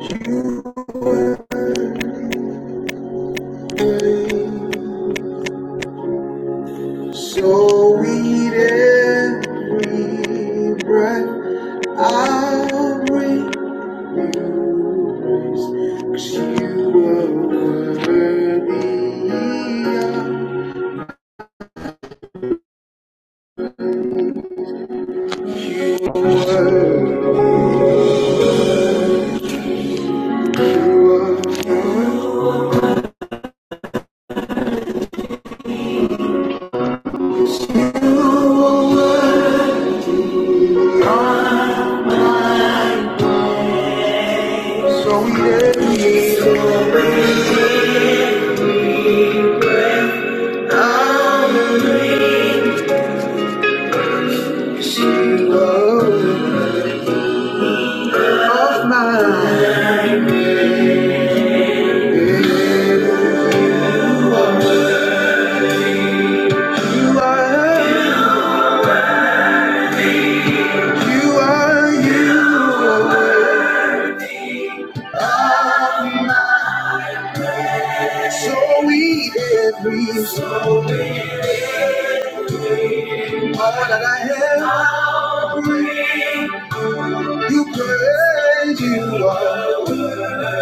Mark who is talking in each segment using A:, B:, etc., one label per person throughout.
A: You were So sweet every breath I breathe, you praise, 'cause you were worthy. of You were my mind, So sweet every breath I breathe, 'cause you are of mine. You are, you are, you. So we every soul, all that I have, you praise, you are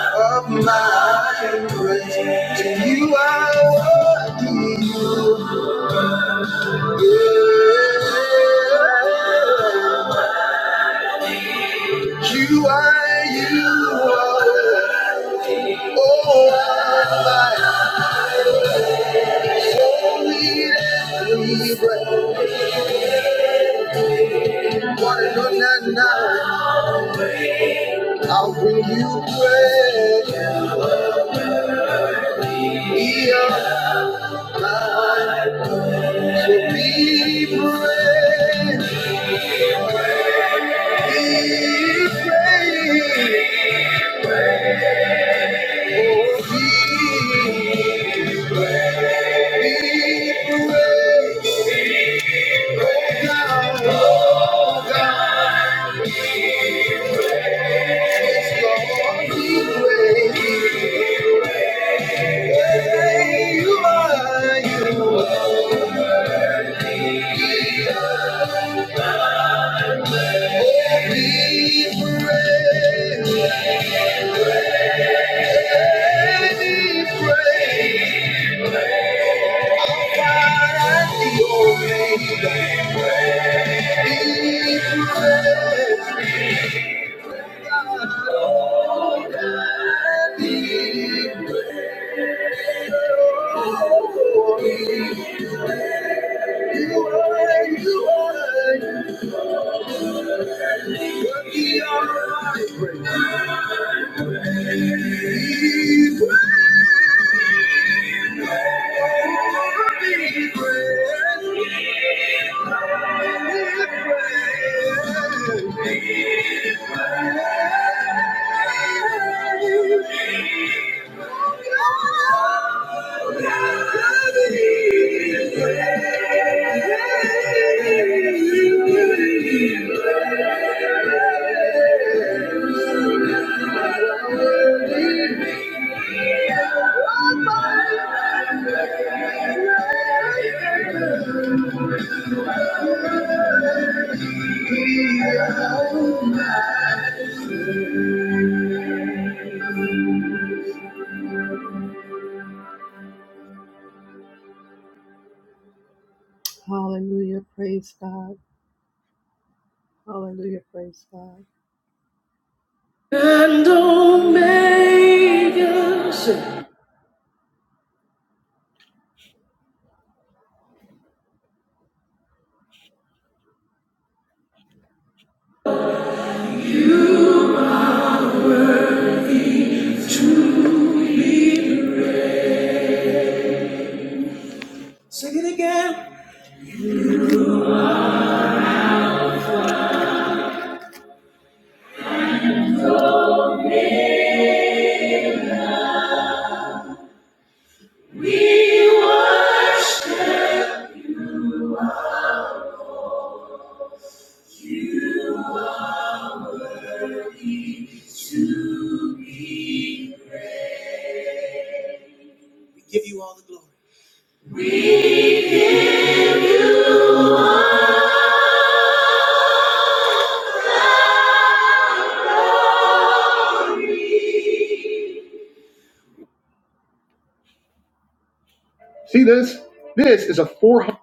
A: of my praise. To you I worthy, you. Yeah. You are, you are. I'll bring you praise. Be of mine, so be praised. Be praised. Oh, be, be praised. Oh God, oh God, it's Lord, be praised. Hey, you are, you are. Be praised, be praised, Alpha and the Omega. Be praised, be praised, oh, you are, you are, worthy of my praise. Be praised, be praised, be praised. Hallelujah, praise God. Hallelujah, praise God. And Omega. See this? This is a 400.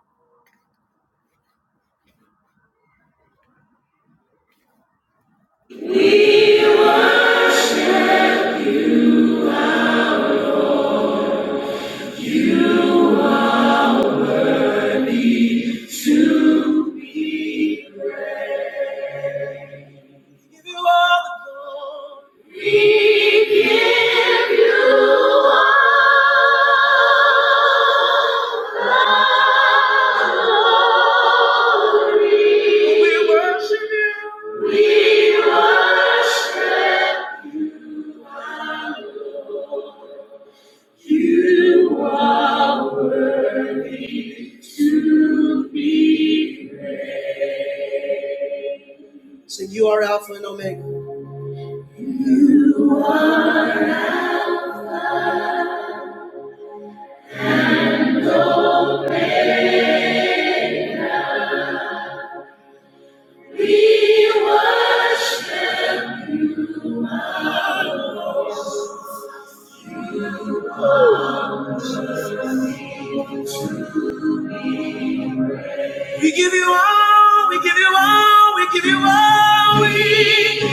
A: We worship you. So you are Alpha and Omega. We give you all, we give you all, we give you all. We,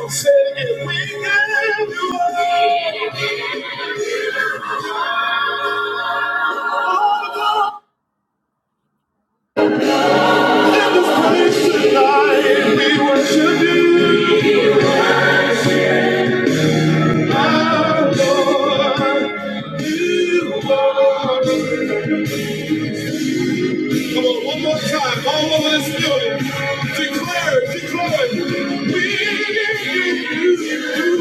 A: Oh, say it. we give you all. Come on, one more time, all over this building. Declare, declare. We give you. We give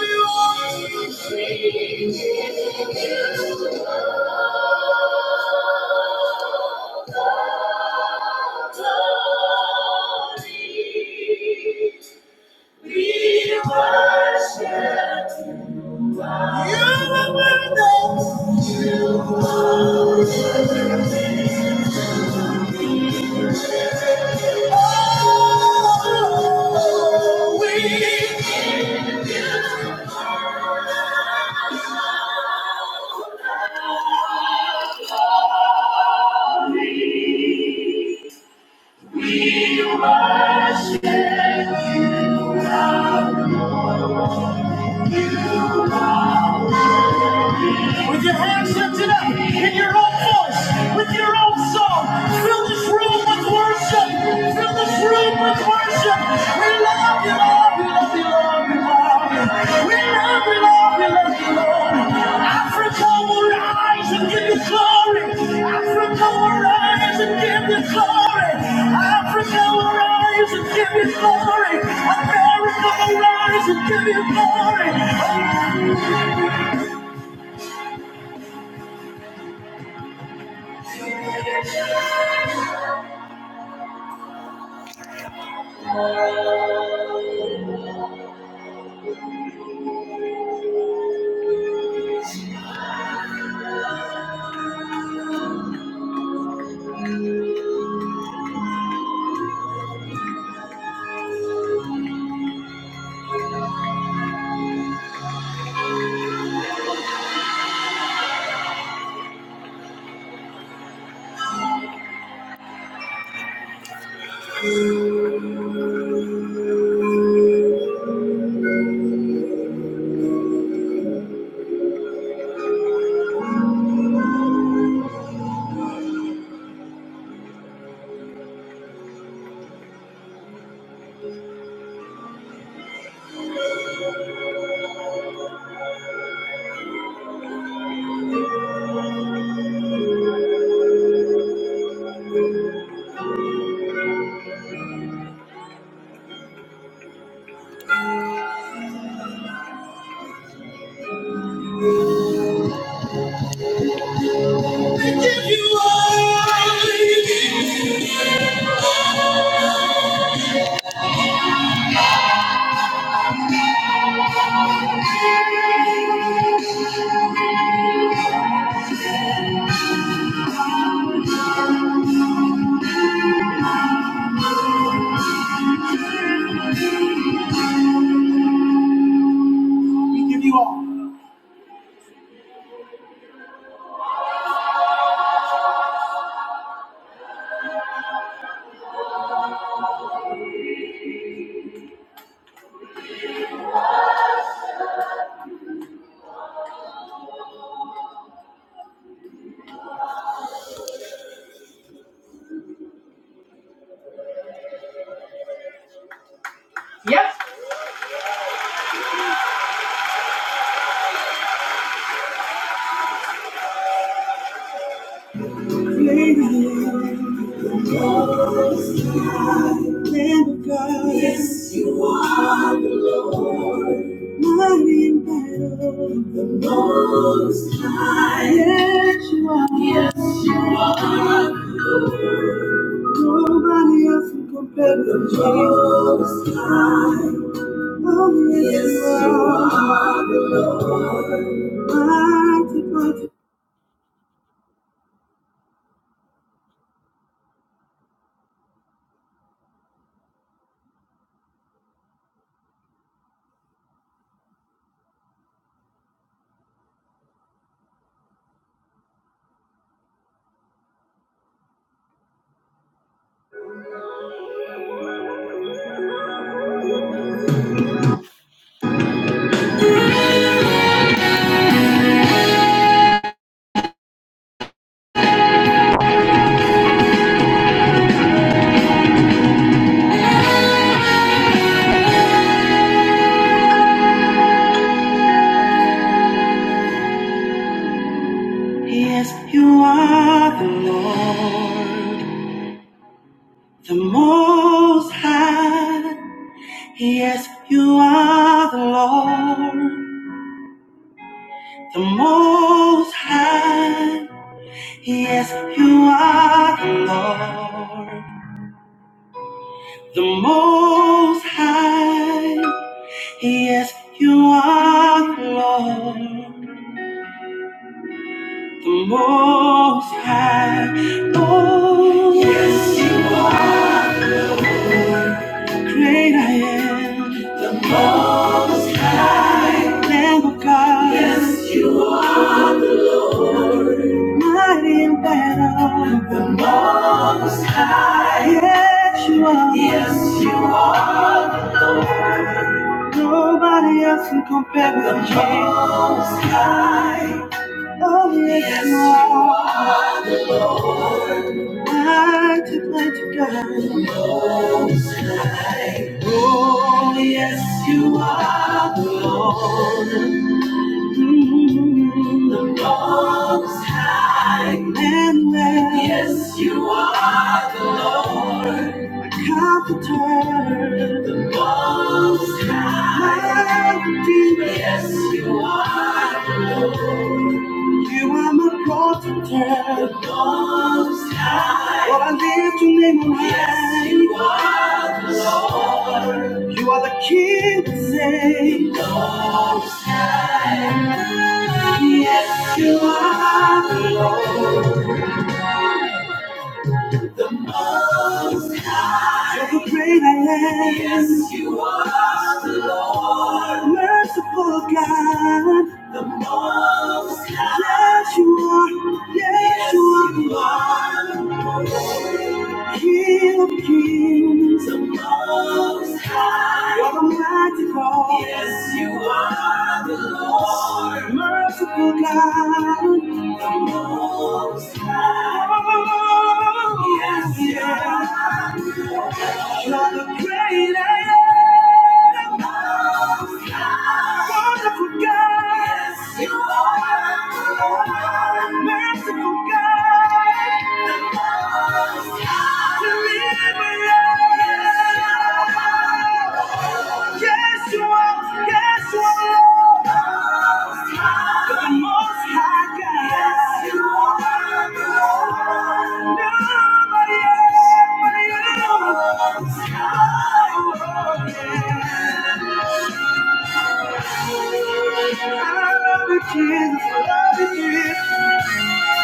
A: you all. We worship. You are worthy. Oh, we give you. With your hands lifted up in your own voice, with your own song, fill this room with worship. Fill this room with worship. We love you, Lord. We love you, Lord. We love you. We love you, Lord. We love you, Lord. Africa will rise and give you glory. Africa will rise and give you glory. Africa will rise and give you glory. America will rise and give you glory. We give you all. We give you all. Lamb of God. Yes, you are the Lord. Mighty in battle. The Most High. Yes, nobody else can compare with the Most High. Oh, yes, yes you are. Mighty, mighty. Yes, you are the Lord. The Most High. Yes, you are the Lord. the Most High. Yes, you are the Lord, the Most High. Yes, you are the Lord, the Most High. Oh, yes, you are great. I am, Lamb of God. Yes, you are Lord, mighty in battle, the Most High. Yes, you are. Yes, you are. Nobody else can compare with you. The most high. Oh, yes, you are. Mighty, mighty God. Oh, yes, you are the Lord. Most high. Yes, you are the Lord. Most high. Yes, you are. Most high. Well, I lift your name on high. Yes, you, are the King. of Zion. Like a great I am. Yes, you are the Lord. Merciful God. The most high. Yes, you are. Yes, yes you are. You are. King of kings. The most high. You're the mighty God. Yes, you are the Lord. Merciful God. The most high. Yes, you are. You're the great I am. Most high. Wonderful God. Yes, you are. Merciful God. The Most High. Deliverer. Yes, you are. Yes, you are. Yes, you are. The most high God. Yes, you are. Nobody else but you. I love you, Jesus. I love you, Jesus.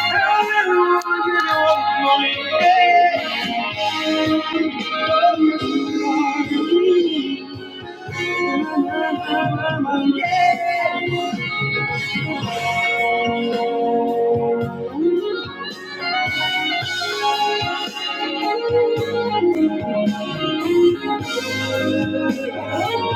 A: Hallelujah. Yeah.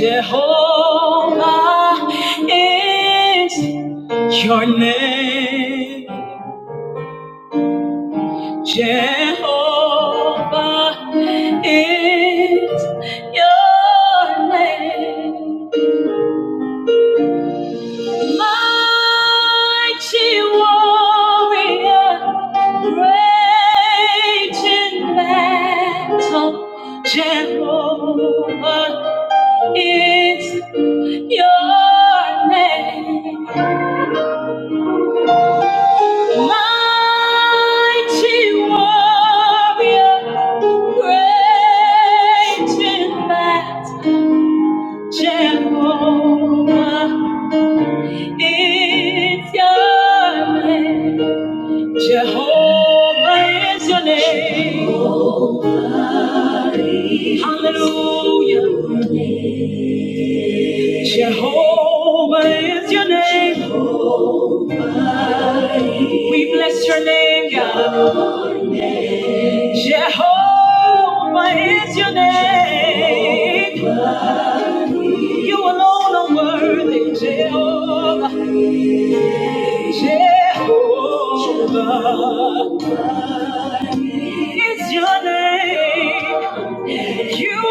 A: Jehovah is your name. Jehovah, Jehovah is your name. Mighty warrior, great in battle. Jehovah. It's your name. Jehovah is your name. Hallelujah. Jehovah is your name. We bless your name, God. Jehovah is your name. You alone are worthy, Jehovah. Jehovah. You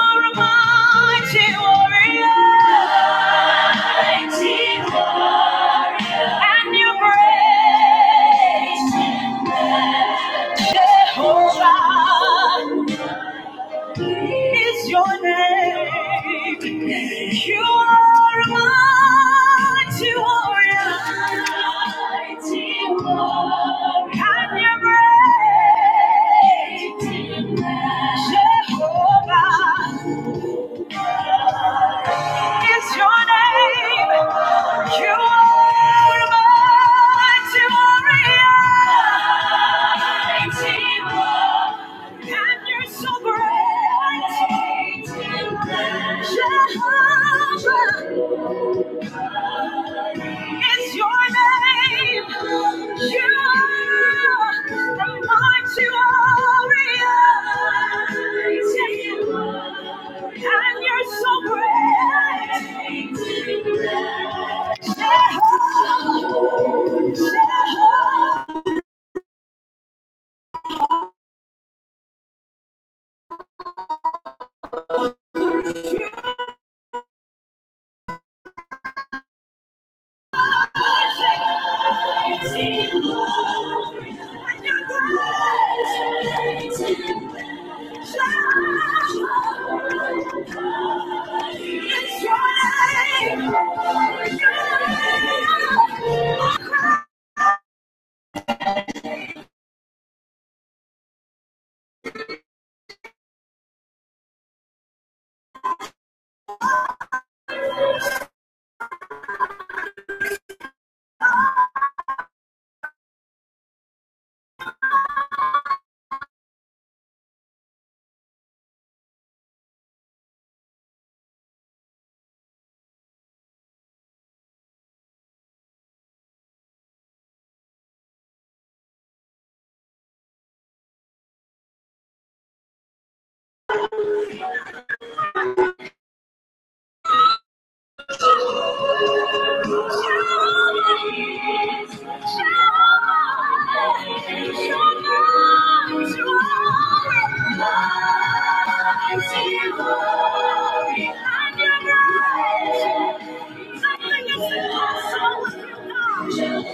A: are a mighty warrior is your name. You and You're You are Your name, so great. Jehovah, is your name. You are the mighty warrior, and you're so great. Jehovah, Jehovah, you're great. Jehovah is your name. Thank you.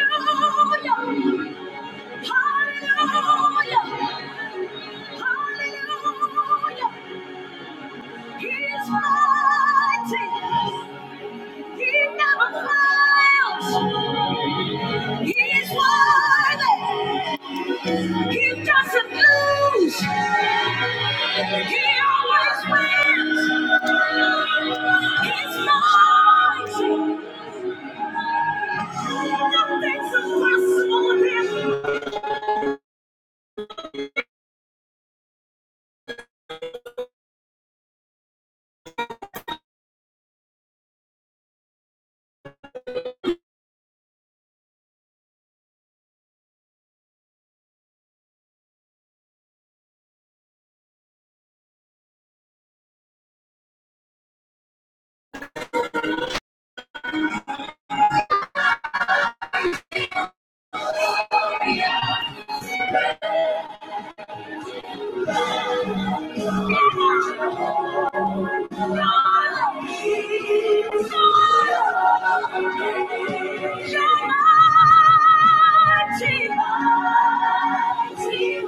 A: Hallelujah! Hallelujah! Nothing's impossible with him. Praise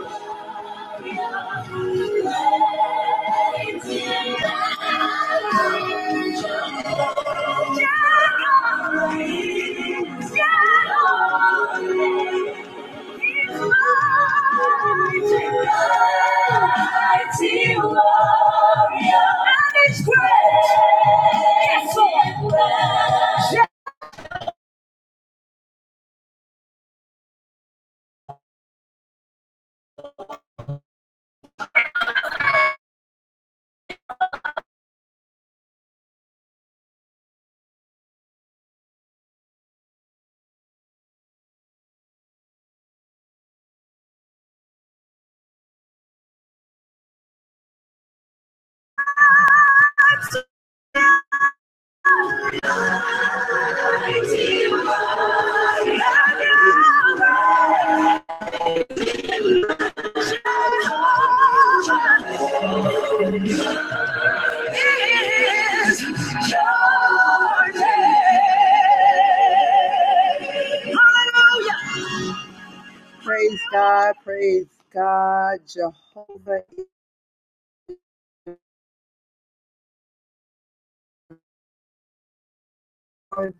A: God, praise God, Jehovah.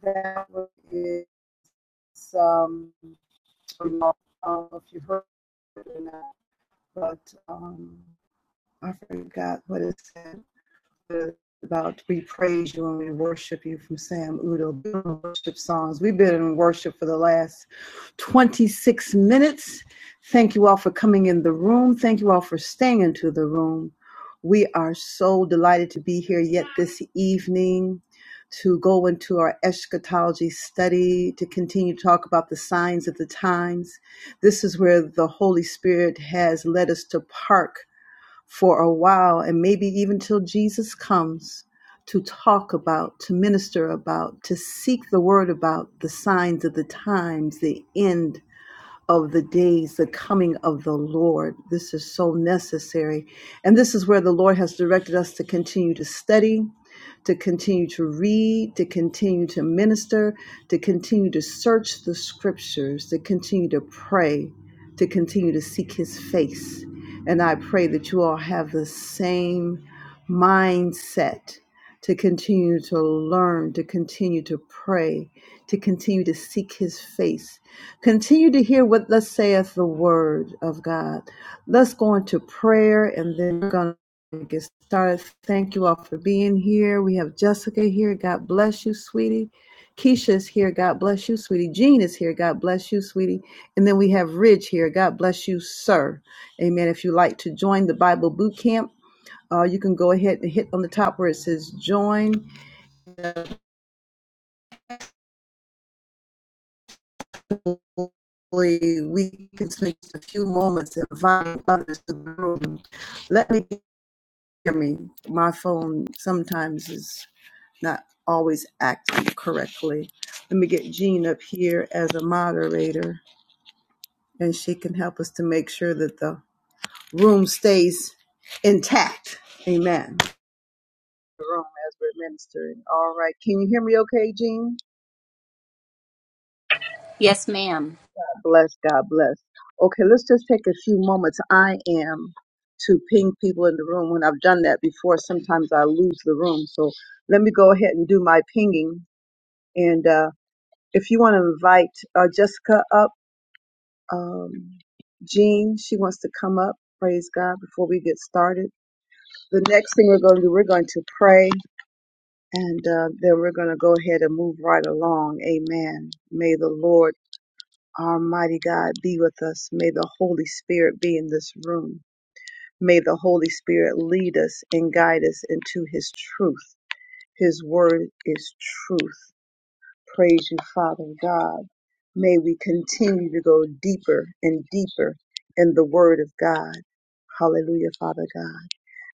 A: That is um, I don't know uh, if you heard it or not, but um, I forgot what it said about we praise you and we worship you from Sam Udo worship songs. We've been in worship for the last 26 minutes. Thank you all for coming in the room. Thank you all for staying into the room. We are so delighted to be here yet this evening to go into our eschatology study, to continue to talk about the signs of the times. This is where the Holy Spirit has led us to park for a while and maybe even till Jesus comes to talk about, to minister about, to seek the word about the signs of the times, the end of the days, the coming of the Lord. This is so necessary. And this is where the Lord has directed us to continue to study, to continue to read, to continue to minister, to continue to search the scriptures, to continue to pray, to continue to seek his face. And I pray that you all have the same mindset to continue to learn, to continue to pray, to continue to seek his face. Continue to hear what thus saith the word of God. Let's go into prayer and then we're going to get started. Thank you all for being here. We have Jessica here. God bless you, sweetie. Keisha's here. God bless you, sweetie. Jean is here. God bless you, sweetie. And then we have Ridge here. God bless you, sir. Amen. If you like to join the Bible Boot Camp, uh, you can go ahead and hit on the top where it says join. Hopefully, we can spend a few moments inviting others to the room. Let me hear me. My phone sometimes is not always acting correctly. Let me get Jean up here as a moderator, and she can help us to make sure that the room stays intact. Amen. The room as we're ministering. All right. Can you hear me okay, Jean?
B: Yes, ma'am.
A: Bless God, bless. Okay, let's just take a few moments. I am to ping people in the room. When I've done that before, sometimes I lose the room. So let me go ahead and do my pinging. And uh, if you want to invite uh, Jessica up, um, Jean, she wants to come up. Praise God before we get started. The next thing we're going to do, we're going to pray and uh, then we're going to go ahead and move right along. Amen. May the Lord Almighty God be with us. May the Holy Spirit be in this room. May the Holy Spirit lead us and guide us into His truth. His word is truth. Praise you, Father God. May we continue to go deeper and deeper in the word of God. Hallelujah, Father God.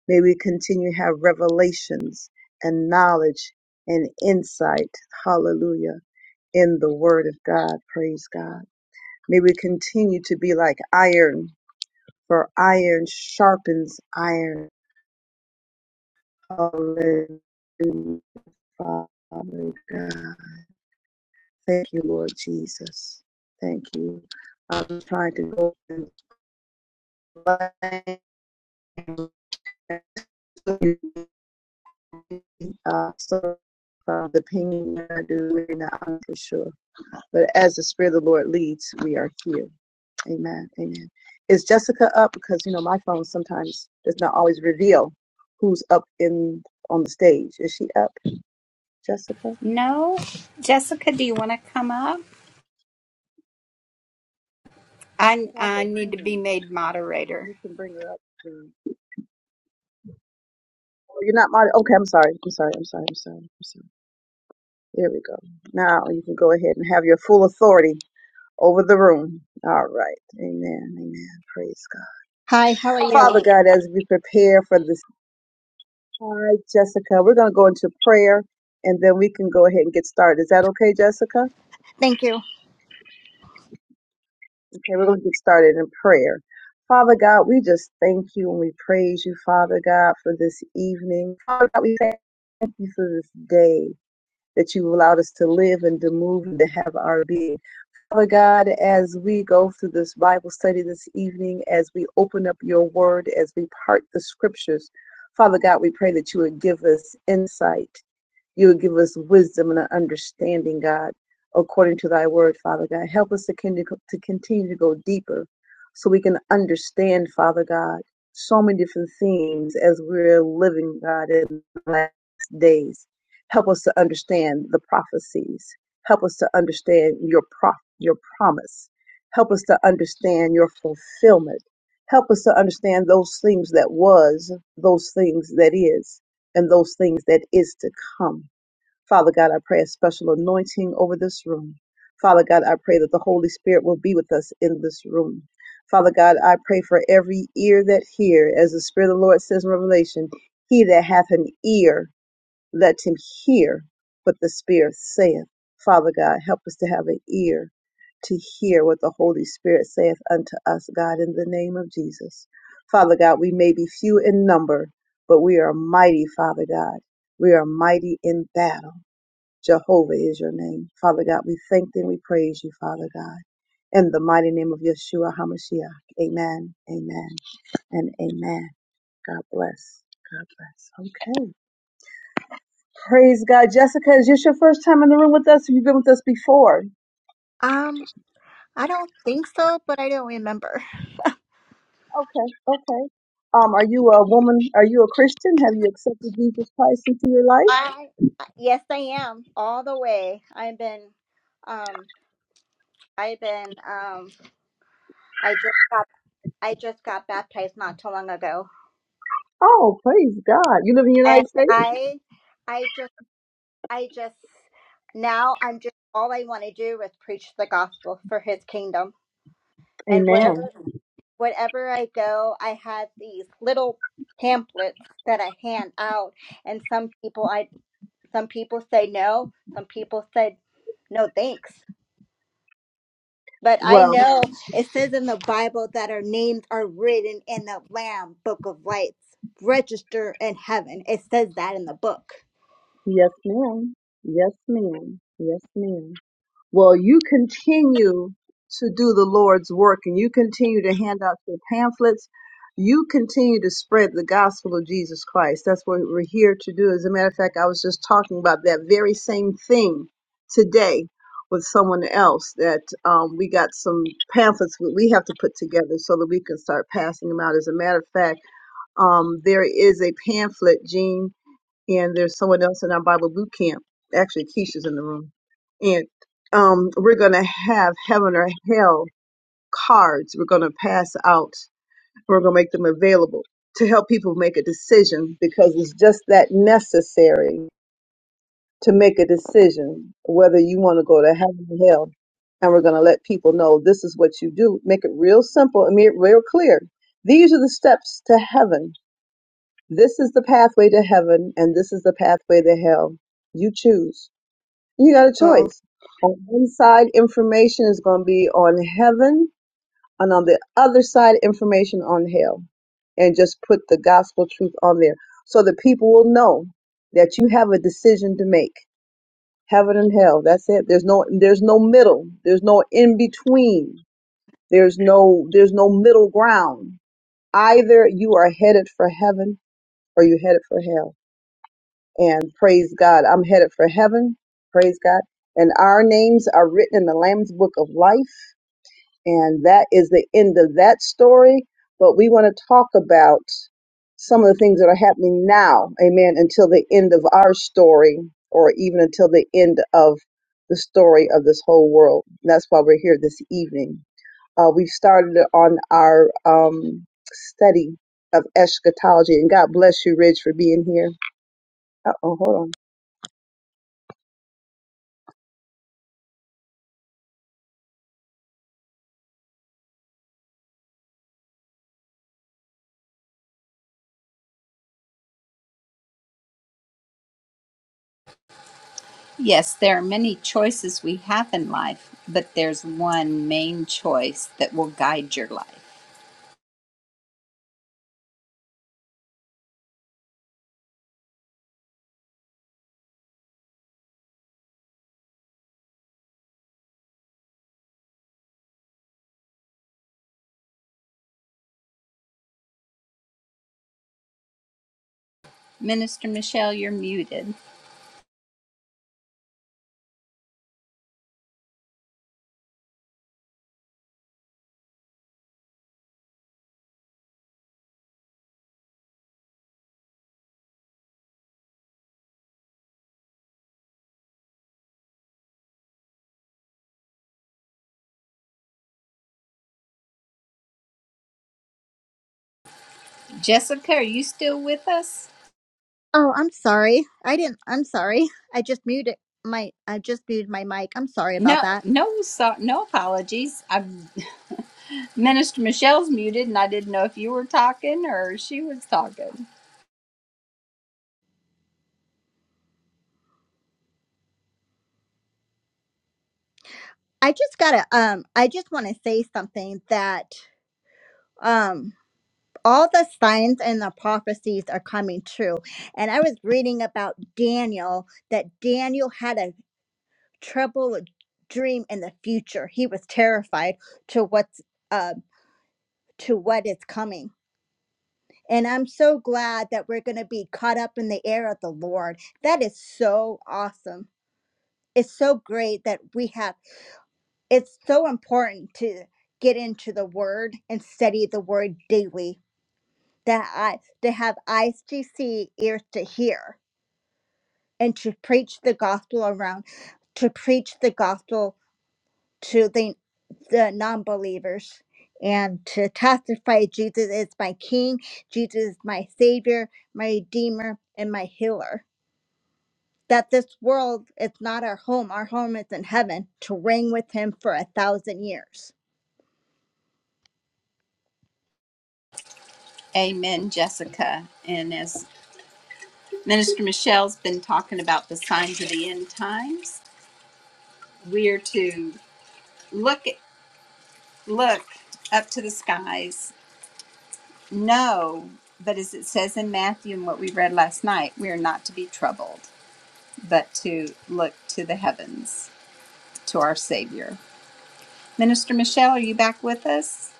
A: May we continue to have revelations and knowledge and insight. Hallelujah. In the word of God. Praise God. May we continue to be like iron, for iron sharpens iron. Hallelujah, Father God. Thank you, Lord Jesus. Thank you. I'm trying to go and blank. Uh, so uh, the pinging I do right now, I'm for sure. But as the Spirit of the Lord leads, we are here. Amen. Amen. Is Jessica up? Because you know my phone sometimes does not always reveal who's up in on the stage. Is she up, Jessica?
B: No, Jessica, do you want to come up? I
A: Saw
B: I
A: her
B: need to be
A: hand.
B: made
A: If
B: moderator.
A: you can bring her up, please. Oh, you're not mod. Okay, I'm sorry. I'm sorry. I'm sorry. I'm sorry. I'm sorry. There we go. Now you can go ahead and have your full authority over the room. All right. Amen. Amen. Praise God.
C: Hi, how are you?
A: Father God, as we prepare for this, hi Jessica, we're going to go into prayer, and then we can go ahead and get started. Is that okay, Jessica?
C: Thank you.
A: Okay, we're going to get started in prayer. Father God, we just thank you and we praise you, Father God, for this evening. Father God, we thank you for this day that you allowed us to live and to move and to have our being. Father God, as we go through this Bible study this evening, as we open up your word, as we part the scriptures, Father God, we pray that you would give us insight you would give us wisdom and an understanding, God, according to thy word, Father God. Help us to, continue to go deeper so we can understand, Father God, so many different themes as we're living, God, in the last days. Help us to understand the prophecies. Help us to understand your prof- your promise. Help us to understand your fulfillment. Help us to understand those things that was, those things that is, and those things that is to come. Father God, I pray a special anointing over this room. Father God, I pray that the Holy Spirit will be with us in this room. Father God, I pray for every ear that hear, as the Spirit of the Lord says in Revelation, he that hath an ear, let him hear what the Spirit saith. Father God, help us to have an ear to hear what the Holy Spirit saith unto us, God, in the name of Jesus. Father God, we may be few in number, but we are mighty, Father God. We are mighty in battle. Jehovah is your name. Father God, we thank thee and we praise you, Father God. In the mighty name of Yeshua HaMashiach. Amen, amen, and amen. God bless. God bless. Okay. Praise God. Jessica, is this your first time in the room with us? Have you been with us before?
C: Um, I don't think so, but I don't remember.
A: Okay, okay. Um, are you a woman? Are you a Christian? Have you accepted Jesus Christ into your life?
C: I yes, I am all the way. I've been, um, I've been, um, I just got, I just got baptized not too long ago,
A: Oh, praise God. You live in the
C: and
A: United States?
C: I, I just, I just now I'm just all I want to do is preach the gospel for His kingdom, and wherever,
A: Amen.
C: wherever I go, I have these little pamphlets that I hand out and some people I Some people say no, some people said no thanks. But I
A: Well,
C: know it says in the Bible that our names are written in the Lamb Book of Lights, register in heaven. It says that in the book.
A: yes, ma'am. Yes, ma'am. Yes, ma'am. Well, you continue to do the Lord's work and you continue to hand out your pamphlets. You continue to spread the gospel of Jesus Christ. That's what we're here to do. As a matter of fact, I was just talking about that very same thing today with someone else that um, we got some pamphlets that we have to put together so that we can start passing them out. As a matter of fact, um, there is a pamphlet, Gene and there's someone else in our Bible boot camp. Actually, Keisha's in the room, and um, we're gonna have heaven or hell cards. We're gonna pass out. We're gonna make them available to help people make a decision because it's just that necessary to make a decision whether you want to go to heaven or hell. And we're gonna let people know this is what you do. Make it real simple and make it real clear. These are the steps to heaven this is the pathway to heaven, and this is the pathway to hell. You choose. You got a
C: Oh,
A: choice. On one side, information is going to be on heaven, and on the other side, information on hell. And just put the gospel truth on there so that people will know that you have a decision to make. Heaven and hell. That's it. There's no there's no middle. There's no in between. There's no there's no middle ground. Either you are headed for heaven or you're headed for hell and praise God. I'm headed for heaven. Praise God. And our names are written in the Lamb's Book of Life. And that is the end of that story. But we want to talk about some of the things that are happening now. Amen. Until the end of our story, or even until the end of the story of this whole world. That's why we're here this evening. Uh, we've started on our um, study of eschatology. And God bless you, Ridge, for being here. Uh oh, hold on.
B: Yes, there are many choices we have in life, but there's one main choice that will guide your life. Minister Michelle, you're muted. Jessica, are you still with us?
C: oh, I'm sorry. I didn't. I'm sorry. I just muted my. I just muted my mic. I'm sorry about
B: No,
C: that.
B: no, so, no apologies. I, Minister Michelle's muted, and I didn't know if you were talking or she was talking.
C: I just gotta. Um, I just want to say something that. Um. all the signs and the prophecies are coming true. And I was reading about Daniel that Daniel had a trouble with dream in the future. He was terrified to what's uh, to what is coming. And I'm so glad that we're going to be caught up in the air of the Lord. That is so awesome. It's so great that we have. It's so important to get into the Word and study the Word daily. That I to have eyes to see, ears to hear and to preach the gospel around to preach the gospel to the, the non-believers and to testify jesus is my king jesus is my savior my redeemer and my healer that this world is not our home our home is in heaven to reign with him for a thousand years
B: Amen, Jessica. And as Minister Michelle's been talking about the signs of the end times. We are to look look up to the skies, No, but as it says in Matthew and what we read last night, we are not to be troubled, but to look to the heavens, to our Savior. Minister Michelle, are you back with us?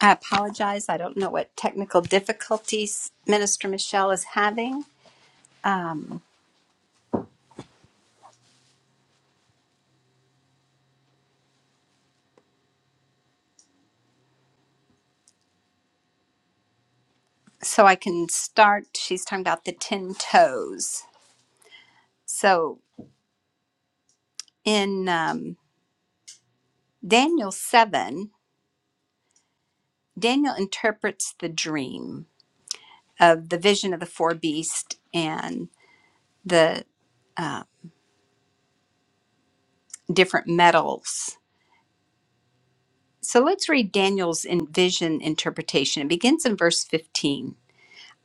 B: I apologize. I don't know what technical difficulties Minister Michelle is having. Um, so I can start. She's talking about the 10 toes. So in um, Daniel 7, Daniel interprets the dream of the vision of the four beasts and the uh, different metals. So let's read Daniel's in vision interpretation. It begins in verse 15.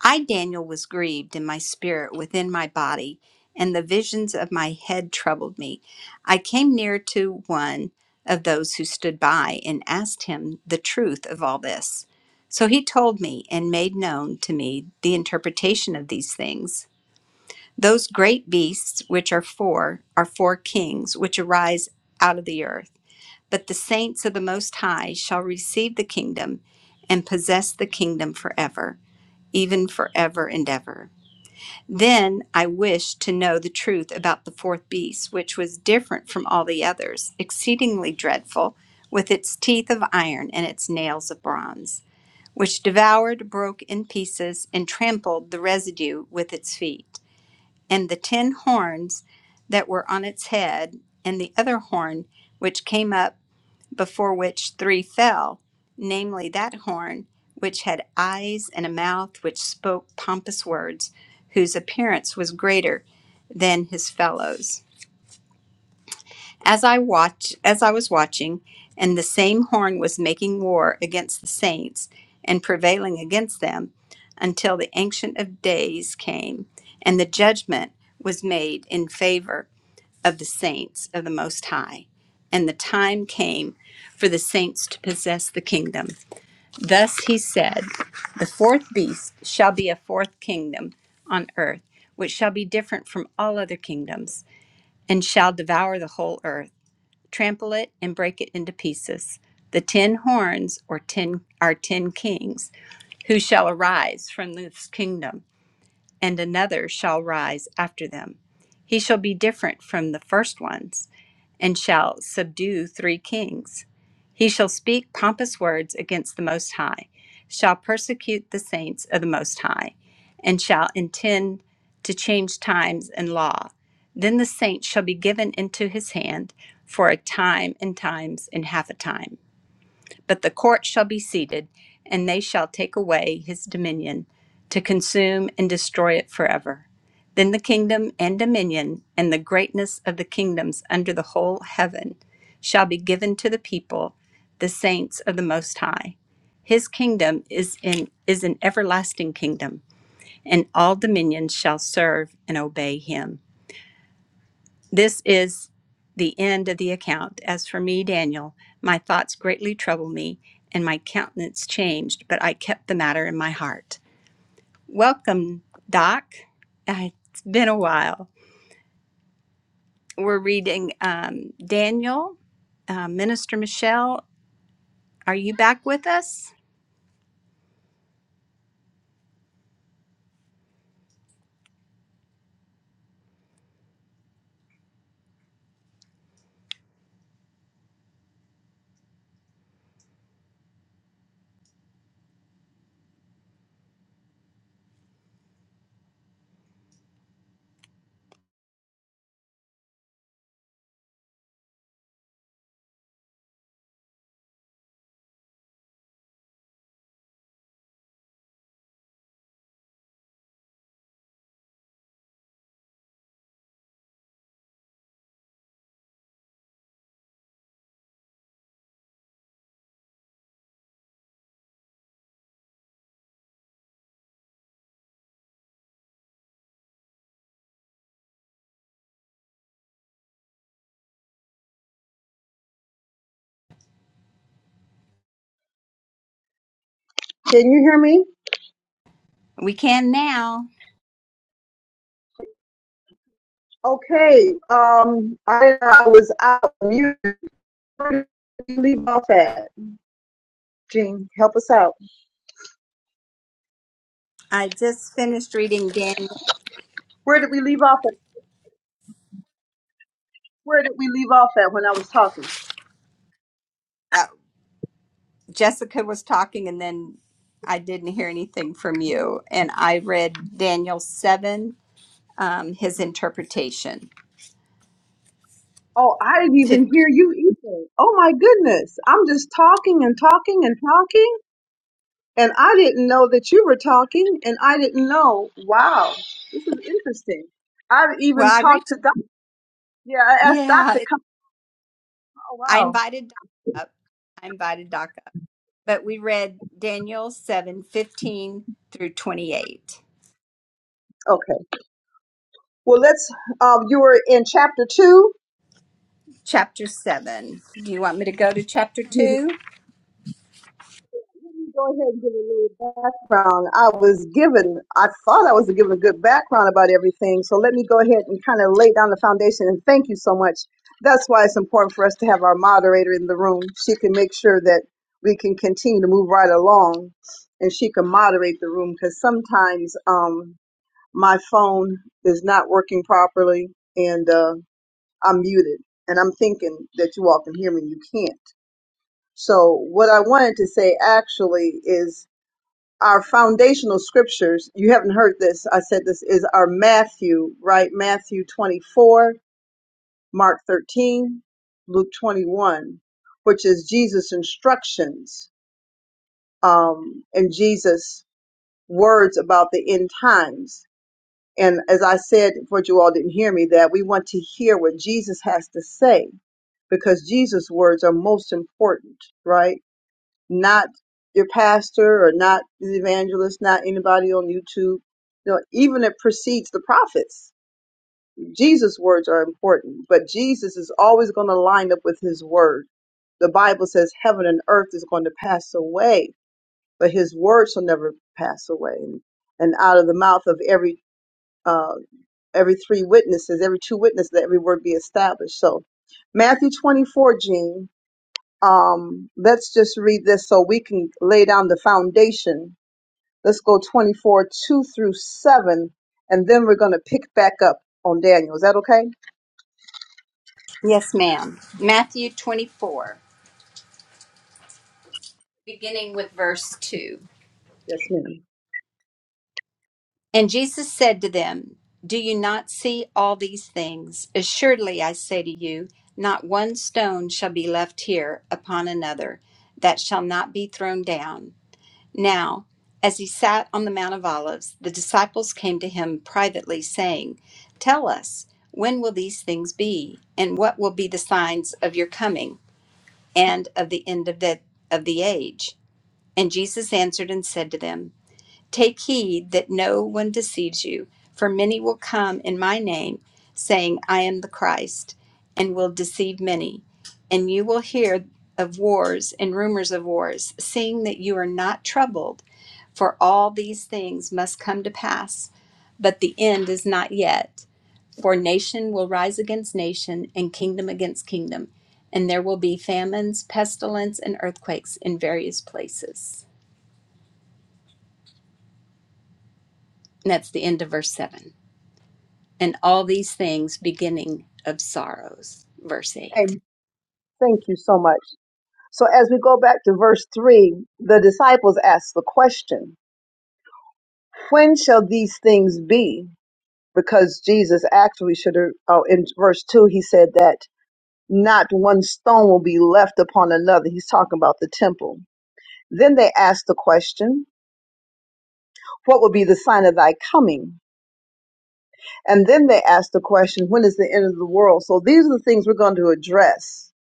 B: I, Daniel, was grieved in my spirit within my body, and the visions of my head troubled me. I came near to one of those who stood by and asked him the truth of all this. So he told me and made known to me the interpretation of these things. Those great beasts, which are four, are four kings which arise out of the earth. But the saints of the Most High shall receive the kingdom and possess the kingdom forever, even forever and ever. Then I wished to know the truth about the fourth beast, which was different from all the others, exceedingly dreadful, with its teeth of iron and its nails of bronze, which devoured, broke in pieces, and trampled the residue with its feet. And the ten horns that were on its head, and the other horn which came up before which three fell, namely that horn which had eyes and a mouth which spoke pompous words, whose appearance was greater than his fellows. As I watched, as I was watching, and the same horn was making war against the saints and prevailing against them until the ancient of days came and the judgment was made in favor of the saints of the Most High. And the time came for the saints to possess the kingdom. Thus he said, The fourth beast shall be a fourth kingdom on earth, which shall be different from all other kingdoms, and shall devour the whole earth, trample it, and break it into pieces. The ten horns or ten are ten kings who shall arise from this kingdom and another shall rise after them. He shall be different from the first ones, and shall subdue three kings. He shall speak pompous words against the Most High, shall persecute the saints of the Most High, and shall intend to change times and law. Then the saints shall be given into his hand for a time and times and half a time. But the court shall be seated, and they shall take away his dominion to consume and destroy it forever. Then the kingdom and dominion and the greatness of the kingdoms under the whole heaven shall be given to the people, the saints of the Most High. His kingdom is in is an everlasting kingdom, and all dominions shall serve and obey him. This is the end of the account. As for me, Daniel, my thoughts greatly troubled me, and my countenance changed, but I kept the matter in my heart. Welcome, Doc. Uh, It's been a while. We're reading um, Daniel. Uh, Minister Michelle, are you back with us?
A: Can you hear me?
B: We can now.
A: Okay. Um, I, I was out of mute. Where did we leave off at? Jean. help us out.
B: I just finished reading Daniel.
A: Where did we leave off at? Where did we leave off at when I was talking?
B: Uh, Jessica was talking, and then I didn't hear anything from you. And I read Daniel 7 um, his interpretation.
A: Oh, I didn't even
B: Fif-
A: hear you either. Oh my goodness. I'm just talking and talking and talking. And I didn't know that you were talking and I didn't know. Wow. This is interesting. I've even
B: Well, I
A: talked
B: reached,
A: to Doc. Yeah, I asked Doc
B: yeah,
A: to
B: it-
A: come. Oh
B: I
A: wow.
B: invited Doc up. I invited Doc up, but we read Daniel 7 15 through 28,
A: Okay. Well, let's. Uh, you were in chapter two,
B: chapter 7. Do you want me to go to chapter 2?
A: go ahead and give a little background. I was given, I thought I was given a good background about everything. So let me go ahead and kind of lay down the foundation. And thank you so much. That's why it's important for us to have our moderator in the room. She can make sure that we can continue to move right along and she can moderate the room because sometimes um, my phone is not working properly and uh, I'm muted. And I'm thinking that you all can hear me. You can't. So what I wanted to say actually is our foundational scriptures, you haven't heard this, I said this is our Matthew, right? Matthew 24, Mark 13, Luke 21, which is Jesus' instructions um, and Jesus' words about the end times. And as I said, for you all didn't hear me, that we want to hear what Jesus has to say because Jesus' words are most important, right? not your pastor or not the evangelist, not anybody on YouTube. You know, even it precedes the prophets. Jesus' words are important, but Jesus is always going to line up with his word. The Bible says heaven and earth is going to pass away, but his words will never pass away. And, and out of the mouth of every uh, every three witnesses, every two witnesses, that every word be established. So Matthew 24, Gene, um, let's just read this so we can lay down the foundation Let's go 24, 2 through 7, and then we're going to pick back up on Daniel. Is that okay?
B: Yes, ma'am. Matthew 24, beginning with verse 2.
A: Yes, ma'am.
B: And Jesus said to them, Do you not see all these things? Assuredly, I say to you, not one stone shall be left here upon another that shall not be thrown down. Now, as he sat on the Mount of Olives, the disciples came to him privately, saying, Tell us, when will these things be? And what will be the signs of your coming and of the end of the, of the age? And Jesus answered and said to them, Take heed that no one deceives you, for many will come in my name, saying, I am the Christ, and will deceive many. And you will hear of wars and rumors of wars, seeing that you are not troubled, for all these things must come to pass, but the end is not yet. For nation will rise against nation, and kingdom against kingdom, and there will be famines, pestilence, and earthquakes in various places. And that's the end of verse 7. and all these things beginning of sorrows. Verse 8.
A: And thank you so much. So as we go back to verse 3, the disciples asked the question, when shall these things be? Because Jesus actually should have, oh, in verse 2, he said that not one stone will be left upon another. He's talking about the temple. Then they asked the question, what will be the sign of thy coming And then they asked the question, when is the end of the world? So these are the things we're going to address.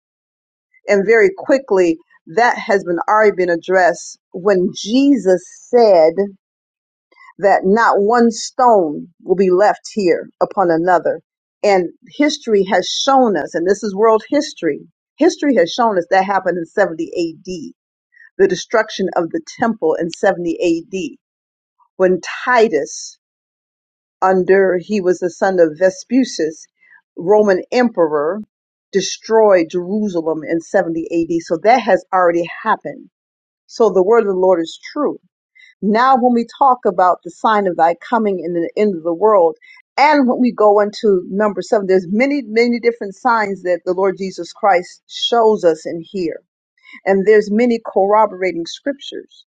A: And very quickly, that has been already been addressed when Jesus said that not one stone will be left here upon another. And history has shown us, and this is world history, history has shown us that happened in 70 AD, the destruction of the temple in 70 AD, when Titus under he was the son of Vespucius, Roman emperor, destroyed Jerusalem in 70 AD. So that has already happened. So the word of the Lord is true. Now, when we talk about the sign of thy coming and the end of the world, and when we go into number seven, there's many, many different signs that the Lord Jesus Christ shows us in here. And there's many corroborating scriptures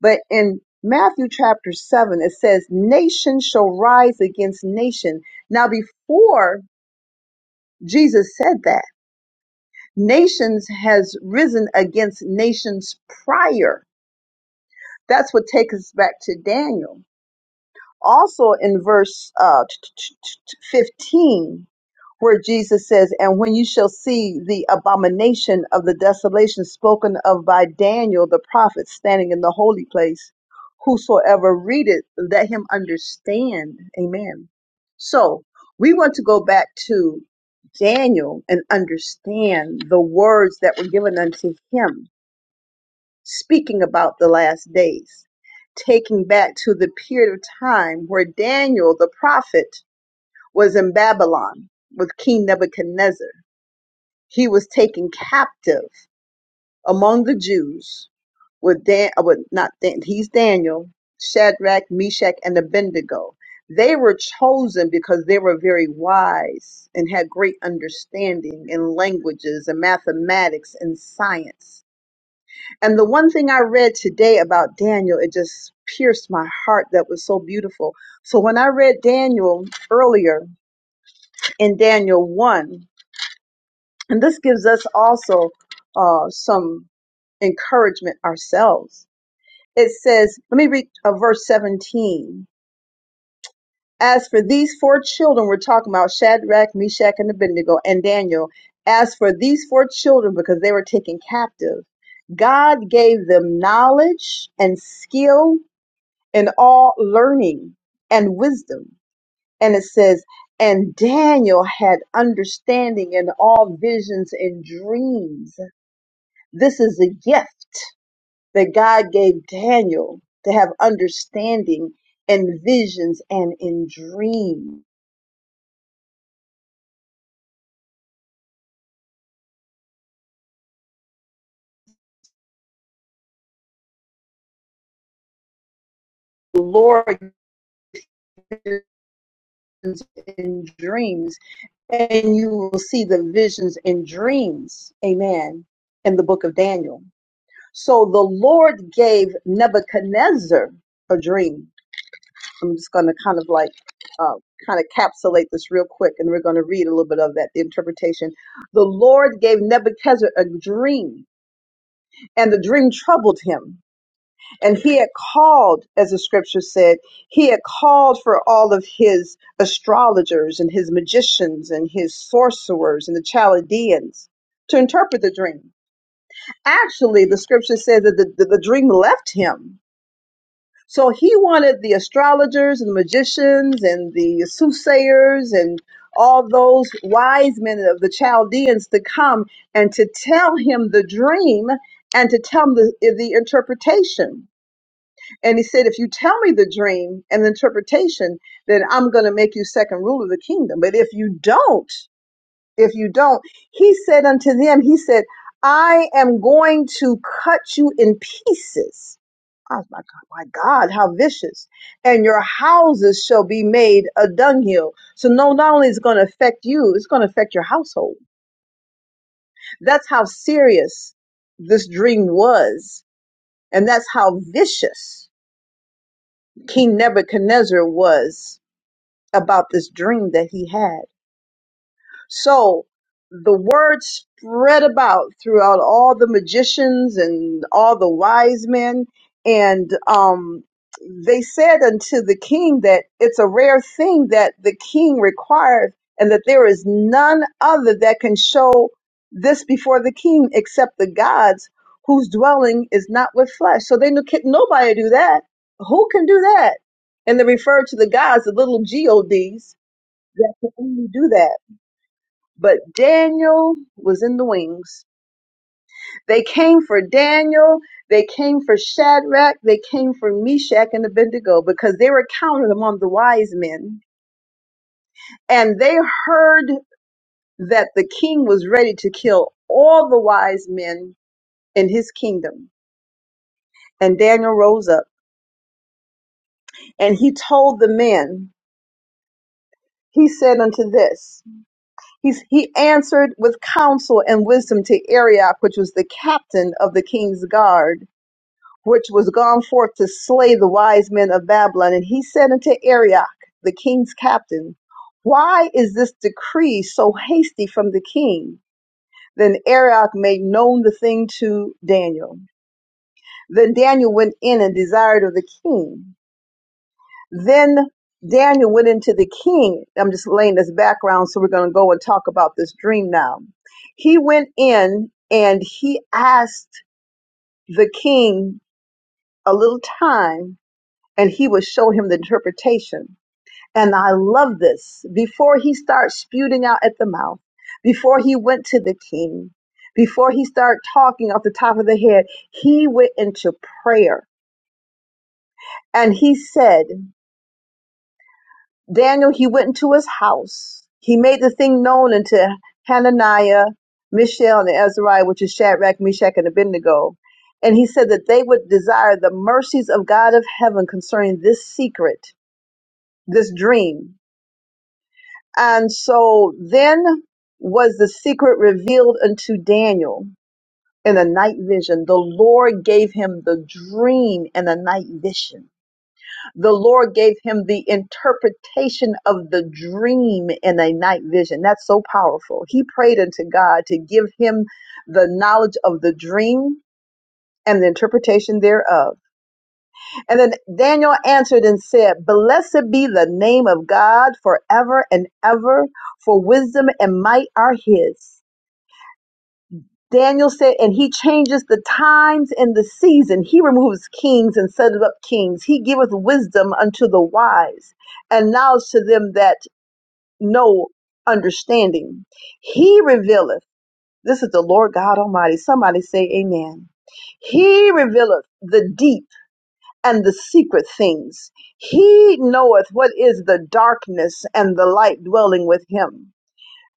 A: but in Matthew chapter 7, it says, Nation shall rise against nation. Now, before Jesus said that, nations has risen against nations prior. That's what takes us back to Daniel. Also in verse uh, 15, where Jesus says, And when you shall see the abomination of the desolation spoken of by Daniel the prophet standing in the holy place, whosoever readeth, let him understand. Amen. So we want to go back to Daniel and understand the words that were given unto him, speaking about the last days, taking back to the period of time where Daniel the prophet was in Babylon with King Nebuchadnezzar he was taken captive among the Jews with Dan, uh, with not Dan, he's Daniel, Shadrach, Meshach, and Abednego. They were chosen because they were very wise and had great understanding in languages and mathematics and science. And the one thing I read today about Daniel, it just pierced my heart that was so beautiful. So when I read Daniel earlier in Daniel 1, and this gives us also uh, some encouragement ourselves. It says, let me read uh, verse 17. As for these four children, we're talking about Shadrach, Meshach, and Abednego, and Daniel. As for these four children, because they were taken captive, God gave them knowledge and skill in all learning and wisdom. And it says, and Daniel had understanding in all visions and dreams. This is a gift that God gave Daniel to have understanding and visions and in dreams. The Lord visions in dreams, and you will see the visions in dreams. Amen. In the book of Daniel. So the Lord gave Nebuchadnezzar a dream. I'm just going to kind of like uh, kind of capsulate this real quick, and we're going to read a little bit of that the interpretation. The Lord gave Nebuchadnezzar a dream And the dream troubled him. And he had called, as the scripture said, he had called for all of his astrologers and his magicians and his sorcerers and the Chaldeans to interpret the dream. Actually, the scripture says that the, the, the dream left him so he wanted the astrologers and the magicians and the soothsayers and all those wise men of the Chaldeans to come and to tell him the dream and to tell him the, the interpretation. And he said, If you tell me the dream and the interpretation, then I'm going to make you second ruler of the kingdom. But if you don't, if you don't, he said unto them, He said, I am going to cut you in pieces Oh my God, my God, how vicious. And your houses shall be made a dunghill. So no, not only is it going to affect you, it's going to affect your household. That's how serious this dream was. And that's how vicious King Nebuchadnezzar was about this dream that he had. So the word spread about throughout all the magicians and all the wise men. And um, they said unto the king that it's a rare thing that the king requires, and that there is none other that can show this before the king except the gods whose dwelling is not with flesh. So they knew can nobody do that. Who can do that? And they referred to the gods, the little gods that can only do that. But Daniel was in the wings. They came for Daniel. They came for Shadrach. They came for Meshach and Abednego because they were counted among the wise men. And they heard that the king was ready to kill all the wise men in his kingdom. And Daniel rose up and he told the men, he said unto this, he's, he answered with counsel and wisdom to Arioch, which was the captain of the king's guard which was gone forth to slay the wise men of Babylon. And he said unto Arioch, the king's captain, Why is this decree so hasty from the king? Then Arioch made known the thing to Daniel. Then Daniel went in and desired of the king. Then Daniel went into the king. I'm just laying this background, so we're going to go and talk about this dream now. He went in and he asked the king a little time and he would show him the interpretation. And I love this. Before he starts spewing out at the mouth, before he went to the king, before he started talking off the top of the head, he went into prayer. And he said, Daniel, he went into his house. He made the thing known unto Hananiah, Mishael, and Azariah, which is Shadrach, Meshach, and Abednego. And he said that they would desire the mercies of God of heaven concerning this secret, this dream, And so then was the secret revealed unto Daniel in a night vision. The Lord gave him the dream in a night vision. The Lord gave him the interpretation of the dream in a night vision. That's so powerful. He prayed unto God to give him the knowledge of the dream and the interpretation thereof and then Daniel answered and said, Blessed be the name of God forever and ever, for wisdom and might are his. Daniel said, and he changes the times and the season. He removes kings and setteth up kings. He giveth wisdom unto the wise and knowledge to them that know understanding. He revealeth, this is the Lord God Almighty. Somebody say amen. He revealeth the deep and the secret things. He knoweth what is the darkness and the light dwelling with him.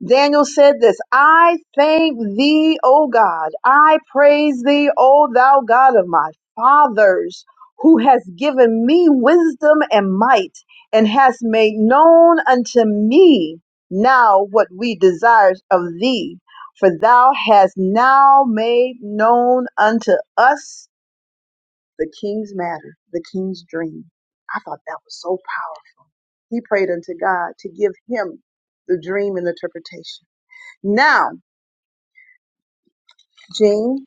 A: Daniel said this I thank thee, O God. I praise thee, O thou God of my fathers, who has given me wisdom and might, and has made known unto me now what we desire of thee. For thou hast now made known unto us the king's matter, the king's dream. I thought that was so powerful. He prayed unto God to give him the dream and the interpretation. Now, Jean,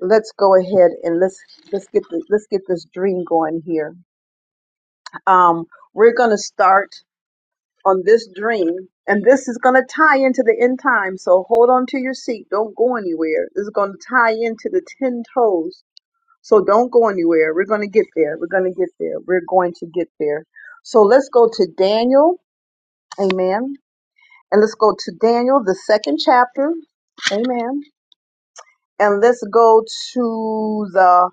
A: let's go ahead and let's let's get the, let's get this dream going here. Um, we're gonna start on this dream, and this is gonna tie into the end time. So hold on to your seat. Don't go anywhere. This is gonna tie into the ten toes So don't go anywhere. We're going to get there. We're going to get there. We're going to get there. So let's go to Daniel. Amen. And let's go to Daniel, the second chapter. Amen. And let's go to the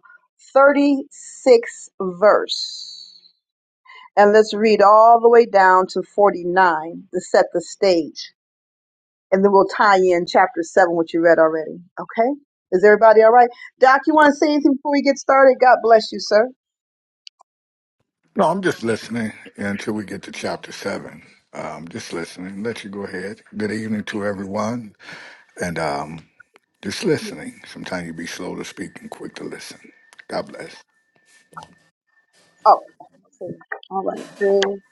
A: 36th verse. And let's read all the way down to 49 to set the stage. And then we'll tie in chapter 7, which you read already. Okay? Is everybody all right? Doc, you want to say anything before we get started? God bless you, sir.
D: No, I'm just listening until we get to chapter seven. Um, just listening. Let you go ahead. Good evening to everyone, and um, just listening. Sometimes you be slow to speak and quick to listen. God bless.
A: Oh, okay. all right, Jane.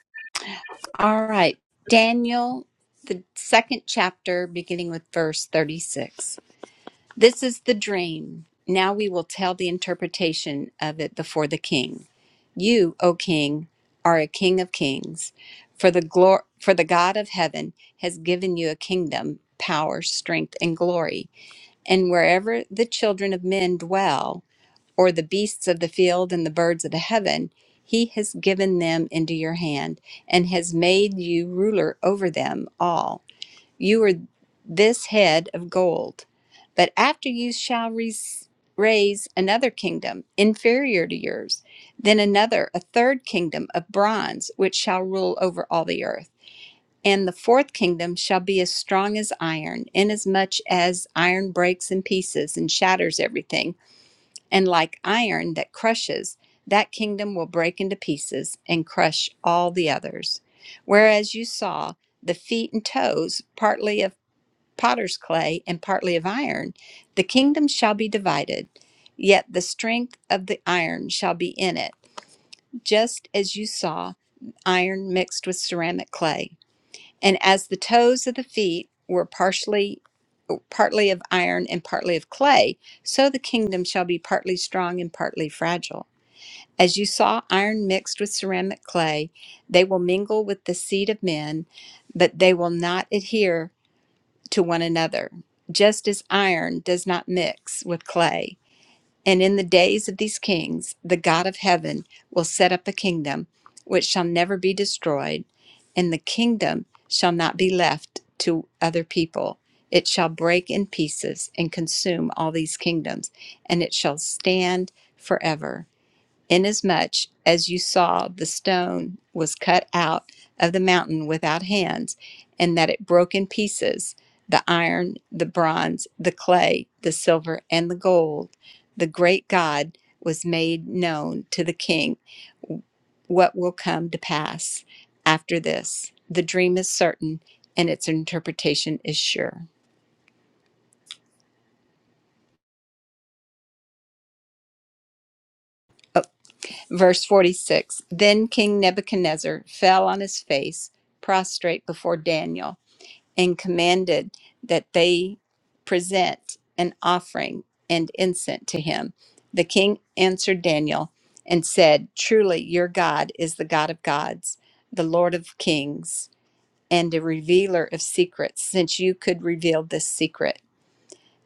B: All right, Daniel, the second chapter, beginning with verse 36. This is the dream. Now we will tell the interpretation of it before the king. You, O king, are a king of kings, for the glor- for the God of heaven has given you a kingdom, power, strength, and glory. And wherever the children of men dwell, or the beasts of the field and the birds of the heaven, he has given them into your hand and has made you ruler over them all. You are this head of gold. But after you shall res- raise another kingdom inferior to yours, then another, a third kingdom of bronze, which shall rule over all the earth. And the fourth kingdom shall be as strong as iron, inasmuch as iron breaks in pieces and shatters everything and like iron that crushes, that kingdom will break into pieces and crush all the others. Whereas you saw the feet and toes, partly of potter's clay and partly of iron, the kingdom shall be divided, yet the strength of the iron shall be in it, just as you saw iron mixed with ceramic clay. And as the toes of the feet were partially partly of iron and partly of clay, so the kingdom shall be partly strong and partly fragile. As you saw iron mixed with ceramic clay, they will mingle with the seed of men, but they will not adhere to one another, just as iron does not mix with clay. And in the days of these kings, the God of heaven will set up a kingdom which shall never be destroyed, and the kingdom shall not be left to other people. It shall break in pieces and consume all these kingdoms, and it shall stand forever inasmuch as you saw the stone was cut out of the mountain without hands, and that it broke in pieces the iron, the bronze, the clay, the silver, and the gold, the great God was made known to the king what will come to pass after this. The dream is certain and its interpretation is sure. Verse 46 Then King Nebuchadnezzar fell on his face, prostrate before Daniel and commanded that they present an offering and incense to him. The king answered Daniel and said, Truly, your God is the God of gods, the Lord of kings, and a revealer of secrets, since you could reveal this secret.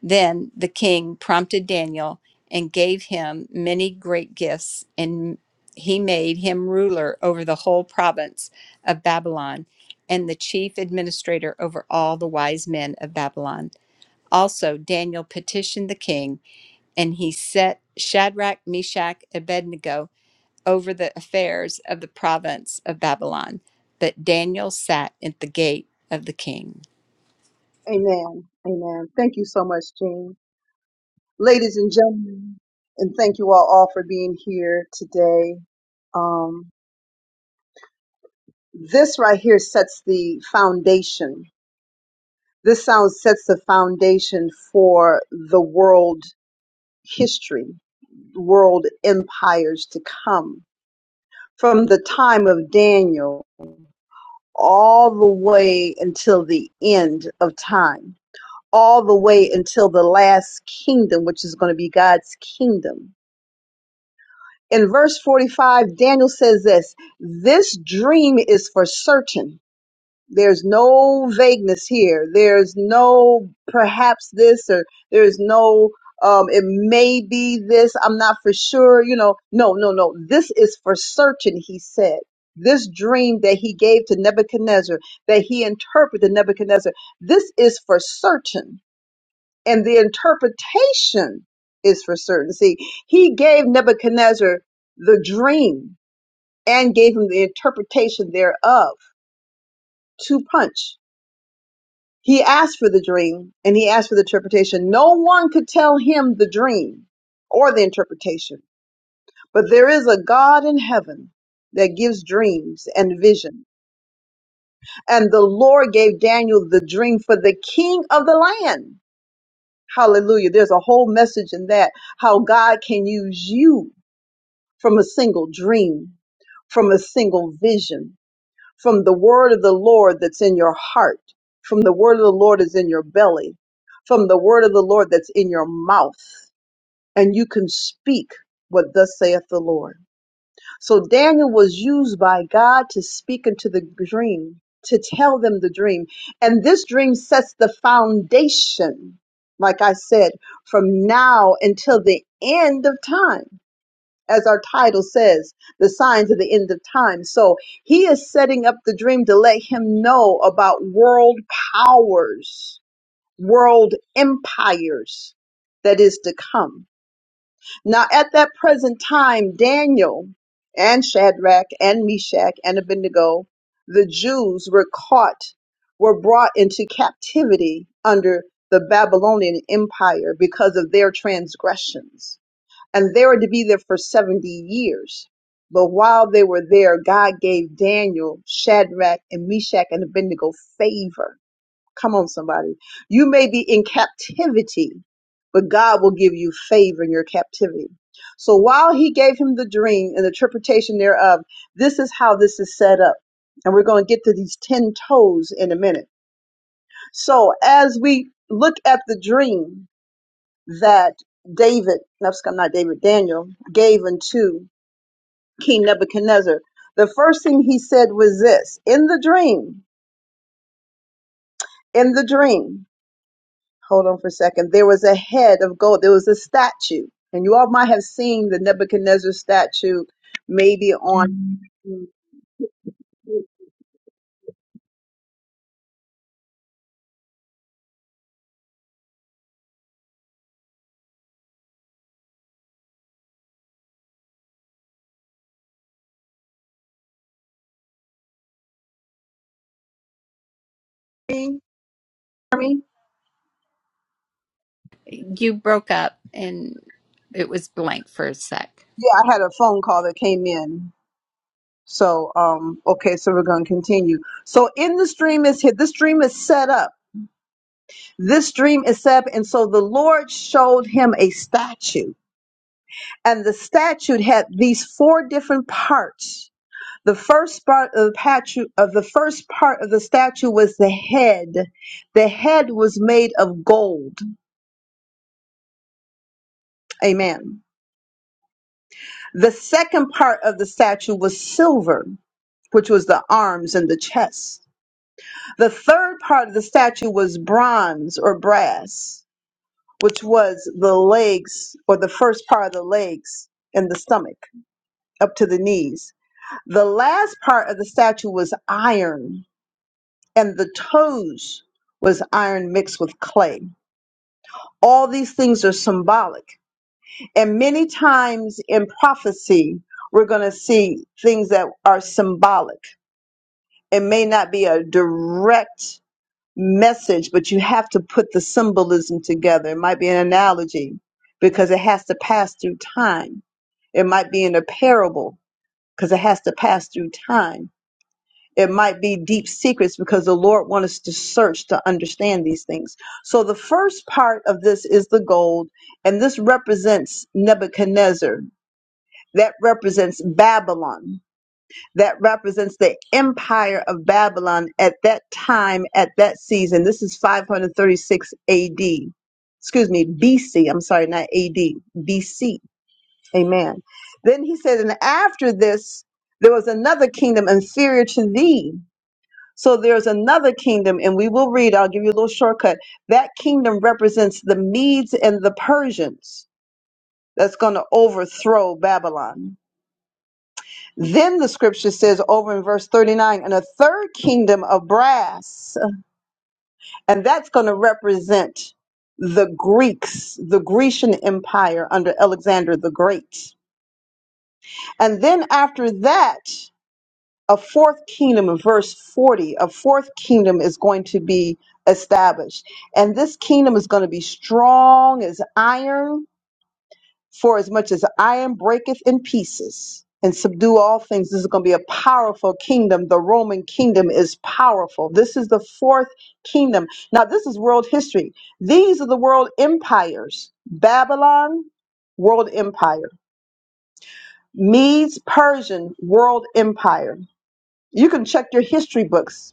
B: Then the king prompted Daniel and gave him many great gifts, and he made him ruler over the whole province of Babylon and the chief administrator over all the wise men of Babylon. Also, Daniel petitioned the king, and he set Shadrach, Meshach, Abednego over the affairs of the province of Babylon. But Daniel sat at the gate of the king.
A: Amen. Amen. Thank you so much, Jane. Ladies and gentlemen, and thank you all, all for being here today. Um, this right here sets the foundation. This sound sets the foundation for the world history, world empires to come. From the time of Daniel all the way until the end of time all the way until the last kingdom, which is going to be God's kingdom. In verse 45, Daniel says this this dream is for certain. There's no vagueness here. There's no perhaps this or there's no um it may be this. I'm not for sure, you know. No, no, no. This is for certain, he said. This dream that he gave to Nebuchadnezzar, that he interpreted to Nebuchadnezzar, this is for certain and the interpretation is for certain. See, he gave Nebuchadnezzar the dream and gave him the interpretation thereof to punch. He asked for the dream and he asked for the interpretation. No one could tell him the dream or the interpretation, but there is a God in heaven that gives dreams and vision. And the Lord gave Daniel the dream for the king of the land. Hallelujah. There's a whole message in that how God can use you from a single dream, from a single vision, from the word of the Lord that's in your heart, from the word of the Lord that's in your belly, from the word of the Lord that's in your mouth. And you can speak what thus saith the Lord. So Daniel was used by God to speak into the dream, to tell them the dream. And this dream sets the foundation, like I said, from now until the end of time as our title says, the signs of the end of time. So he is setting up the dream to let him know about world powers, world empires that is to come. Now, at that present time, Daniel and Shadrach and Meshach and Abednego, the Jews were caught, were brought into captivity under the Babylonian Empire because of their transgressions and they were to be there for 70 years. But while they were there, God gave Daniel, Shadrach, and Meshach and Abednego favor. Come on, somebody. You may be in captivity, but God will give you favor in your captivity. So while he gave him the dream and the interpretation thereof, this is how this is set up. And we're going to get to these 10 toes in a minute. So as we look at the dream, that David, no, excuse- not David, Daniel gave unto King Nebuchadnezzar. The first thing he said was this in the dream, in the dream, hold on for a second, there was a head of gold, there was a statue. And you all might have seen the Nebuchadnezzar statue maybe on Mhm. me? Hear me?
B: You broke up and it was blank for a sec.
A: Yeah, I had a phone call that came in. So, um, okay, so we're going to continue. So, in the stream is here, this stream is set up. This stream is set up. And so the Lord showed him a statue. And the statute had these four different parts. The first part of the patu- of the first part of the statue was the head. The head was made of gold. Amen. The second part of the statue was silver, which was the arms and the chest. The third part of the statue was bronze or brass, which was the legs or the first part of the legs and the stomach up to the knees. The last part of the statue was iron and the toes was iron mixed with clay. All these things are symbolic. And many times in prophecy, we're going to see things that are symbolic. It may not be a direct message, but you have to put the symbolism together. It might be an analogy because it has to pass through time. It might be in a parable because it has to pass through time It might be deep secrets because the Lord wants us to search to understand these things. So the first part of this is the gold, and this represents Nebuchadnezzar. That represents Babylon. That represents the empire of Babylon at that time, at that season. This is 536 AD. Excuse me, BC. I'm sorry, not AD. BC. Amen. Then he said, and after this, there was another kingdom inferior to thee so there's another kingdom, and we will read, I'll give you a little shortcut. That kingdom represents the Medes and the Persians that's going to overthrow Babylon. Then the scripture says over in verse 39, and a third kingdom of brass, and that's going to represent the Greeks, the Grecian Empire under Alexander the Great. And then after that, a fourth kingdom in verse 40 a fourth kingdom is going to be established and this kingdom is going to be strong as iron for as much as iron breaketh in pieces and subdue all things this is going to be a powerful kingdom the roman kingdom is powerful this is the fourth kingdom now this is world history these are the world empires babylon world empire medes persian world empire you can check your history books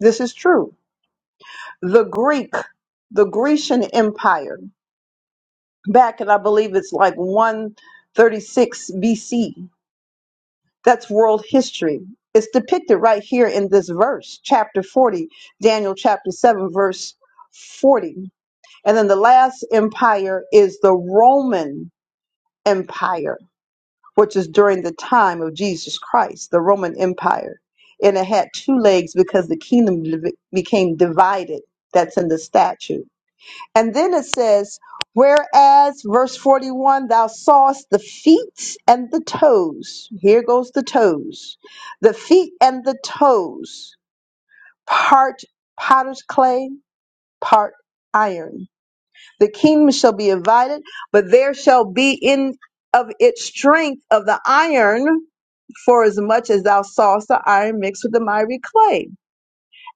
A: this is true. The Greek, the Grecian Empire, back in I believe it's like 136 BC. That's world history. It's depicted right here in this verse, chapter 40, Daniel chapter 7, verse 40. And then the last empire is the Roman Empire, which is during the time of Jesus Christ, the Roman Empire. And it had two legs because the kingdom div- became divided. That's in the statute And then it says, whereas, verse 41, thou sawest the feet and the toes. Here goes the toes. The feet and the toes, part potter's clay, part iron. The kingdom shall be divided, but there shall be in of its strength of the iron, for as much as thou sawest the iron mixed with the miry clay.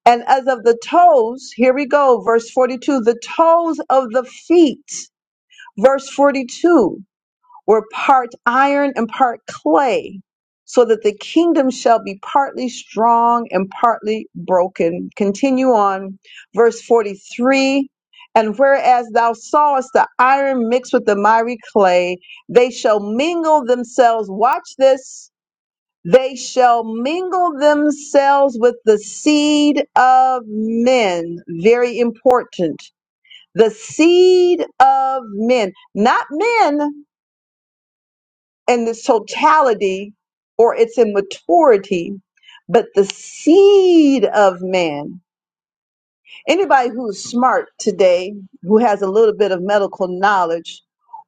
A: And as of the toes, here we go, verse 42, the toes of the feet. Verse 42 were part iron and part clay, so that the kingdom shall be partly strong and partly broken. Continue on. Verse 43 And whereas thou sawest the iron mixed with the miry clay, they shall mingle themselves. Watch this. They shall mingle themselves with the seed of men. Very important the seed of men, not men in its totality or its immaturity, but the seed of man. Anybody who's smart today, who has a little bit of medical knowledge,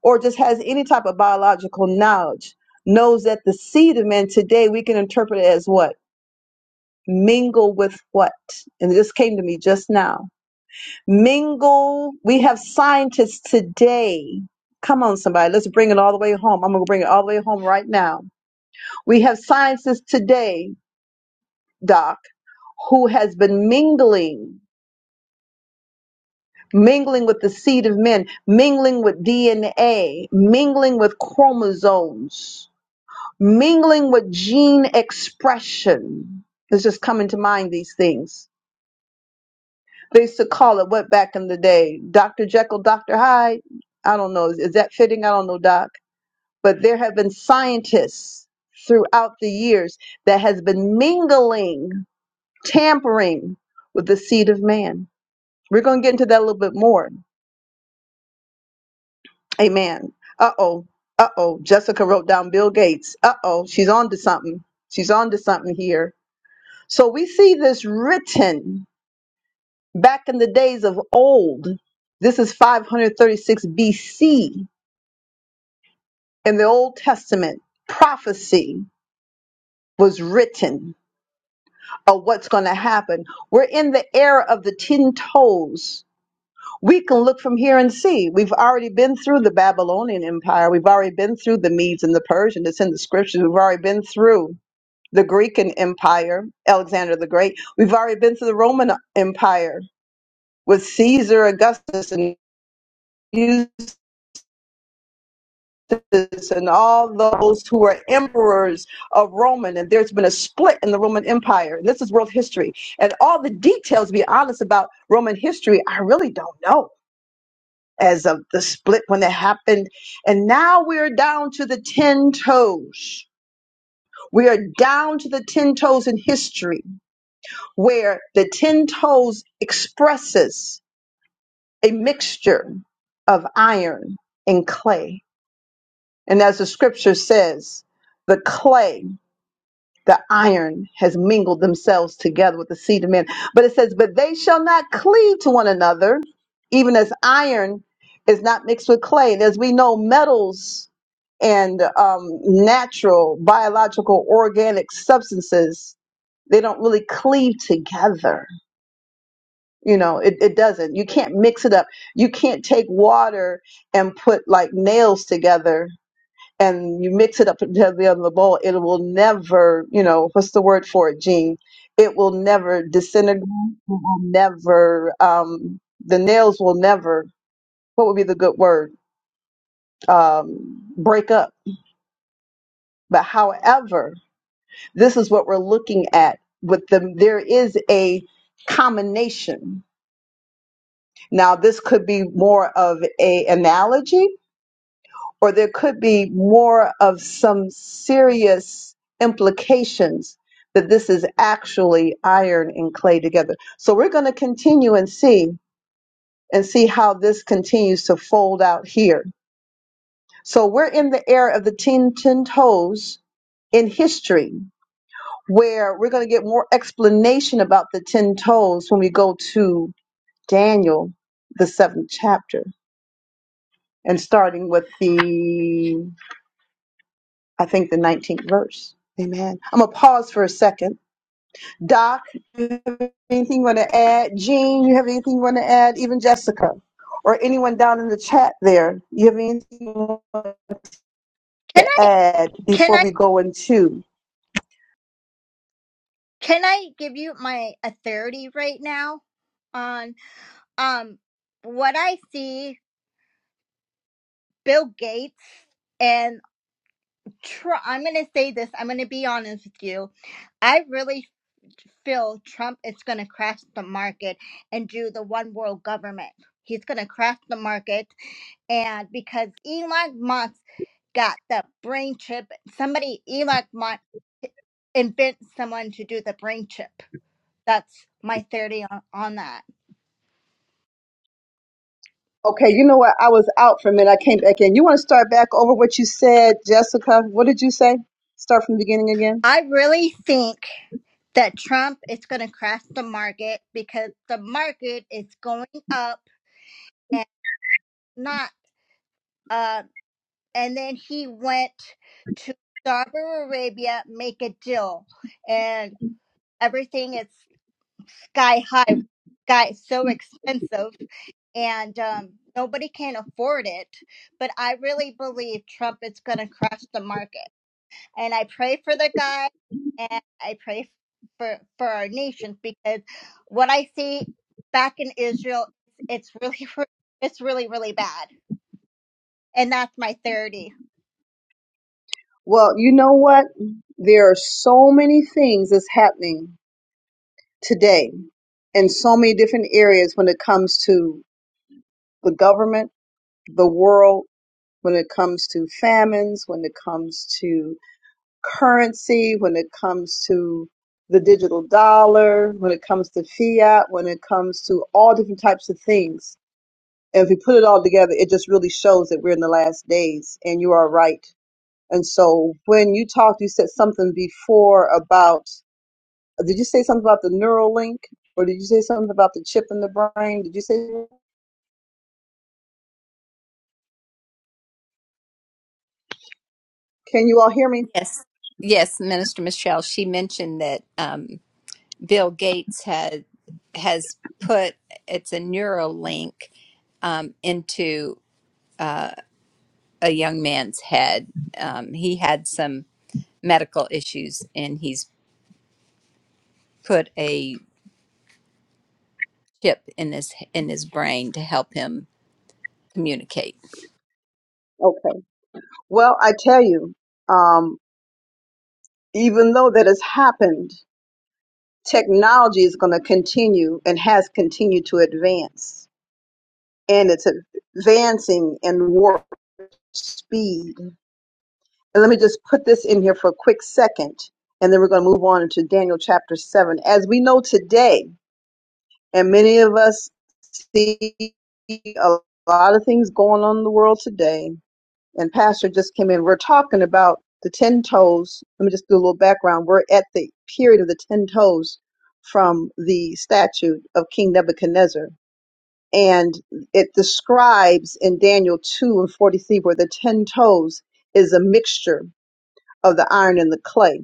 A: or just has any type of biological knowledge, knows that the seed of man today we can interpret it as what? Mingle with what? And this came to me just now Mingle. We have scientists today. Come on, somebody. Let's bring it all the way home. I'm going to bring it all the way home right now. We have scientists today, Doc, who has been mingling, mingling with the seed of men, mingling with DNA, mingling with chromosomes, mingling with gene expression. It's just coming to mind these things. They used to call it what back in the day? Dr. Jekyll, Dr. Hyde? I don't know. Is, is that fitting? I don't know, Doc. but there have been scientists throughout the years that has been mingling, tampering with the seed of man. We're going to get into that a little bit more. Amen. Uh oh. Uh oh. Jessica wrote down Bill Gates. Uh oh. She's on to something. She's on to something here. So we see this written back in the days of old. This is 536 BC in the Old Testament. Prophecy was written of what's going to happen. We're in the era of the 10 toes. We can look from here and see. We've already been through the Babylonian Empire. We've already been through the Medes and the Persians. It's in the scriptures. We've already been through the Greek and Empire, Alexander the Great. We've already been through the Roman Empire with Caesar, Augustus, and and all those who were emperors of Roman, and there's been a split in the Roman Empire. And this is world history. And all the details, to be honest, about Roman history, I really don't know as of the split when it happened. And now we're down to the 10 toes. We are down to the 10 toes in history, where the 10 toes expresses a mixture of iron and clay. And as the scripture says, the clay the iron has mingled themselves together with the seed of men. But it says, But they shall not cleave to one another, even as iron is not mixed with clay. And as we know, metals and um, natural, biological, organic substances, they don't really cleave together. You know, it, it doesn't. You can't mix it up. You can't take water and put like nails together and you mix it up into the other bowl, it will never, you know, what's the word for it, Gene? It will never disintegrate. It will never, um, the nails will never, what would be the good word? Um, break up. But however, this is what we're looking at with them. There is a combination. Now, this could be more of a analogy or there could be more of some serious implications that this is actually iron and clay together. So we're going to continue and see and see how this continues to fold out here. So we're in the era of the ten, ten toes in history where we're going to get more explanation about the ten toes when we go to Daniel, the seventh chapter, and starting with the I think the 19th verse. Amen. I'm going to pause for a second. Doc, do you have anything you want to add? Jean, you have anything you want to add? Even Jessica or anyone down in the chat there, you have anything you want
C: can
A: to
C: i
A: add
C: can
A: before
C: i
A: we go into?
C: can i give you my authority right now on um what i see bill gates and. Trump, I'm going to say this. I'm going to be honest with you. I really feel Trump is going to crash the market and do the one world government. He's going to crash the market. And because Elon Musk got the brain chip, somebody, Elon Musk, invent someone to do the brain chip. That's my theory on, on that.
A: Okay, you know what? I was out for a minute. I came back in. You want to start back over what you said, Jessica? What did you say? Start from the beginning again?
C: I really think that Trump is going to crash the market because the market is going up and not. uh. and then he went to Saudi Arabia, make a deal, and everything is sky high, sky so expensive, and um, nobody can afford it. But I really believe Trump is going to crash the market, and I pray for the guy, and I pray for for our nation because what I see back in Israel, it's really, it's really, really bad, and that's my thirty.
A: Well, you know what? There are so many things that's happening today in so many different areas when it comes to the government, the world, when it comes to famines, when it comes to currency, when it comes to the digital dollar, when it comes to fiat, when it comes to all different types of things. And if we put it all together, it just really shows that we're in the last days and you are right. And so when you talked, you said something before about Did you say something about the neural link? Or did you say something about the chip in the brain? Did you say, can you all hear me?
B: Yes. Yes, Minister Michelle, she mentioned that um, Bill Gates had has put it's a neural link um, into a young man's head. Um, he had some medical issues and he's put a chip in his in his brain to help him communicate.
A: Okay. Well, I tell you, um, even though that has happened, technology is going to continue and has continued to advance. And it's advancing in warp speed. And let me just put this in here for a quick second. And then we're going to move on into Daniel chapter 7. As we know today, And many of us see a lot of things going on in the world today. And Pastor just came in. We're talking about the 10 toes. Let me just do a little background. We're at the period of the 10 toes from the statute of King Nebuchadnezzar. And it describes in Daniel 2 and 43 where the 10 toes is a mixture of the iron and the clay.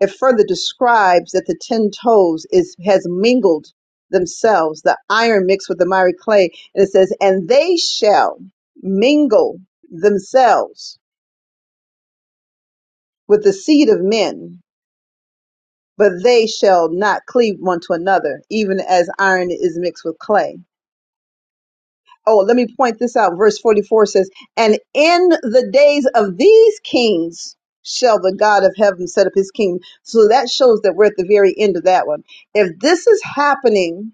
A: It further describes that the ten toes is has mingled themselves, the iron mixed with the miry clay, and it says, and they shall mingle themselves with the seed of men, but they shall not cleave one to another, even as iron is mixed with clay. Oh, let me point this out. Verse 44 says, And in the days of these kings shall the God of heaven set up his kingdom. So that shows that we're at the very end of that one. If this is happening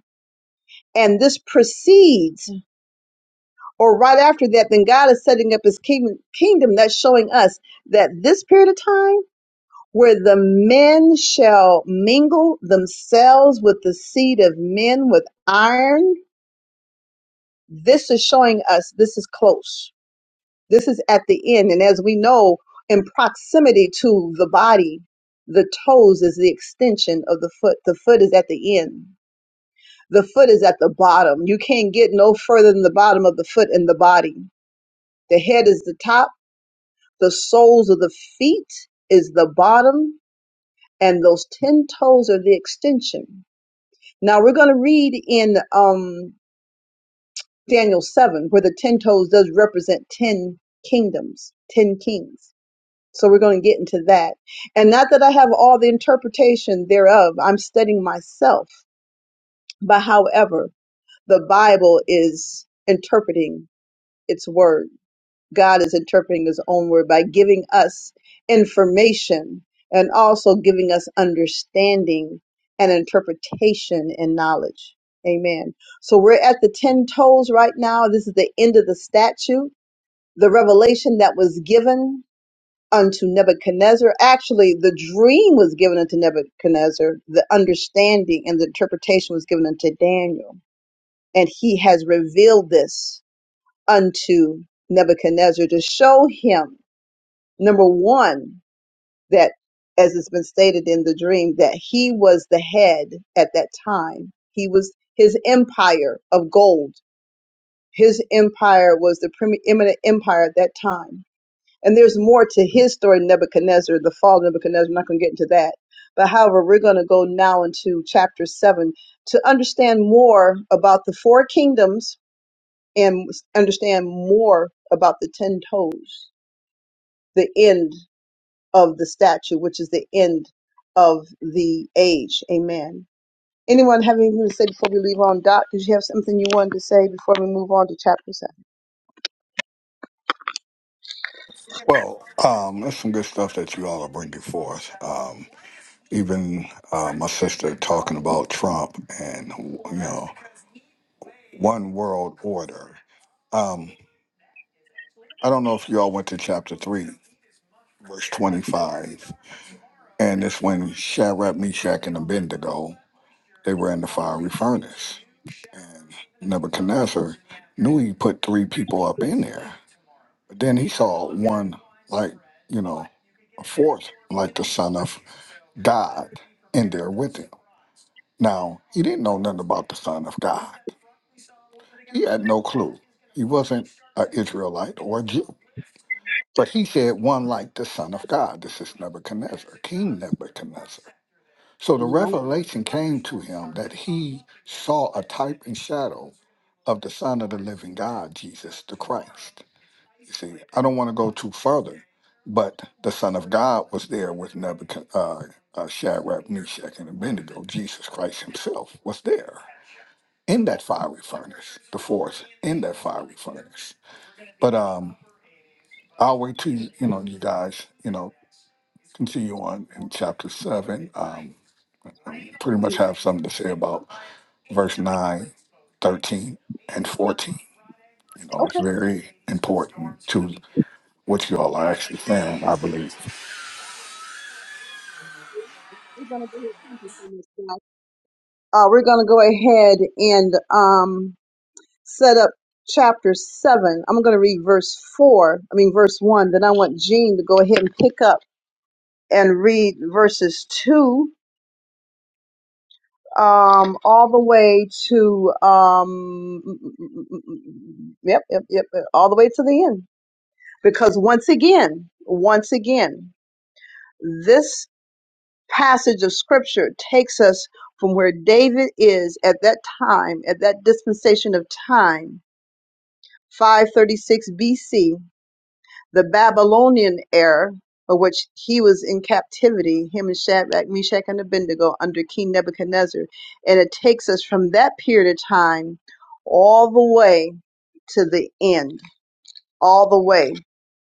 A: and this precedes or right after that then god is setting up his kingdom kingdom that's showing us that this period of time where the men shall mingle themselves with the seed of men with iron this is showing us this is close this is at the end and as we know in proximity to the body the toes is the extension of the foot the foot is at the end the foot is at the bottom you can't get no further than the bottom of the foot in the body The head is the top, the soles of the feet is the bottom, and those 10 toes are the extension. Now we're going to read in um, Daniel 7 where the 10 toes does represent 10 kingdoms, 10 kings. So we're going to get into that. And not that I have all the interpretation thereof, I'm studying myself. But however, the Bible is interpreting its word. God is interpreting his own word by giving us information and also giving us understanding and interpretation and knowledge. Amen. So we're at the 10 toes right now. This is the end of the statue, the revelation that was given unto Nebuchadnezzar. Actually, the dream was given unto Nebuchadnezzar, the understanding and the interpretation was given unto Daniel. And he has revealed this unto Nebuchadnezzar to show him Number one, that as it's been stated in the dream, that he was the head at that time. He was his empire of gold. His empire was the preeminent empire at that time. And there's more to his story, Nebuchadnezzar, the fall of Nebuchadnezzar. I'm not going to get into that. But however, we're going to go now into chapter seven to understand more about the four kingdoms and understand more about the ten toes, the end of the statue, which is the end of the age. Amen. Anyone have anything to say before we leave on, Doc? Did you have something you wanted to say before we move on to chapter seven?
D: Well, um, there's some good stuff that you all are bringing forth. Um, even uh, my sister talking about Trump and you know one world order. Um, I don't know if you all went to chapter three, verse twenty-five, and it's when Shadrach, Meshach, and Abednego. They were in the fiery furnace. And Nebuchadnezzar knew he put three people up in there. But then he saw one like, you know, a fourth like the son of God in there with him. Now, he didn't know nothing about the Son of God. He had no clue. He wasn't an Israelite or a Jew. But he said, one like the Son of God. This is Nebuchadnezzar, King Nebuchadnezzar. So the
A: No.
D: revelation came to him that he saw a type and shadow of the Son of the living God, Jesus the Christ. You see, I don't want to go too further, but the Son of God was there with Nebuchadnezzar, uh, uh, Shadrach, Meshach, and Abednego. Jesus Christ himself was there in that fiery furnace, the fourth in that fiery furnace. But um, I'll wait till, you know, you guys, you know, continue on in chapter seven. Um, pretty much have something to say about verse 9, 13, and 14. You know, it's
A: Okay.
D: very important to what you all are actually saying, I believe.
A: We're gonna go ahead. Thank you so much, guys. Uh, we're going to go ahead and um, set up chapter seven. I'm going to read verse four. I mean, verse one. Then I want Jean to go ahead and pick up and read verses two um, all the way to um, yep, yep, yep, yep, all the way to the end. Because once again, once again, this passage of scripture takes us from where David is at that time, at that dispensation of time, 536 BC, The Babylonian era, of which he was in captivity, him and Shadrach, Meshach, and Abednego under King Nebuchadnezzar. And it takes us from that period of time all the way to the end, all the way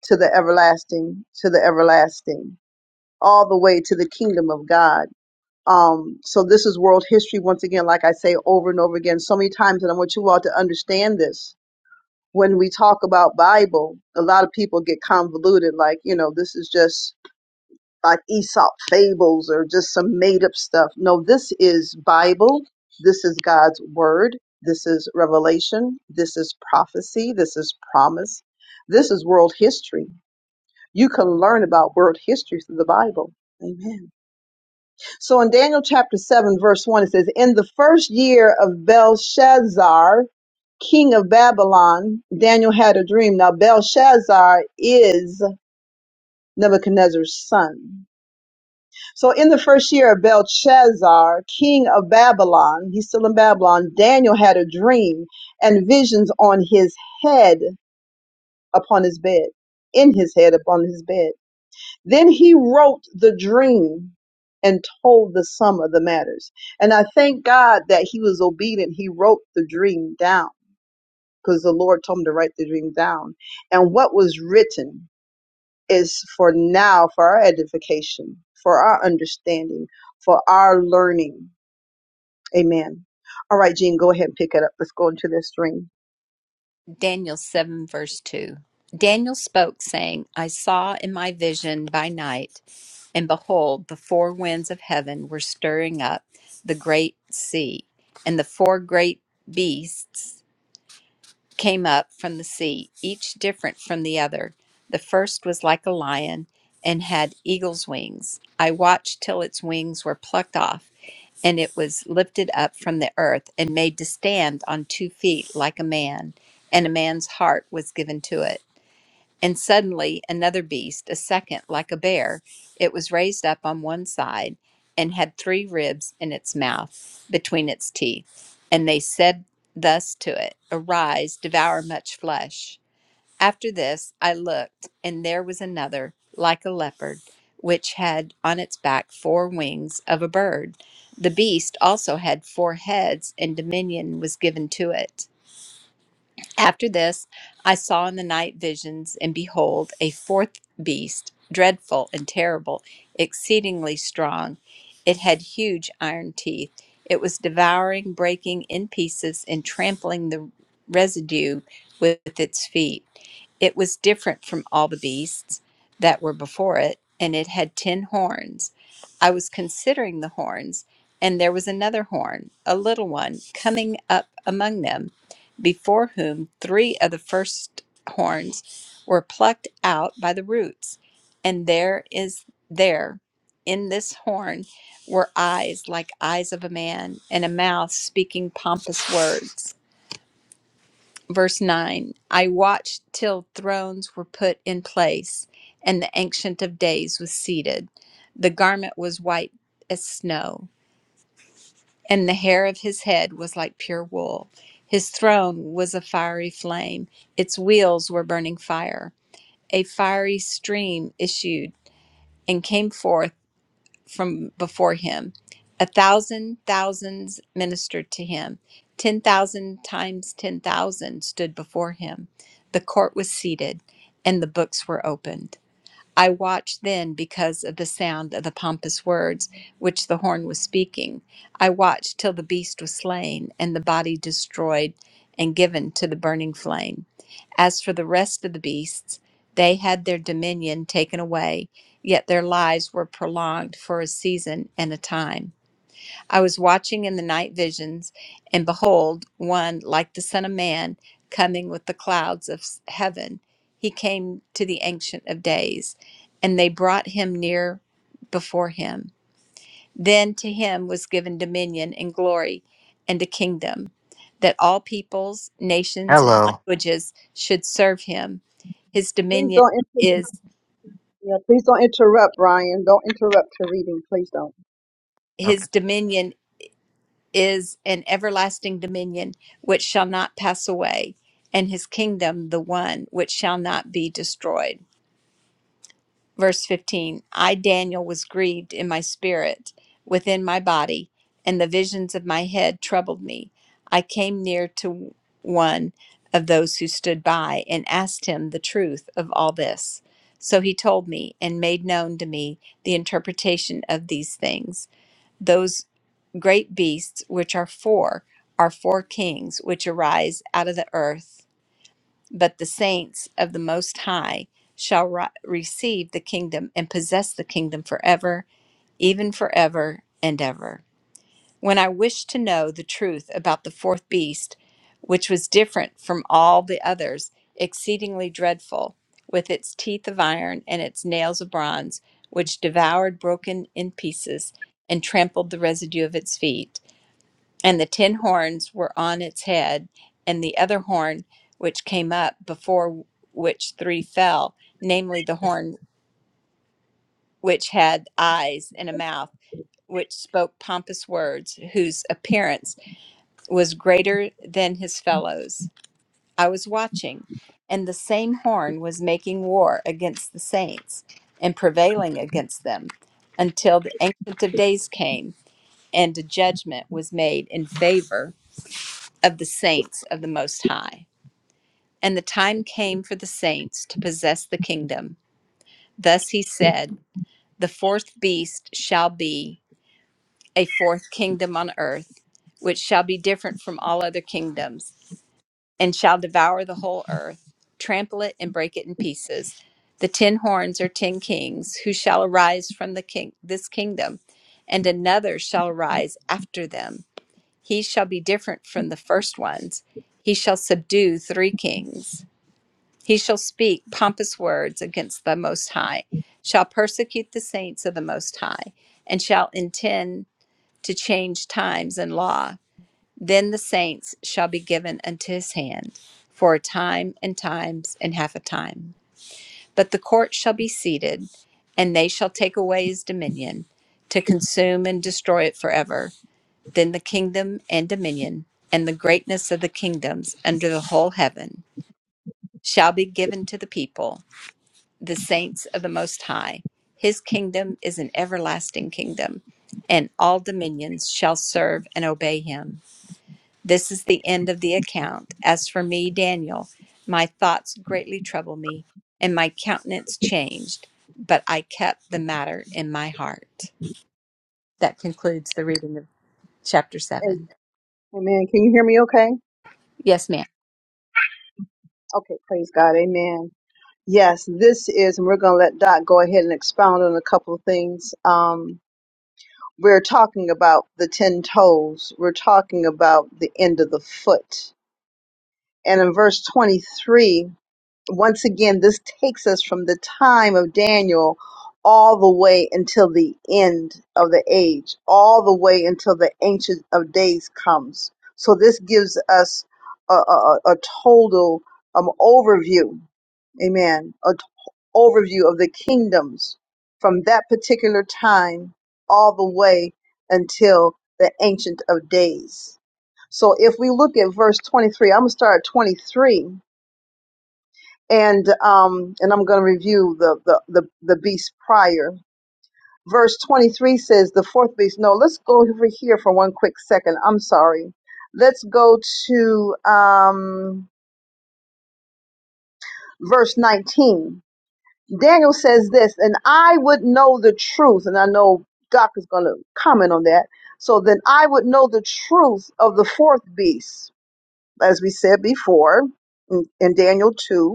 A: to the everlasting, to the everlasting, all the way to the kingdom of God. Um, so this is world history once again, like I say over and over again, so many times, and I want you all to understand this when we talk about Bible, a lot of people get convoluted, like, you know, this is just like Aesop fables or just some made up stuff. No, this is Bible. This is God's word. This is revelation. This is prophecy. This is promise. This is world history. You can learn about world history through the Bible. Amen. So in Daniel chapter 7, verse 1, it says, In the first year of Belshazzar, king of Babylon, Daniel had a dream. Now, Belshazzar is Nebuchadnezzar's son. So, in the first year of Belshazzar, king of Babylon, he's still in Babylon, Daniel had a dream and visions on his head upon his bed, in his head upon his bed. Then he wrote the dream and told the sum of the matters. And I thank God that he was obedient. He wrote the dream down because the Lord told him to write the dream down. And what was written is for now, for our edification, for our understanding, for our learning. Amen. All right, Gene, go ahead and pick it up. Let's go into this dream.
B: Daniel 7, verse 2. Daniel spoke, saying, I saw in my vision by night, and behold, the four winds of heaven were stirring up the great sea, and the four great beasts came up from the sea, each different from the other. The first was like a lion and had eagle's wings. I watched till its wings were plucked off and it was lifted up from the earth and made to stand on two feet like a man, and a man's heart was given to it. And suddenly another beast, a second like a bear, it was raised up on one side and had three ribs in its mouth between its teeth. And they said thus to it, Arise, devour much flesh. After this I looked, and there was another, like a leopard, which had on its back four wings of a bird. The beast also had four heads, and dominion was given to it. After this I saw in the night visions, and behold, a fourth beast, dreadful and terrible, exceedingly strong. It had huge iron teeth. It was devouring, breaking in pieces, and trampling the residue with its feet. It was different from all the beasts that were before it, and it had ten horns. I was considering the horns, and there was another horn, a little one, coming up among them, before whom three of the first horns were plucked out by the roots. And there is there in this horn were eyes like eyes of a man, and a mouth speaking pompous words verse 9 I watched till thrones were put in place and the ancient of days was seated the garment was white as snow and the hair of his head was like pure wool his throne was a fiery flame its wheels were burning fire a fiery stream issued and came forth from before him. A thousand thousands ministered to him. Ten thousand times ten thousand stood before him. The court was seated, and the books were opened. I watched then because of the sound of the pompous words which the horn was speaking. I watched till the beast was slain and the body destroyed and given to the burning flame. As for the rest of the beasts, they had their dominion taken away, yet their lives were prolonged for a season and a time. I was watching in the night visions, and behold, one like the Son of Man coming with the clouds of s- heaven. He came to the Ancient of Days, and they brought him near before him. Then to him was given dominion and glory and a kingdom, that all peoples, nations, and
E: Hello
B: languages should serve him. His
A: Please
B: dominion
A: don't interrupt.
B: is
A: Yeah, please don't interrupt, Brian. Don't interrupt your reading. Please don't.
B: his dominion is an everlasting dominion which shall not pass away, and his kingdom the one which shall not be destroyed. Verse 15 I, Daniel, was grieved in my spirit within my body, and the visions of my head troubled me. I came near to one of those who stood by and asked him the truth of all this. So he told me and made known to me the interpretation of these things. Those. Great beasts, which are four, are four kings which arise out of the earth. But the saints of the Most High shall ri- receive the kingdom and possess the kingdom forever, even forever and ever. When I wished to know the truth about the fourth beast, which was different from all the others, exceedingly dreadful, with its teeth of iron and its nails of bronze, which devoured, broken in pieces, and trampled the residue of its feet and the ten horns were on its head, and the other horn which came up before which three fell, namely the horn which had eyes and a mouth, which spoke pompous words, whose appearance was greater than his fellows. I was watching, and the same horn was making war against the saints and prevailing against them until the Ancient of Days came and a judgment was made in favor of the saints of the Most High. And the time came for the saints to possess the kingdom. Thus he said, The fourth beast shall be a fourth kingdom on earth, which shall be different from all other kingdoms, and shall devour the whole earth, trample it and break it in pieces. The ten horns are ten kings who shall arise from the king this kingdom, and another shall arise after them. He shall be different from the first ones. He shall subdue three kings He shall speak pompous words against the Most High, shall persecute the saints of the Most High, and shall intend to change times and law. Then the saints shall be given unto his hand for a time and times and half a time. But the court shall be seated, and they shall take away his dominion to consume and destroy it forever. Then the kingdom and dominion and the greatness of the kingdoms under the whole heaven shall be given to the people the saints of the Most High. His kingdom is an everlasting kingdom, and all dominions shall serve and obey him. This is the end of the account. As for me, Daniel, my thoughts greatly troubled me, and my countenance changed, but I kept the matter in my heart. That concludes the reading of chapter
A: Hey,
B: 7.
A: Amen. Can you hear me okay?
B: Yes, ma'am.
A: Okay, praise God. Amen. Yes, this is, and we're going to let Doc go ahead and expound on a couple of things. Um, we're talking about the 10 toes, we're talking about the end of the foot. And in verse 23, once again, this takes us from the time of Daniel all the way until the end of the age, all the way until the Ancient of Days comes. So this gives us a, a, a a total um, overview, amen, a t- overview of the kingdoms from that particular time all the way until the Ancient of Days. So if we look at verse 23, I'm going to start at 23 and um and I'm going to review the the the, the beast prior. Verse 23 says the fourth beast. No, let's go over here for one quick second. I'm sorry. Let's go to um verse 19. Daniel says this, and I would know the truth, and I know Doc is going to comment on that. So then I would know the truth of the fourth beast, as we said before in, in Daniel 2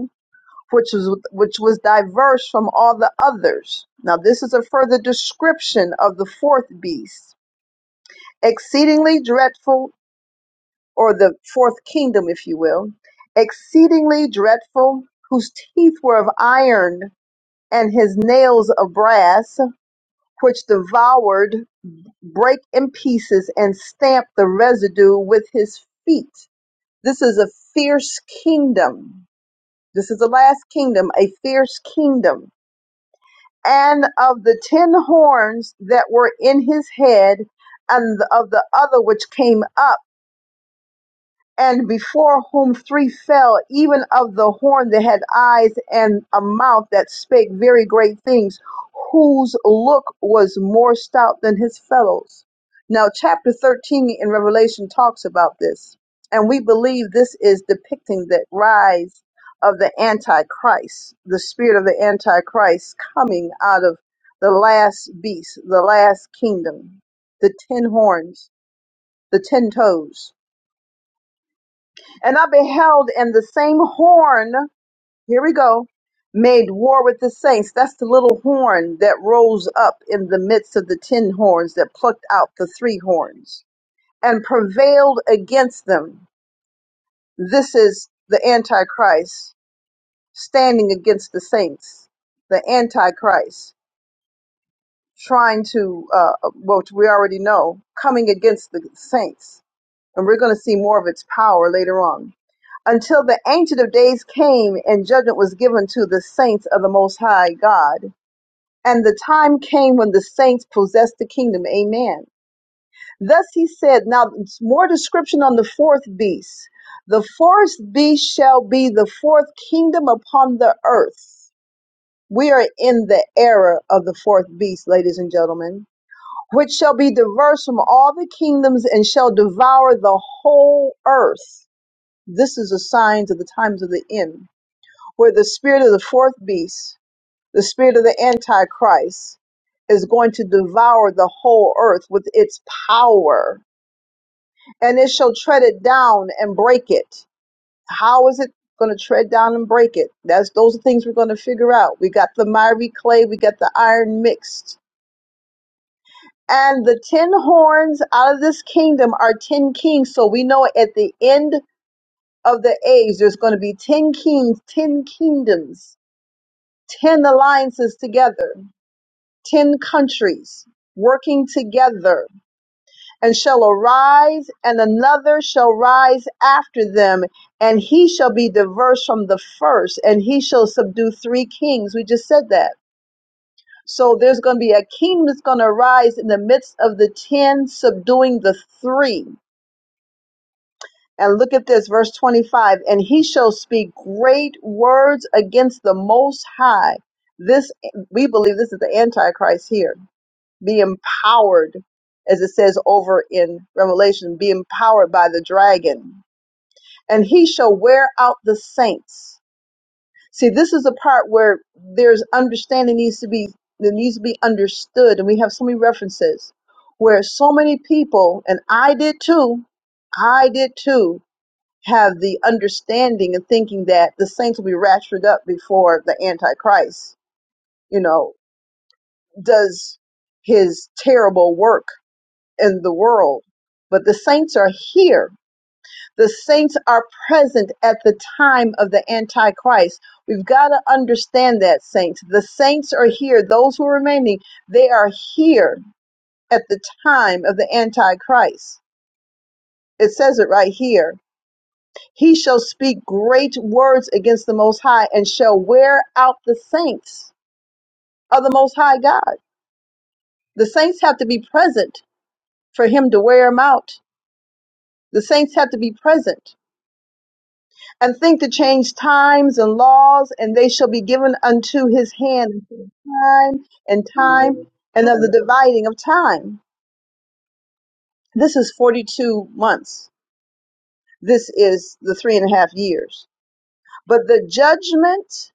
A: which was which was diverse from all the others. Now this is a further description of the fourth beast, exceedingly dreadful, or the fourth kingdom, if you will, exceedingly dreadful, whose teeth were of iron and his nails of brass, which devoured, break in pieces, and stamped the residue with his feet. This is a fierce kingdom. This is the last kingdom, a fierce kingdom and of the ten horns that were in his head, and of the other which came up and before whom three fell, even of the horn that had eyes and a mouth that spake very great things, whose look was more stout than his fellows. Now, chapter 13 in Revelation talks about this, and we believe this is depicting the rise of the Antichrist, the spirit of the Antichrist coming out of the last beast, the last kingdom, the ten horns, the ten toes and I beheld, and the same horn, here we go, made war with the saints. That's the little horn that rose up in the midst of the ten horns that plucked out the three horns and prevailed against them. This is the Antichrist standing against the saints, the Antichrist trying to, uh, which we already know, coming against the saints. And we're going to see more of its power later on until the Ancient of Days came and judgment was given to the saints of the Most High God. And the time came when the saints possessed the kingdom. Amen. Thus he said, now more description on the fourth beast. The fourth beast shall be the fourth kingdom upon the earth. We are in the era of the fourth beast, ladies and gentlemen, which shall be diverse from all the kingdoms and shall devour the whole earth. This is a sign of the times of the end. where the spirit of the fourth beast, the spirit of the Antichrist, is going to devour the whole earth with its power, and it shall tread it down and break it. How is it going to tread down and break it? That's those are things we're going to figure out. We got the miry clay, we got the iron mixed. And the ten horns out of this kingdom are ten kings. So we know at the end of the age, there's going to be ten kings, ten kingdoms, ten alliances together ten countries working together and shall arise and another shall rise after them and he shall be diverse from the first and he shall subdue three kings we just said that so there's going to be a kingdom that's going to rise in the midst of the ten subduing the three and look at this verse 25 and he shall speak great words against the most high this we believe this is the antichrist here be empowered, as it says over in Revelation, be empowered by the dragon, and he shall wear out the saints. See, this is the part where there's understanding needs to be that needs to be understood, and we have so many references where so many people, and I did too, I did too, have the understanding and thinking that the saints will be raptured up before the Antichrist, you know, does his terrible work in the world. But the saints are here. The saints are present at the time of the Antichrist. We've got to understand that, saints. The saints are here. Those who are remaining, they are here at the time of the Antichrist. It says it right here. He shall speak great words against the Most High and shall wear out the saints of the Most High God. The saints have to be present for him to wear them out. The saints have to be present. and think to change times and laws, and they shall be given unto his hand until time and time and of the dividing of time. This is 42 months. This is the three and a half years. But the judgment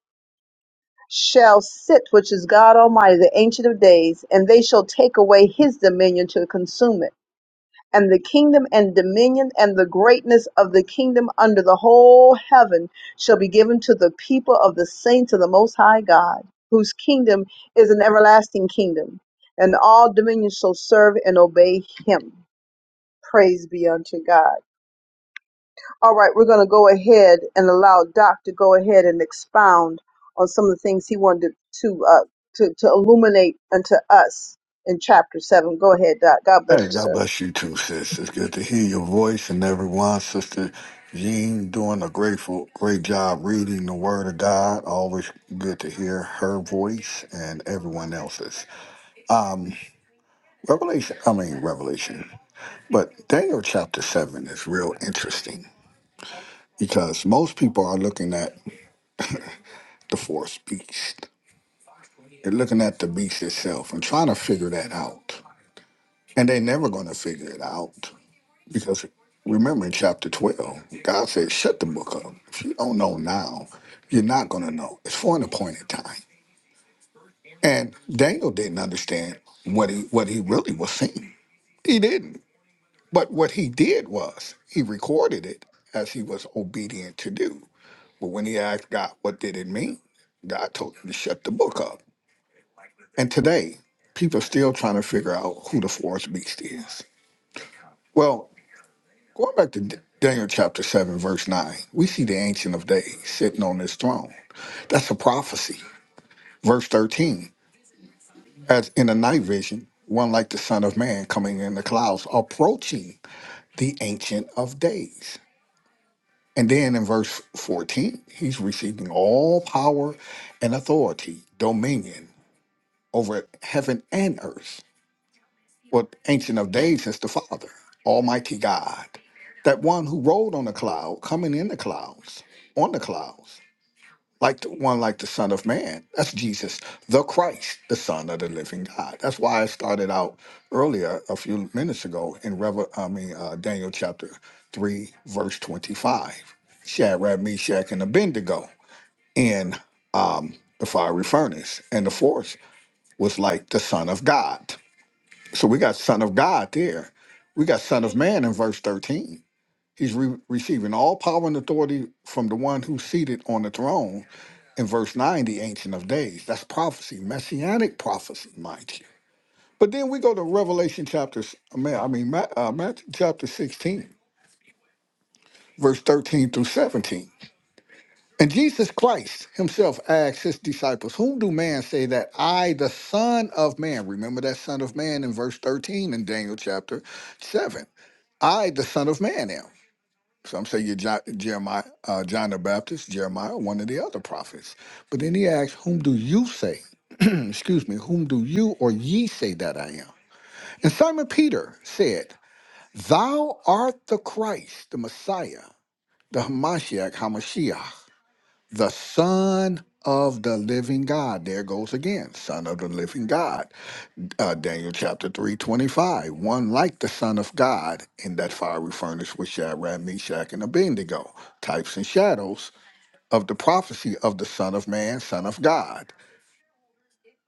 A: shall sit, which is God Almighty, the Ancient of Days, and they shall take away his dominion to consume it and the kingdom and dominion and the greatness of the kingdom under the whole heaven shall be given to the people of the saints of the most high God, whose kingdom is an everlasting kingdom, and all dominions shall serve and obey him. Praise be unto God. All right, we're going to go ahead and allow Doc to go ahead and expound on some of the things he wanted to uh, to, to illuminate unto us in chapter seven. Go ahead, Doc. God bless
D: Hey,
A: you,
D: God
A: sir.
D: bless you too, sis. It's good to hear your voice and everyone. Sister Jean doing a grateful, great job reading the Word of God. Always good to hear her voice and everyone else's. Revelation, I mean, Revelation. But Daniel chapter 7 is real interesting because most people are looking at the fourth beast. They're looking at the beast itself and trying to figure that out. And they're never going to figure it out because remember in chapter 12, God said, shut the book up. If you don't know now, you're not going to know. It's for an appointed time. And Daniel didn't understand what he, what he really was seeing. He didn't. But what he did was he recorded it as he was obedient to do. But when he asked God, what did it mean? God told him to shut the book up. And today, people are still trying to figure out who the forest beast is. Well, going back to D- Daniel chapter 7, verse 9, we see the Ancient of Days sitting on his throne. That's a prophecy. Verse 13, as in a night vision, one like the Son of Man coming in the clouds, approaching the Ancient of Days. And then in verse 14, he's receiving all power and authority, dominion over heaven and earth. Well, Ancient of Days is the Father, Almighty God, that one who rode on the cloud, coming in the clouds, on the clouds, like the one like the Son of Man. That's Jesus, the Christ, the Son of the Living God. That's why I started out earlier a few minutes ago in Revel, I mean uh, Daniel chapter three, verse twenty-five. Shadrach, Meshach, and Abednego in um, the fiery furnace, and the fourth was like the Son of God. So we got Son of God there. We got Son of Man in verse 13. He's re- receiving all power and authority from the one who's seated on the throne in verse 9, the Ancient of Days. That's prophecy, messianic prophecy, mind you. But then we go to Revelation chapters. I mean, Ma- uh, Matthew chapter 16, verse 13 through 17. And Jesus Christ himself asked his disciples, Whom do man say that I, the Son of Man, remember that Son of Man in verse 13 in Daniel chapter 7 I, the Son of Man, am. Some say you're John, Jeremiah, uh, John the Baptist, Jeremiah, one of the other prophets. But then he asks, Whom do you say? Excuse me, whom do you or ye say that I am? And Simon Peter said, Thou art the Christ, the Messiah, the Hamashiach, Hamashiach, the Son of the living God. There goes again, Son of the living God uh, Daniel chapter 3 25 One like the Son of God in that fiery furnace with Shadrach, Meshach, and Abednego, types and shadows of the prophecy of the Son of Man, Son of God.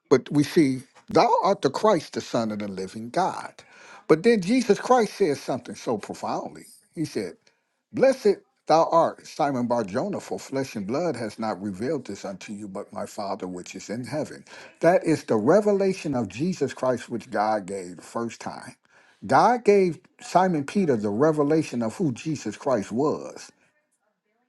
D: But we see, thou art the Christ, the Son of the living God. But then Jesus Christ says something so profoundly. He said, Blessed thou art, Simon Bar Jonah, for flesh and blood has not revealed this unto you, but my Father which is in heaven. That is the revelation of Jesus Christ which God gave the first time. God gave Simon Peter the revelation of who Jesus Christ was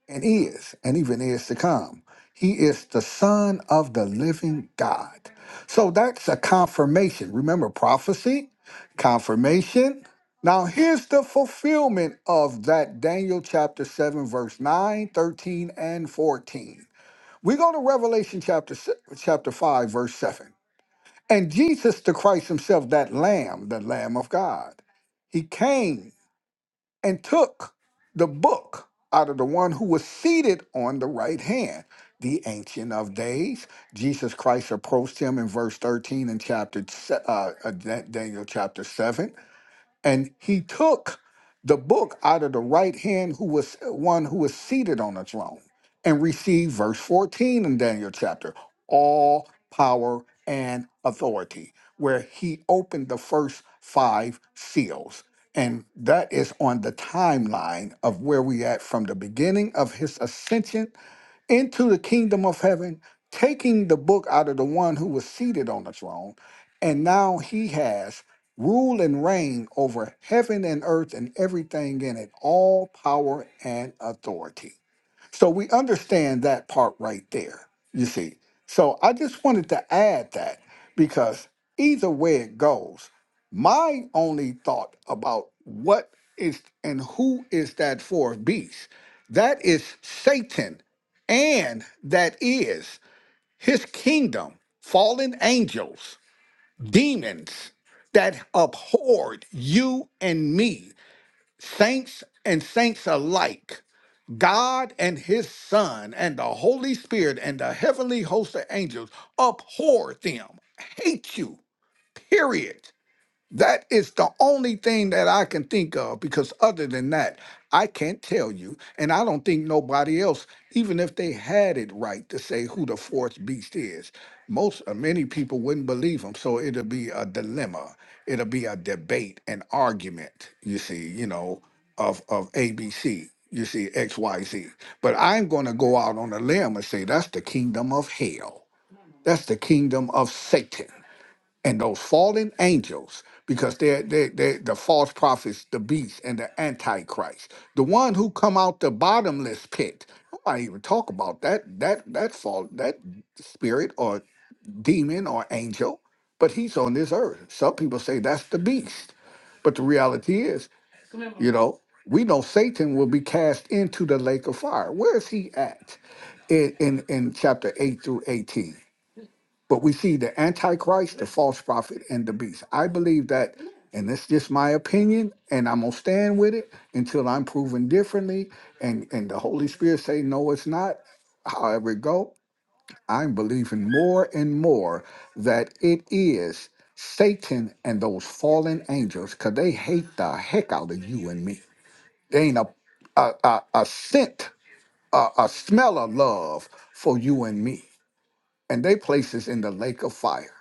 D: and is, and even is to come. He is the Son of the living God. So that's a confirmation. Remember prophecy, confirmation. Now, here's the fulfillment of that Daniel chapter 7, verse 9, 13, and 14. We go to Revelation chapter, si- chapter 5, verse 7. And Jesus the Christ himself, that Lamb, the Lamb of God, he came and took the book out of the one who was seated on the right hand, the Ancient of Days. Jesus Christ approached him in verse 13 in chapter se- uh, uh, Dan- Daniel chapter 7 and he took the book out of the right hand who was one who was seated on the throne and received verse 14 in Daniel chapter all power and authority where he opened the first five seals and that is on the timeline of where we at from the beginning of his ascension into the kingdom of heaven, taking the book out of the one who was seated on the throne. And now he has rule and reign over heaven and earth and everything in it, all power and authority. So we understand that part right there, you see. So I just wanted to add that because either way it goes, my only thought about what is and who is that for beast? That is Satan, and that is his kingdom, fallen angels, demons that abhorred you and me, saints and saints alike God and his Son and the Holy Spirit and the heavenly host of angels abhor them, hate you, period. That is the only thing that I can think of because other than that, I can't tell you. And I don't think nobody else, even if they had it right to say who the fourth beast is, most uh, many people wouldn't believe them. So it'll be a dilemma. It'll be a debate, an argument, you see, you know, of of ABC, you see, XYZ. But I'm gonna go out on a limb and say that's the kingdom of hell. That's the kingdom of Satan and those fallen angels because they're, they are they they the false prophets the beast and the antichrist the one who come out the bottomless pit nobody even talk about that that that fall that spirit or demon or angel but he's on this earth some people say that's the beast but the reality is you know we know satan will be cast into the lake of fire where is he at in in, in chapter 8 through 18 but we see the Antichrist, the false prophet, and the beast. I believe that, and it's just my opinion, and I'm gonna stand with it until I'm proven differently. And and the Holy Spirit say no, it's not. However it go, I'm believing more and more that it is Satan and those fallen angels, cause they hate the heck out of you and me. They ain't a a, a, a scent, a, a smell of love for you and me, and they places in the lake of fire.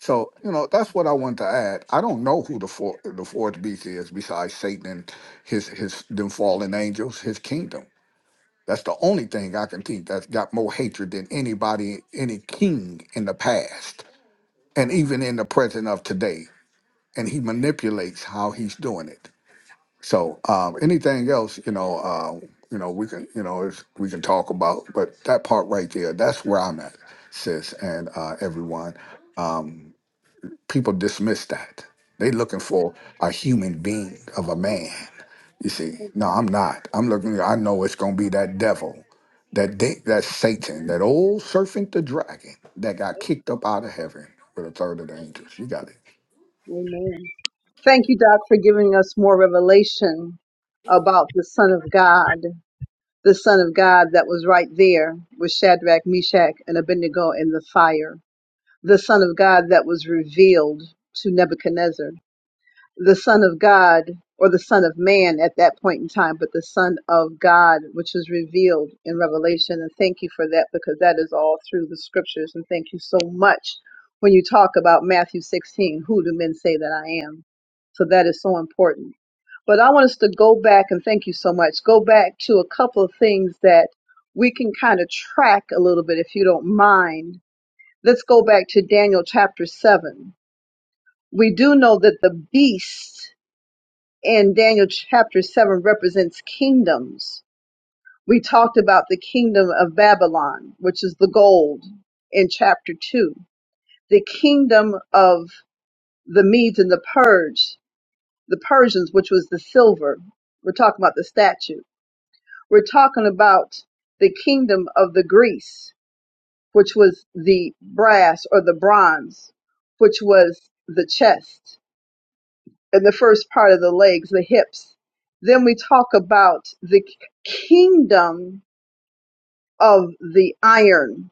D: So you know that's what I wanted to add. I don't know who the four, the fourth beast is besides Satan and his his them fallen angels, his kingdom. That's the only thing I can think that's got more hatred than anybody, any king in the past, and even in the present of today. And he manipulates how he's doing it. So um, anything else, you know, uh, you know, we can, you know, it's, we can talk about. But that part right there, that's where I'm at, sis, and uh, everyone. Um, People dismiss that. They looking for a human being of a man. You see, no, I'm not. I'm looking. I know it's gonna be that devil, that de- that Satan, that old serpent, the dragon that got kicked up out of heaven with a third of the angels. You got it.
A: Amen. Thank you, Doc, for giving us more revelation about the Son of God, the Son of God that was right there with Shadrach, Meshach, and Abednego in the fire, the Son of God that was revealed to Nebuchadnezzar the Son of God or the Son of Man at that point in time, but the Son of God, which is revealed in Revelation. And thank you for that because that is all through the scriptures. And thank you so much when you talk about Matthew 16 who do men say that I am? So that is so important. But I want us to go back and thank you so much. Go back to a couple of things that we can kind of track a little bit if you don't mind. Let's go back to Daniel chapter 7. We do know that the beast in Daniel chapter 7 represents kingdoms. We talked about the kingdom of Babylon, which is the gold in chapter 2. The kingdom of the Medes and the Purge, the Persians, which was the silver. We're talking about the statue. We're talking about the kingdom of the Greece, which was the brass or the bronze, which was the chest in the first part of the legs, the hips. Then we talk about the kingdom of the iron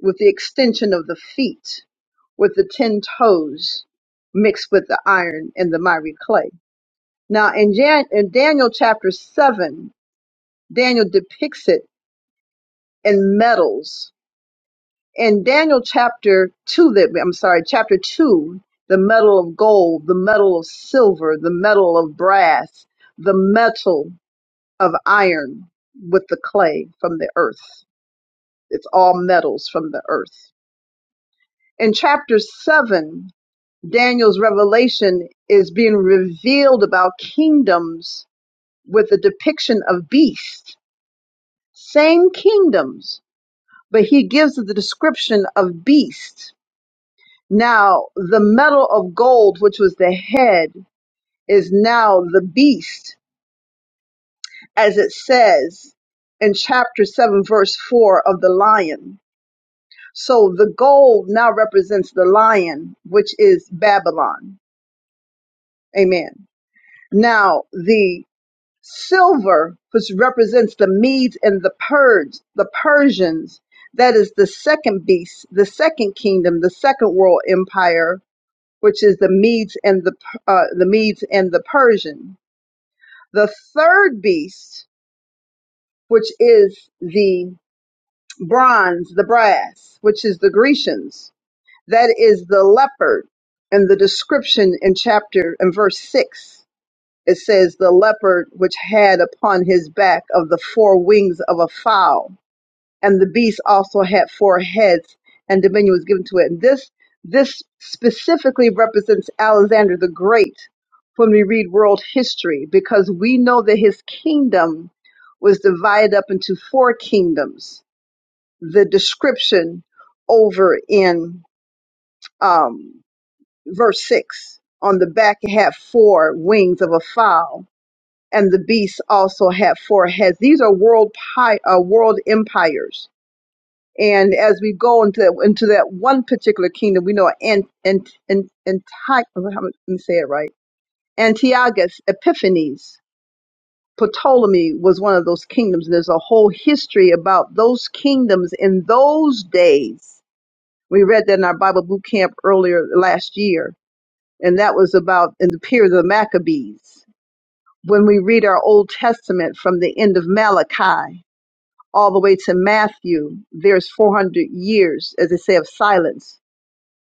A: with the extension of the feet, with the ten toes mixed with the iron and the miry clay. Now in, Jan- in Daniel chapter seven, Daniel depicts it in metals. In Daniel chapter two, that I'm sorry, chapter two, the metal of gold, the metal of silver, the metal of brass, the metal of iron with the clay from the earth. It's all metals from the earth. In chapter 7, Daniel's revelation is being revealed about kingdoms with a depiction of beasts. Same kingdoms, but he gives the description of beasts. Now, the metal of gold, which was the head, is now the beast, as it says in chapter 7, verse 4 of the lion So the gold now represents the lion, which is Babylon. Amen. Now the silver, which represents the Medes and the Purge, the Persians, that is the second beast, the second kingdom, the second world empire, which is the Medes and the uh, the Medes and the Persian. The third beast, which is the bronze, the brass, which is the Grecians That is the leopard. And the description in chapter and verse six, it says the leopard which had upon his back of the four wings of a fowl. And the beast also had four heads and dominion was given to it. And this, this specifically represents Alexander the Great when we read world history, because we know that his kingdom was divided up into four kingdoms. The description over in, um, verse 6 on the back it had four wings of a fowl and the beast also had four heads these are world pi- uh, world empires and as we go into that, into that one particular kingdom we know and and and and let me say it right antiochus epiphanes ptolemy was one of those kingdoms and there's a whole history about those kingdoms in those days we read that in our bible boot camp earlier last year and that was about in the period of the Maccabees. When we read our Old Testament from the end of Malachi all the way to Matthew, there's 400 years, as they say, of silence,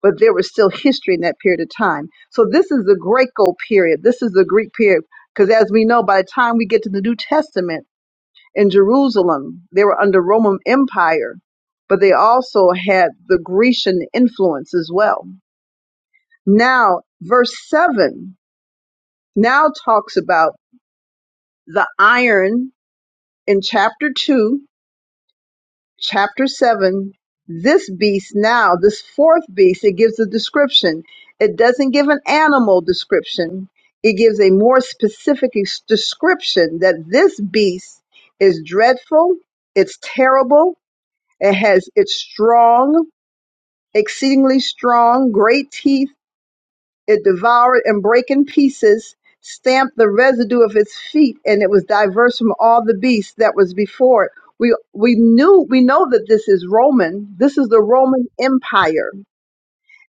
A: but there was still history in that period of time. So this is the Greco period. This is the Greek period, because as we know, by the time we get to the New Testament in Jerusalem, they were under Roman Empire, but they also had the Grecian influence as well. Now, verse 7 now talks about The iron in chapter 2, chapter 7, this beast now, this fourth beast, it gives a description. It doesn't give an animal description, it gives a more specific ex- description that this beast is dreadful, it's terrible, it has, it's strong, exceedingly strong, great teeth It devoured and brake in pieces, stamped the residue of its feet, and it was diverse from all the beasts that was before it. We we knew we know that this is Roman. This is the Roman Empire.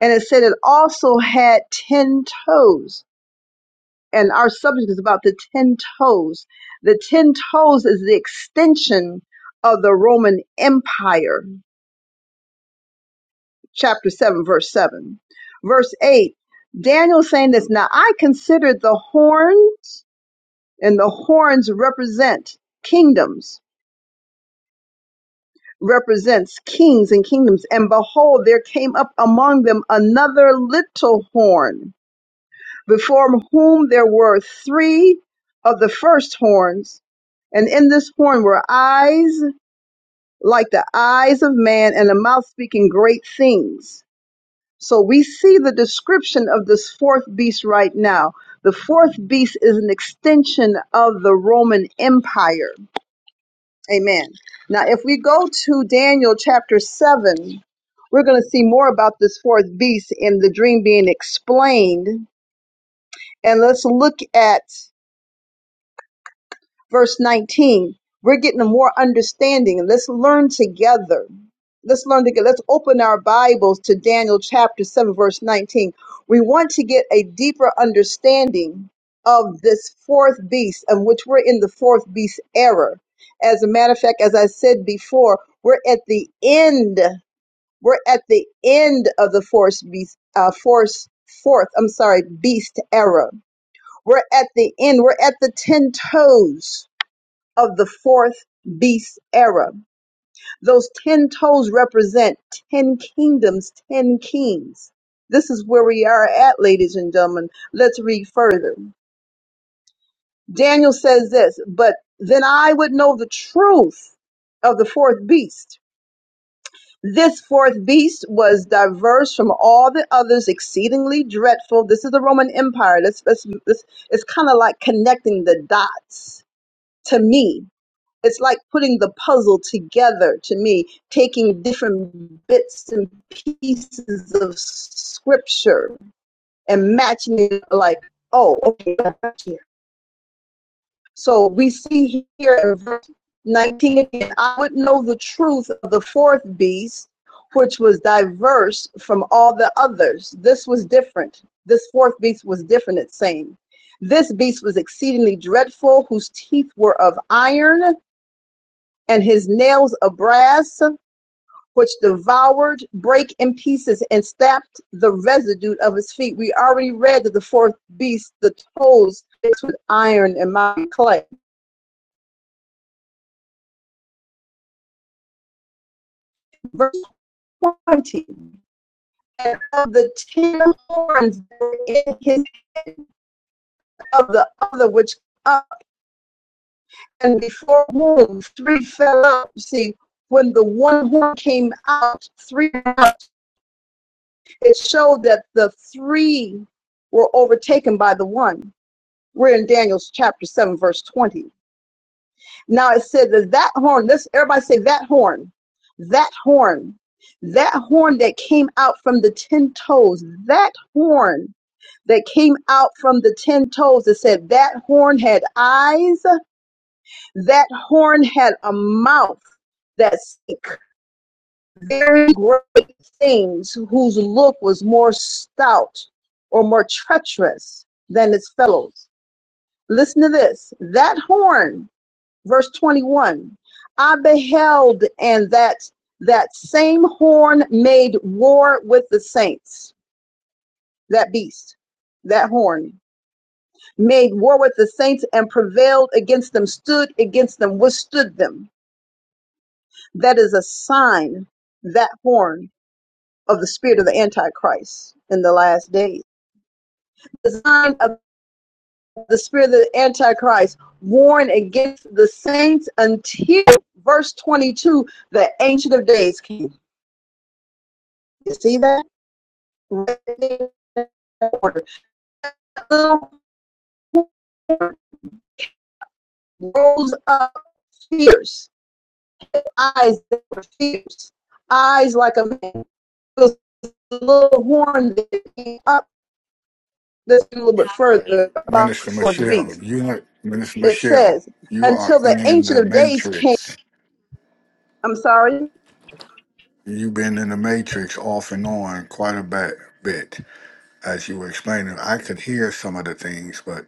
A: And it said it also had ten toes. And our subject is about the ten toes. The ten toes is the extension of the Roman Empire. Chapter seven, verse seven. Verse eight. Daniel saying this, now I considered the horn and the horns represent kingdoms represents kings and kingdoms and behold there came up among them another little horn before whom there were three of the first horns and in this horn were eyes like the eyes of man and a mouth speaking great things so we see the description of this fourth beast right now the fourth beast is an extension of the roman empire Amen. Now, if we go to Daniel chapter 7, we're going to see more about this fourth beast and the dream being explained. And let's look at verse 19. We're getting more understanding. Let's learn together. Let's learn together. Let's open our Bibles to Daniel chapter 7, verse 19. We want to get a deeper understanding of this fourth beast, of which we're in the fourth beast era. As a matter of fact, as I said before, we're at the end. We're at the end of the fourth beast, uh, fourth, fourth, I'm sorry, beast era. We're at the end. We're at the 10 toes of the fourth beast era. Those 10 toes represent 10 kingdoms, 10 kings. This is where we are at, ladies and gentlemen. Let's read further. Daniel says this, but then I would know the truth of the fourth beast. This fourth beast was diverse from all the others, exceedingly dreadful. This is the Roman Empire. Let's, let's, let's, it's kind of like connecting the dots to me it's like putting the puzzle together to me, taking different bits and pieces of scripture and matching it like, oh, okay, that's here. So we see here in verse 19 again, I would know the truth of the fourth beast, which was diverse from all the others. This was different. This fourth beast was different, it's saying. This beast was exceedingly dreadful, whose teeth were of iron and his nails of brass, which devoured, break in pieces, and stamped the residue of his feet. We already read that the fourth beast, the toes fixed with iron and miry clay. Verse 20. And of the ten horns that were in his of the other which up and before whom three fell out. See, when the one horn came out, three out, it showed that the three were overtaken by the one. We're in Daniel's chapter 7, verse 20. Now it said that that horn, let's everybody say that horn, that horn, that horn that came out from the 10 toes, that horn that came out from the 10 toes, it said that horn had eyes, that horn had a mouth that spake very great things, whose look was more stout or more treacherous than its fellows. Listen to this that horn verse 21 i beheld and that that same horn made war with the saints that beast that horn made war with the saints and prevailed against them stood against them withstood them that is a sign that horn of the spirit of the antichrist in the last days the sign of the spirit of the antichrist warn against the saints until verse 22 the ancient of days came You see that? Rose up fierce, eyes that were fierce, eyes like a man. This little horn that came up this a little bit further about the
D: Minister
A: fourth
D: Michelle,
A: beast.
D: you are- Minister
A: It
D: Michelle,
A: says,
D: you are
A: until the
D: in
A: ancient
D: the
A: of days came.
D: matrix.
A: I'm sorry,
D: You've been in the matrix off and on quite a bit. bit. as you were explaining, I could hear some of the things, but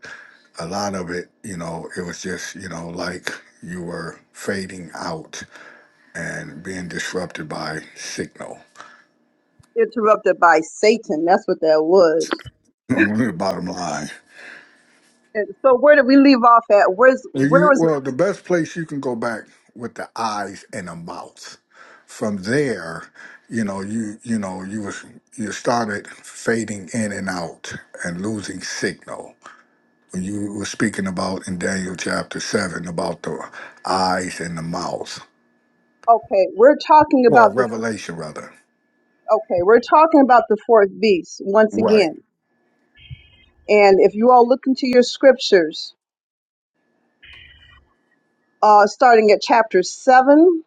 D: a lot of it, you know, it was just, you know, like you were fading out and being disrupted by signal.
A: interrupted by Satan. That's what that was.
D: Bottom line.
A: And so where did we leave off at? Where's
D: Now
A: where
D: You,
A: was
D: well, the best place you can go back with the eyes and the mouth. From there, you know, you you know, you was you started fading in and out and losing signal when you were speaking about in Daniel chapter 7 about the eyes and the mouth,
A: okay? We're talking
D: or
A: about the
D: revelation rather.
A: okay. We're talking about the fourth beast once
D: Right.
A: again. And if you all look into your scriptures, uh, starting at chapter 7,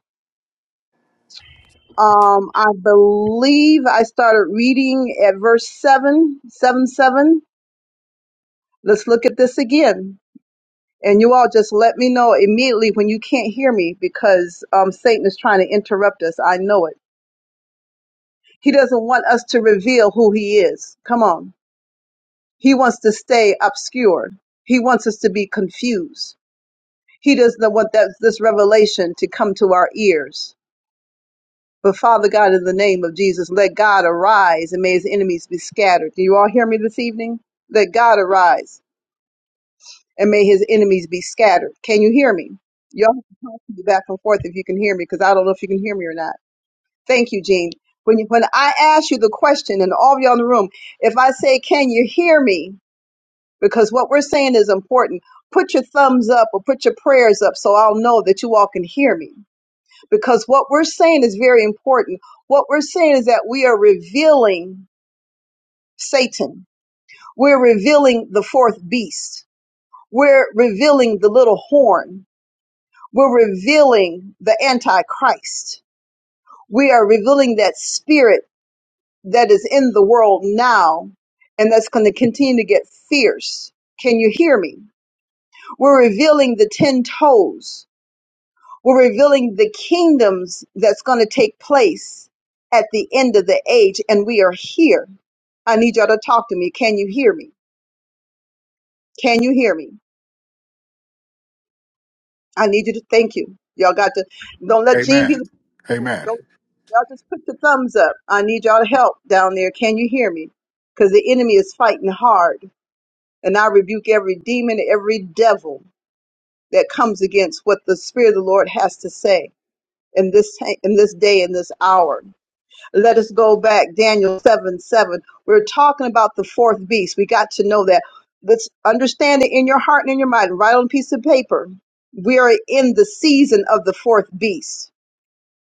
A: um, I believe I started reading at verse seven, seven, seven. Let's look at this again. And you all just let me know immediately when you can't hear me because um, Satan is trying to interrupt us. I know it. He doesn't want us to reveal who he is. Come on. He wants to stay obscure. He wants us to be confused. He doesn't want that, this revelation to come to our ears. But Father God, in the name of Jesus, let God arise and may his enemies be scattered. Can you all hear me this evening? Let God arise and may his enemies be scattered. Can you hear me? Y'all have to talk to me back and forth if you can hear me, because I don't know if you can hear me or not. Thank you, Jean. When, you, when I ask you the question, and all of y'all in the room, if I say, Can you hear me? Because what we're saying is important, put your thumbs up or put your prayers up so I'll know that you all can hear me because what we're saying is very important. What we're saying is that we are revealing Satan. We're revealing the fourth beast. We're revealing the little horn. We're revealing the Antichrist. We are revealing that spirit that is in the world now and that's going to continue to get fierce. Can you hear me? We're revealing the 10 toes We're revealing the kingdoms that's going to take place at the end of the age, and we are here. I need y'all to talk to me. Can you hear me? Can you hear me? I need you to thank you. Y'all got to don't let Gene be.
D: Amen.
A: the
D: Amen.
A: Don't y'all just put the thumbs up. I need y'all to help down there. Can you hear me? Because the enemy is fighting hard, and I rebuke every demon, every devil that comes against what the Spirit of the Lord has to say in this in this day, in this hour. Let us go back, Daniel 7 7. We're talking about the fourth beast. We got to know that. Let's understand it in your heart and in your mind. Write on a piece of paper. We are in the season of the fourth beast.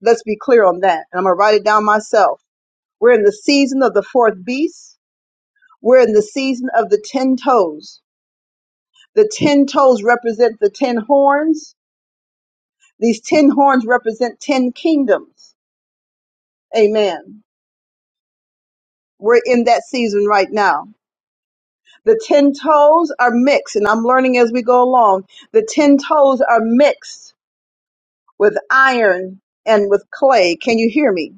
A: Let's be clear on that. And I'm going to write it down myself. We're in the season of the fourth beast. We're in the season of the ten toes. The ten toes represent the ten horns. These ten horns represent ten kingdoms. Amen. We're in that season right now. The 10 toes are mixed, and I'm learning as we go along. The 10 toes are mixed with iron and with clay. Can you hear me?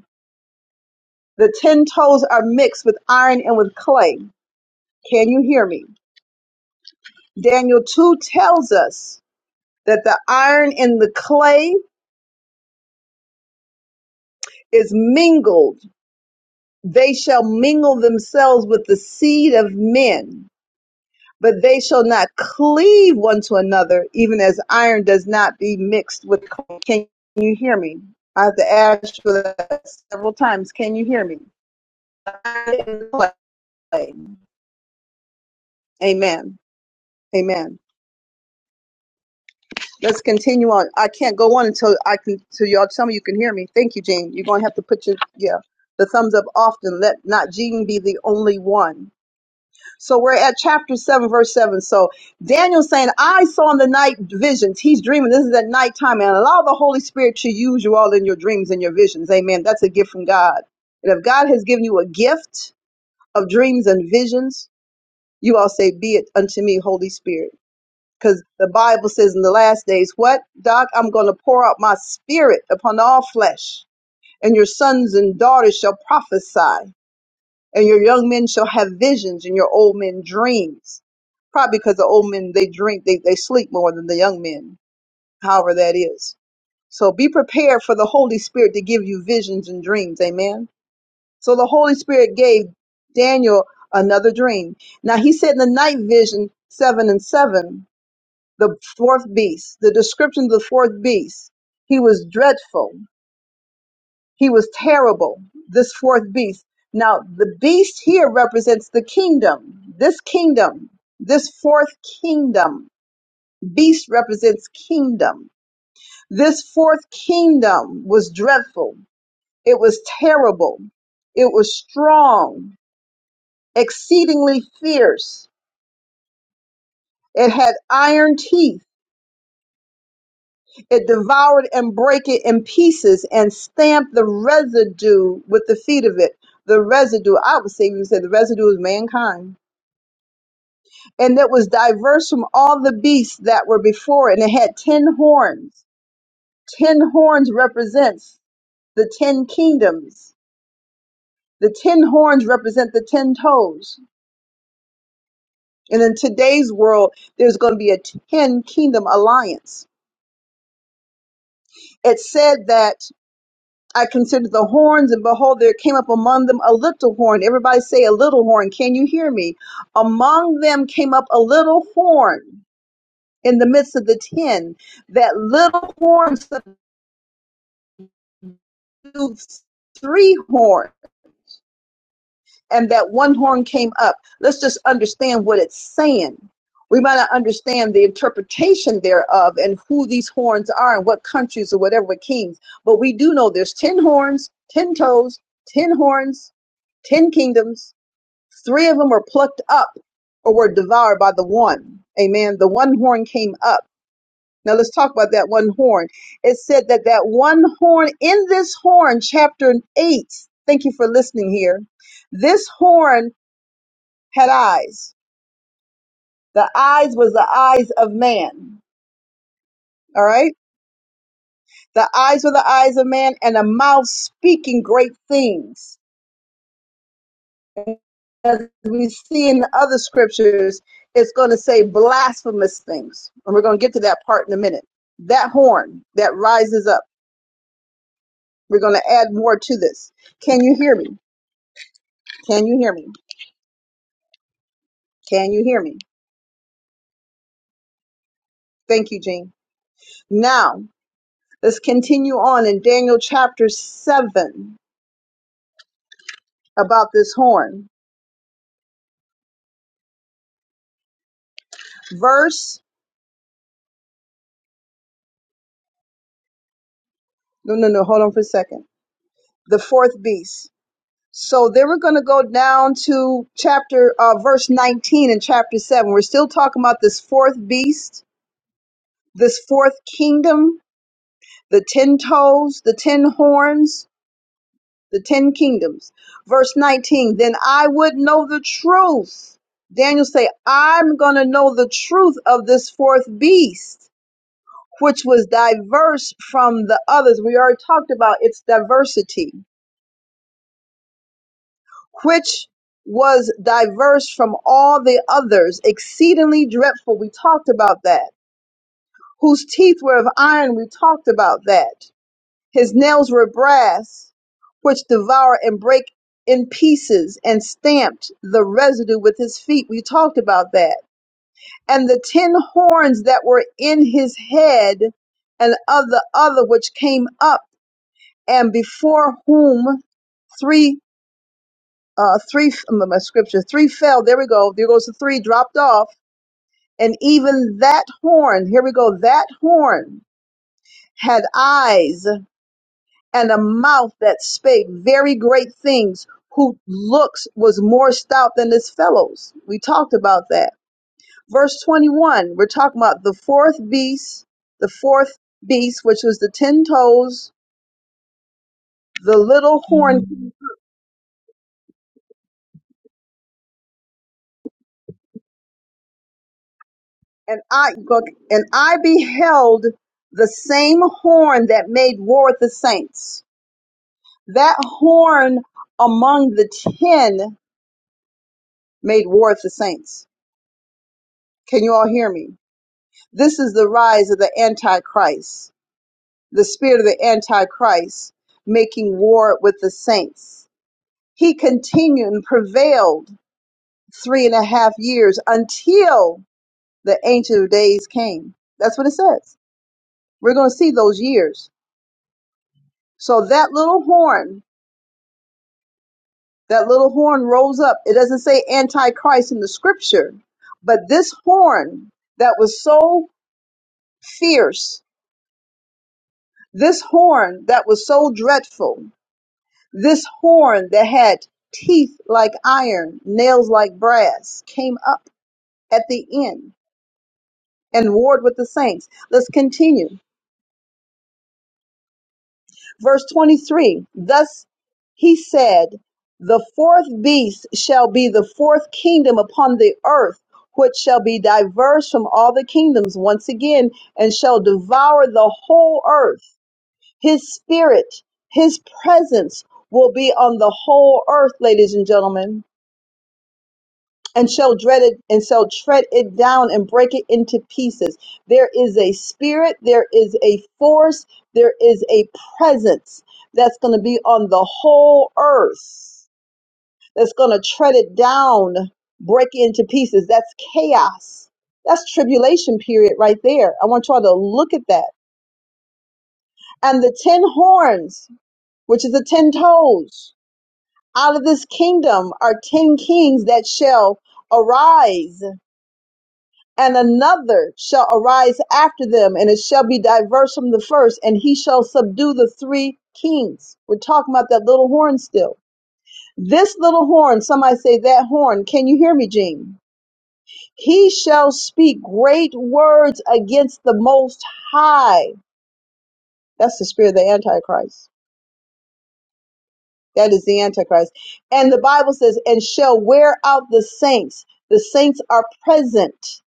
A: The 10 toes are mixed with iron and with clay. Can you hear me? Daniel 2 tells us that the iron and the clay is mingled. They shall mingle themselves with the seed of men but they shall not cleave one to another, even as iron does not be mixed with. coal. Can you hear me? I have to ask you that several times. Can you hear me? Amen. Amen. Let's continue on. I can't go on until I can. Till y'all tell me you can hear me. Thank you, Jean. You're gonna have to put your yeah the thumbs up often. Let not Jean be the only one. So we're at chapter 7, verse 7. So Daniel's saying, I saw in the night visions. He's dreaming. This is at nighttime. And allow the Holy Spirit to use you all in your dreams and your visions. Amen. That's a gift from God. And if God has given you a gift of dreams and visions, you all say, Be it unto me, Holy Spirit. Because the Bible says in the last days, What, Doc? I'm going to pour out my spirit upon all flesh, and your sons and daughters shall prophesy and your young men shall have visions and your old men dreams. Probably because the old men they drink, they, they sleep more than the young men, however that is. So be prepared for the Holy Spirit to give you visions and dreams. Amen. So the Holy Spirit gave Daniel another dream. Now he said in the night vision seven and seven, the fourth beast, the description of the fourth beast, he was dreadful he was terrible, this fourth beast. Now, the beast here represents the kingdom, this kingdom, this fourth kingdom. Beast represents kingdom. This fourth kingdom was dreadful. It was terrible. It was strong, exceedingly fierce. It had iron teeth. It devoured and brake it in pieces and stamped the residue with the feet of it. The residue, I would say, we would say the residue is mankind and it was diverse from all the beasts that were before it, and it had ten horns. Ten horns represents the ten kingdoms. The ten horns represent the ten toes. And in today's world, there's going to be a ten kingdom alliance. It said that I considered the horns, and behold, there came up among them a little horn. Everybody say a little horn. Can you hear me? Among them came up a little horn in the midst of the ten. That little horn three horns and that one horn came up. Let's just understand what it's saying. We might not understand the interpretation thereof and who these horns are and what countries or whatever kings, but we do know there's 10 horns, 10 toes, 10 horns, 10 kingdoms. Three of them were plucked up or were devoured by the one. Amen. The one horn came up now let's talk about that one horn. It said that that one horn in this horn, chapter eight. Thank you for listening here. This horn had eyes. The eyes was the eyes of man. All right. The eyes were the eyes of man and a mouth speaking great things. As we see in the other scriptures, it's going to say blasphemous things. And we're going to get to that part in a minute. That horn that rises up. We're going to add more to this. Can you hear me? Can you hear me? Can you hear me? Thank you, Jean. Now, let's continue on in Daniel chapter 7 about this horn. Verse, no, no, no, hold on for a second. The fourth beast. So then we're going to go down to chapter, uh, verse 19 in chapter 7. We're still talking about this fourth beast, this fourth kingdom, the ten toes, the ten horns the ten kingdoms. Verse 19, then I would know the truth. Daniel say, I'm going to know the truth of this fourth beast, which was diverse from the others. We already talked about its diversity, which was diverse from all the others, exceedingly dreadful. We talked about that. Whose teeth were of iron. We talked about that. His nails were brass, which devour and break in pieces, and stamped the residue with his feet. We talked about that. And the ten horns that were in his head, and of the other which came up, and before whom three, uh, three, um, my scripture, three fell. There we go. There goes the three dropped off. And even that horn, here we go, that horn had eyes and a mouth that spake very great things, who looks was more stout than his fellows. We talked about that. Verse 21, we're talking about the fourth beast, the fourth beast, which was the ten toes, the little horn, and I look, and I beheld the same horn that made war with the saints. That horn among the ten made war with the saints. Can you all hear me? This is the rise of the Antichrist, the spirit of the Antichrist, making war with the saints. He continued and prevailed three and a half years until the Ancient of Days came. That's what it says. We're going to see those years. So that little horn, that little horn rose up. It doesn't say Antichrist in the scripture, but this horn that was so fierce, this horn that was so dreadful, This horn that had teeth like iron, nails like brass, came up at the end and warred with the saints. Let's continue. Verse 23 Thus he said, The fourth beast shall be the fourth kingdom upon the earth, which shall be diverse from all the kingdoms once again, and shall devour the whole earth. His spirit, his presence will be on the whole earth, ladies and gentlemen and shall dread it and shall tread it down and break it into pieces. There is a spirit, there is a force, there is a presence that's going to be on the whole earth that's going to tread it down, break it into pieces. That's chaos. That's tribulation period right there. I want y'all to look at that. And the ten horns, which is the ten toes, out of this kingdom are ten kings that shall arise and another shall arise after them, and it shall be diverse from the first, and he shall subdue the three kings. We're talking about that little horn still. This little horn, somebody say that horn. Can you hear me, Gene? He shall speak great words against the Most High. That's the spirit of the Antichrist. That is the Antichrist. And the Bible says, and shall wear out the saints. The saints are present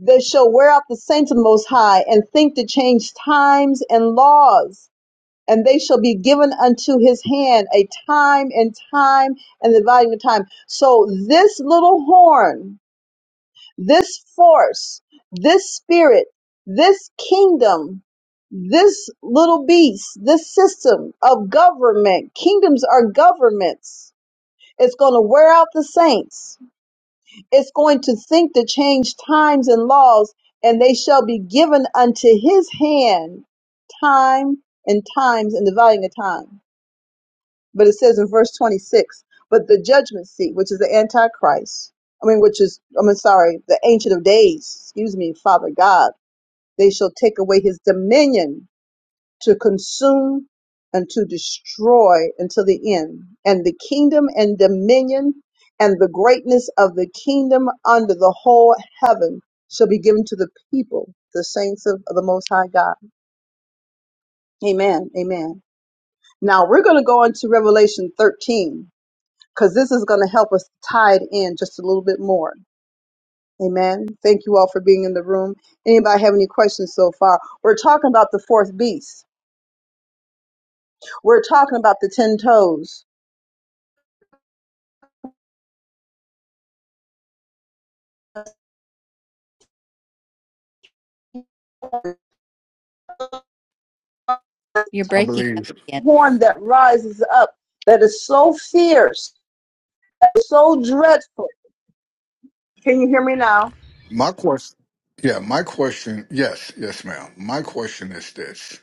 A: that shall wear out the saints of the Most High, and think to change times and laws. And they shall be given unto his hand a time and time and the dividing of time. So this little horn, this force, this spirit, this kingdom, this little beast, this system of government, kingdoms are governments. It's going to wear out the saints is going to think to change times and laws, and they shall be given unto his hand time and times and the valuing of time. But it says in verse 26, but the judgment seat, which is the Antichrist, I mean, which is, I'm sorry, the Ancient of Days, excuse me, Father God, they shall take away his dominion to consume and to destroy until the end. And the kingdom and dominion and the greatness of the kingdom under the whole heaven shall be given to the people, the saints of, the Most High God. Amen. Amen. Now we're going to go into Revelation 13 because this is going to help us tie it in just a little bit more. Amen. Thank you all for being in the room. Anybody have any questions so far? We're talking about the fourth beast. We're talking about the ten toes.
B: You're
D: I
B: breaking up
D: believe.
B: again.
A: horn that rises up that is so fierce, that is so dreadful. Can you hear me now?
D: My question, yeah, my question, yes, yes, ma'am. My question is this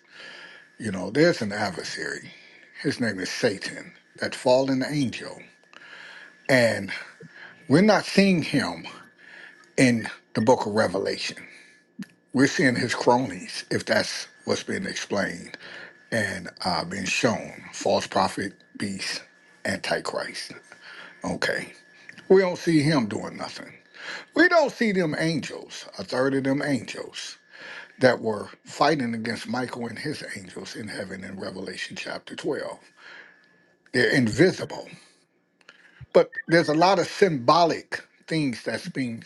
D: you know, there's an adversary, his name is Satan, that fallen angel, and we're not seeing him in the book of Revelation. We're seeing his cronies, if that's what's being explained and uh, being shown. False prophet, beast, antichrist. Okay. We don't see him doing nothing. We don't see them angels, a third of them angels that were fighting against Michael and his angels in heaven in Revelation chapter 12. They're invisible. But there's a lot of symbolic things that's being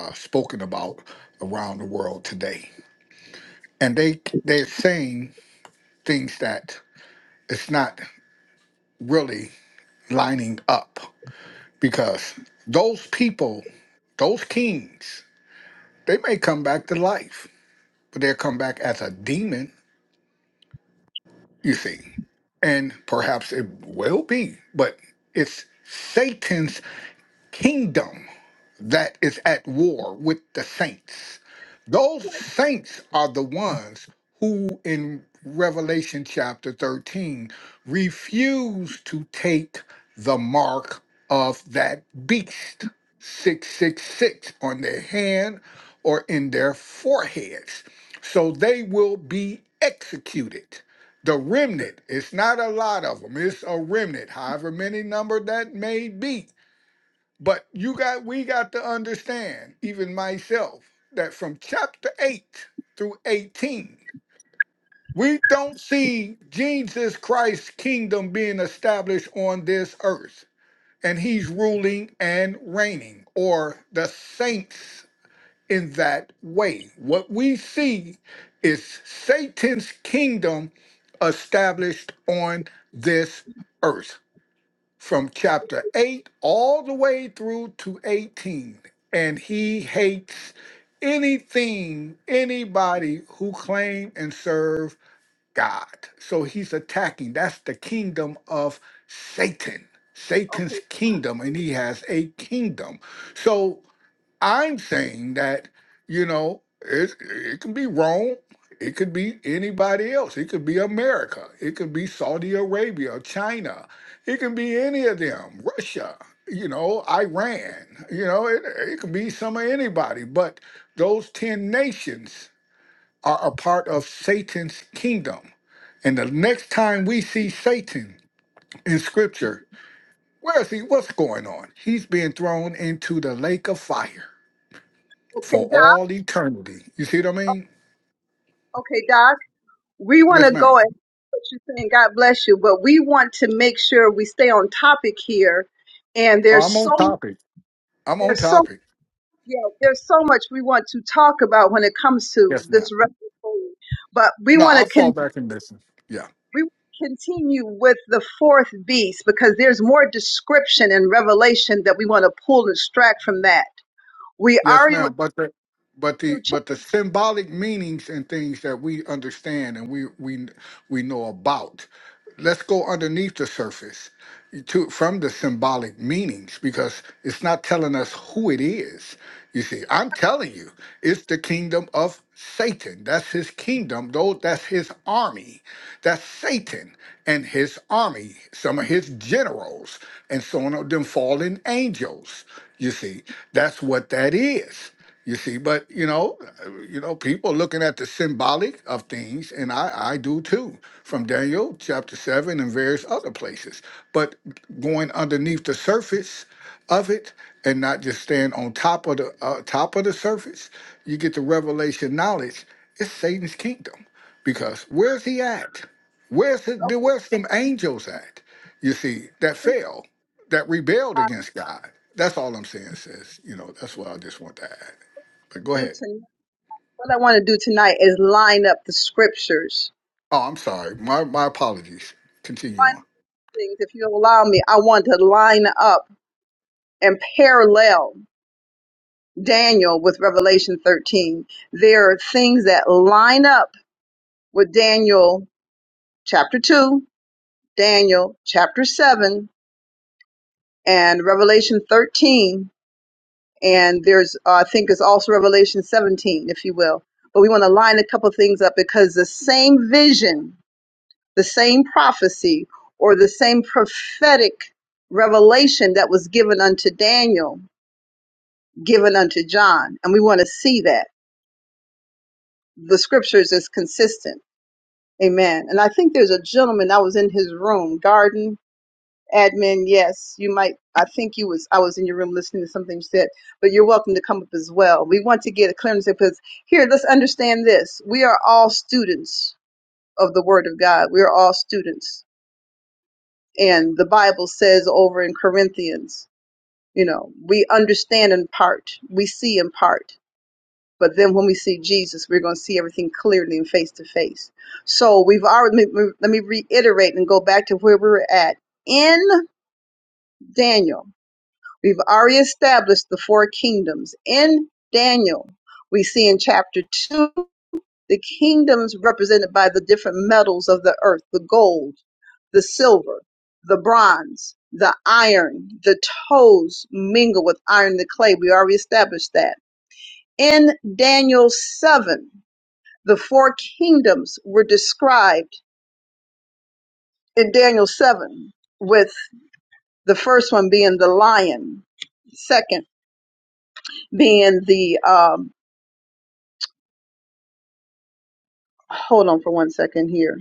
D: uh, spoken about around the world today. And they they're saying things that it's not really lining up because those people, those kings, they may come back to life, but they'll come back as a demon, you see. And perhaps it will be, but it's Satan's kingdom that is at war with the saints. Those saints are the ones who, in Revelation chapter 13, refuse to take the mark of that beast, 666, on their hand or in their foreheads. So they will be executed. The remnant, it's not a lot of them, it's a remnant, however many number that may be but you got we got to understand, even myself, that from chapter 8 through 18, we don't see Jesus Christ's kingdom being established on this earth. And he's ruling and reigning, or the saints in that way. What we see is Satan's kingdom established on this earth from chapter 8 all the way through to 18. And he hates anything, anybody who claim and serve God. So he's attacking. That's the kingdom of Satan, Satan's kingdom. And he has a kingdom. So I'm saying that, you know, it, it can be Rome. It could be anybody else. It could be America. It could be Saudi Arabia, China. It can be any of them, Russia, you know, Iran. You know, it, it could be some of anybody. But those 10 nations are a part of Satan's kingdom. And the next time we see Satan in scripture, where is he? What's going on? He's being thrown into the lake of fire
A: Okay,
D: for
A: Doc.
D: all eternity. You see what I mean?
A: Okay, Doc. We want
D: Yes,
A: to
D: ma'am.
A: go and what you're saying. God bless you, but we want to make sure we stay on topic here. And
D: Oh, I'm
A: there's
D: on
A: so
D: topic. I'm on
A: there's so
D: topic.
A: yeah there's so much we want to talk about when it comes to
D: Yes,
A: this
D: ma'am.
A: record. But we
D: No,
A: want to
D: I'll fall
A: continue.
D: back and listen. Yeah.
A: we will continue with the fourth beast because there's more description in Revelation that we want to pull and extract from that. We
D: Yes,
A: already went
D: ma'am. But the but the
A: through chapter.
D: but the symbolic meanings and things that we understand and we we we know about. Let's go underneath the surface to from the symbolic meanings because it's not telling us who it is. You see, I'm telling you, it's the kingdom of Satan. That's his kingdom, though that's his army That's Satan and his army, some of his generals, and some of them fallen angels. You see, that's what that is. You see, but you know, uh, you know, people looking at the symbolic of things, and I, I do too, from Daniel chapter seven and various other places. But going underneath the surface of it, and not just staying on top of the uh, top of the surface, you get the revelation knowledge. It's Satan's kingdom because where's he at? Where's the, the-
A: Okay,
D: where's them angels at? You see, that fell, that rebelled
A: I
D: against God. That's all I'm saying, sis. You know, that's what I just want to add. But go
A: do
D: ahead.
A: tonight. What I want to do tonight is line up the scriptures.
D: Oh, I'm sorry. My my apologies. Continue
A: One
D: on.
A: things, if you allow me, I want to line up and parallel Daniel with Revelation 13. There are things that line up with Daniel chapter 2, Daniel chapter 7, and Revelation 13 and there's uh, I think it's also Revelation 17, if you will. But we want to line a couple things up because the same vision, the same prophecy, or the same prophetic revelation that was given unto Daniel, given unto John, and we want to see that the scriptures is consistent. Amen. And I think there's a gentleman I was in his room, Garden. admin yes you might i think you was i was in your room listening to something you said but you're welcome to come up as well we want to get a clearance because here let's understand this we are all students of the word of god we are all students and the bible says over in corinthians you know we understand in part we see in part but then when we see jesus we're going to see everything clearly and face to face so we've already let me reiterate and go back to where we were at in daniel We've already established the four kingdoms. In Daniel, we see in chapter 2 the kingdoms represented by the different metals of the earth the gold, the silver, the bronze, the iron, the toes mingle with iron, the clay. We already established that. In Daniel 7, the four kingdoms were described in Daniel 7, with the first one being the lion, second being the um, hold on for one second here.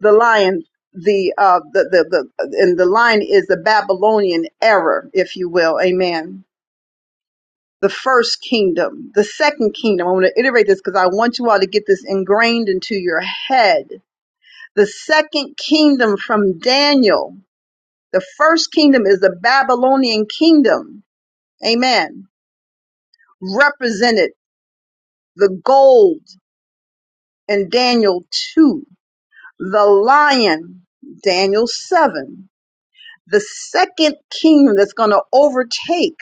A: The lion, the uh, the the the, and the lion is the Babylonian error, if you will. Amen. The first kingdom, the second kingdom. I want to iterate this because I want you all to get this ingrained into your head. The second kingdom from Daniel. The first kingdom is the Babylonian kingdom. Amen. Represented the gold in Daniel 2, the lion, Daniel 7, the second kingdom that's going to overtake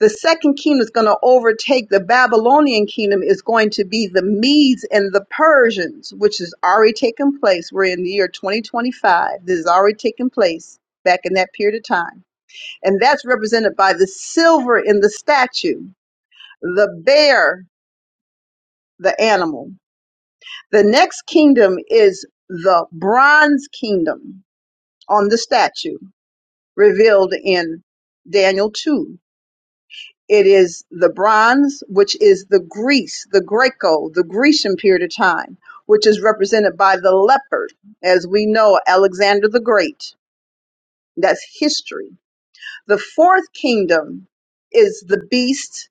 A: the second kingdom that's going to overtake the babylonian kingdom is going to be the medes and the persians which has already taken place we're in the year 2025 this has already taken place back in that period of time and that's represented by the silver in the statue the bear the animal the next kingdom is the bronze kingdom on the statue revealed in daniel 2 It is the bronze, which is the Greece, the Greco, the Grecian period of time, which is represented by the leopard, as we know Alexander the Great. That's history. The fourth kingdom is the beast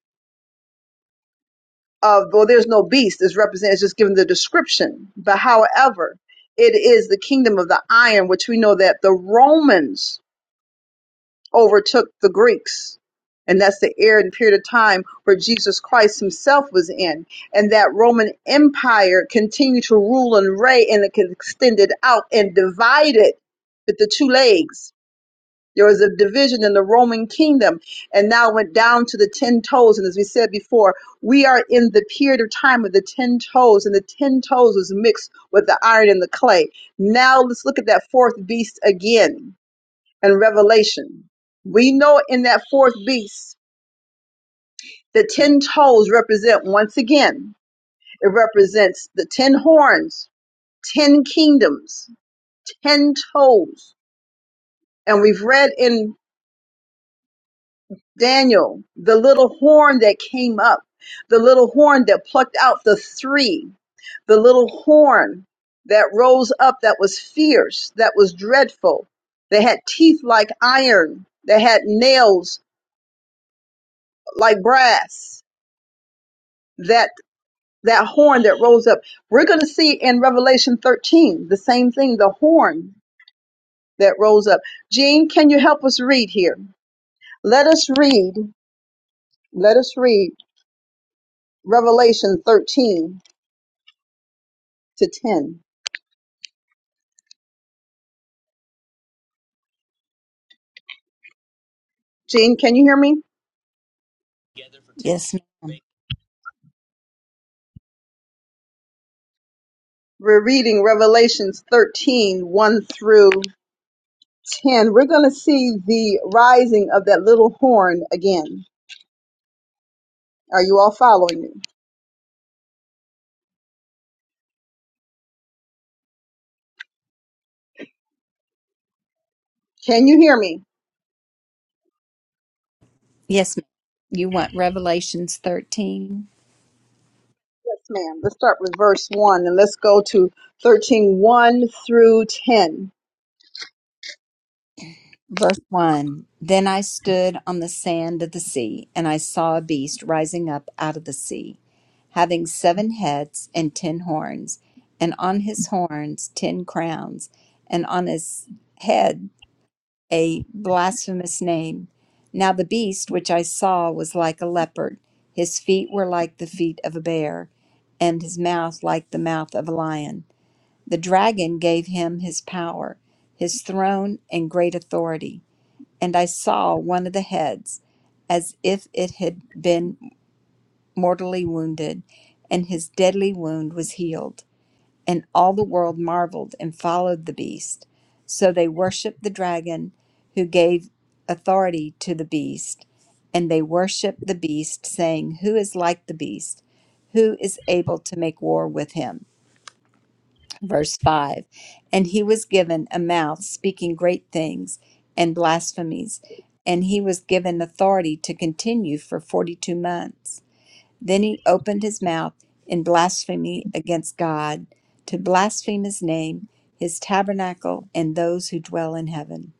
A: of, well, there's no beast, it's represented, it's just given the description. But however, it is the kingdom of the iron, which we know that the Romans overtook the Greeks. And that's the era and period of time where Jesus Christ himself was in. And that Roman Empire continued to rule and reign and it extended out and divided with the two legs. There was a division in the Roman kingdom and now went down to the 10 toes. And as we said before, we are in the period of time of the 10 toes, and the 10 toes was mixed with the iron and the clay. Now let's look at that fourth beast again and Revelation. We know in that fourth beast, the ten toes represent once again, it represents the ten horns, ten kingdoms, ten toes. And we've read in Daniel the little horn that came up, the little horn that plucked out the three, the little horn that rose up that was fierce, that was dreadful, that had teeth like iron, that had nails like brass, that that horn that rose up. We're going to see in Revelation 13 the same thing, the horn that rose up. Jean, can you help us read here? Let us read, let us read Revelation 13 to 10. Jean, can you hear me?
B: Yes, ma'am.
A: We're reading Revelations 13, 1 through 10. We're going to see the rising of that little horn again. Are you all following me? Can you hear me?
B: Yes, ma'am. You want Revelations 13?
A: Yes, ma'am. Let's start with verse 1 and let's go to thirteen one through 10.
B: Verse 1 Then I stood on the sand of the sea, and I saw a beast rising up out of the sea, having seven heads and ten horns, and on his horns ten crowns, and on his head a blasphemous name. Now the beast which I saw was like a leopard, his feet were like the feet of a bear, and his mouth like the mouth of a lion. The dragon gave him his power, his throne, and great authority and I saw one of the heads as if it had been mortally wounded, and his deadly wound was healed. And all the world marveled and followed the beast. So they worshiped the dragon who gave authority to the beast, and they worshiped the beast, saying, Who is like the beast? Who is able to make war with him? Verse 5 And he was given a mouth speaking great things and blasphemies, and he was given authority to continue for 42 months. Then he opened his mouth in blasphemy against God, to blaspheme his name, his tabernacle, and those who dwell in heaven.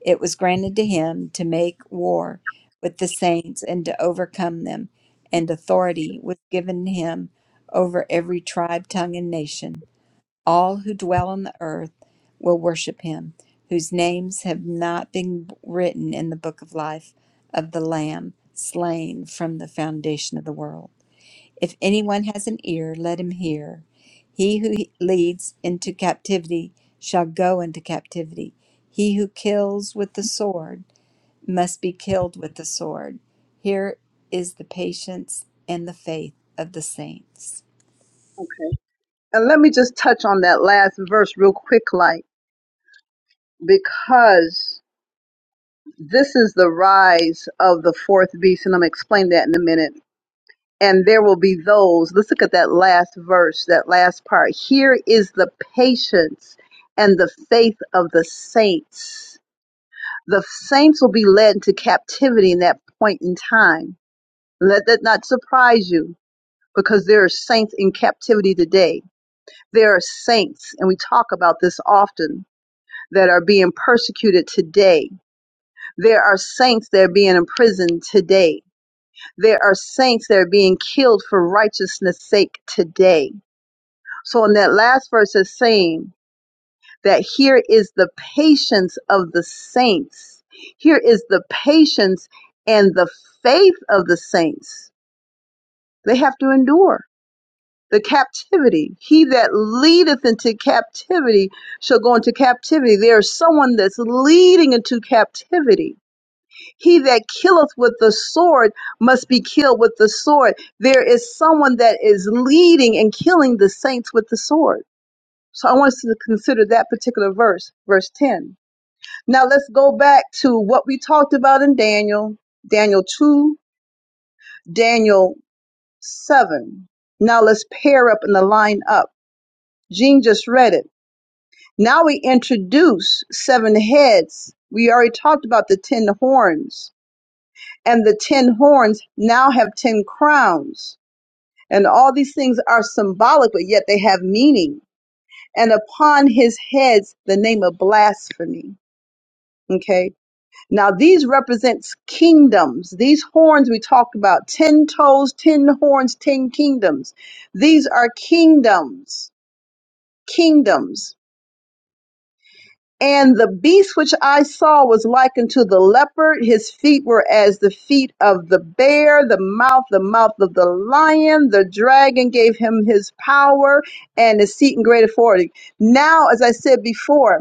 B: It was granted to him to make war with the saints and to overcome them, and authority was given him over every tribe, tongue, and nation. All who dwell on the earth will worship him, whose names have not been written in the book of life of the Lamb slain from the foundation of the world. If anyone has an ear, let him hear. He who leads into captivity shall go into captivity. He who kills with the sword must be killed with the sword. Here is the patience and the faith of the saints.
A: And let me just touch on that last verse real quick, like, because this is the rise of the fourth beast, and I'm going to explain that in a minute. And there will be those, let's look at that last verse, that last part. Here is the patience and the faith of the saints. The saints will be led into captivity in that point in time. Let that not surprise you because there are saints in captivity today. There are saints, and we talk about this often, that are being persecuted today. There are saints that are being imprisoned today. There are saints that are being killed for righteousness' sake today. So, in that last verse, is saying that here is the patience of the saints. Here is the patience and the faith of the saints. They have to endure the captivity. He that leadeth into captivity shall go into captivity. There is someone that's leading into captivity. He that killeth with the sword must be killed with the sword. There is someone that is leading and killing the saints with the sword. So I want us to consider that particular verse, verse 10. Now let's go back to what we talked about in Daniel, Daniel 2, Daniel 7. Now let's pair up and align up Jean just read it. Now we introduce seven heads. We already talked about the ten horns, and the ten horns now have ten crowns. And all these things are symbolic, but yet they have meaning. And upon his heads, the name of blasphemy. Okay. Now these represents kingdoms. These horns we talked about, 10 toes, 10 horns, 10 kingdoms. These are kingdoms, kingdoms. And the beast which I saw was like unto the leopard. His feet were as the feet of the bear, the mouth, the mouth of the lion. The dragon gave him his power and his seat in great authority. Now, as I said before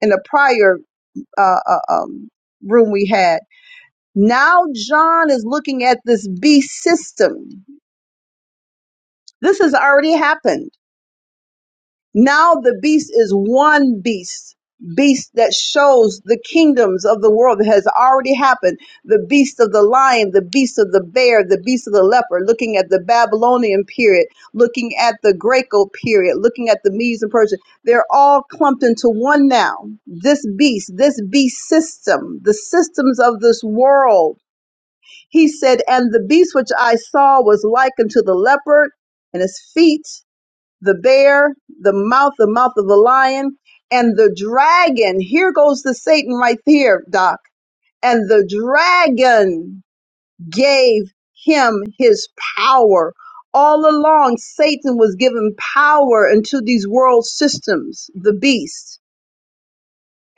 A: in a prior uh, uh, um, room we had, now John is looking at this beast system. This has already happened. Now the beast is one beast, beast that shows the kingdoms of the world that has already happened. The beast of the lion, the beast of the bear, the beast of the leopard, looking at the Babylonian period, looking at the Greco period, looking at the Medes and Persian. They're all clumped into one now. This beast, this beast system, the systems of this world. He said, and the beast which I saw was like unto the leopard and his feet the bear, the mouth, the mouth of the lion, and the dragon. Here goes the Satan right here, Doc. And the dragon gave him his power. All along, Satan was given power into these world systems, the beast,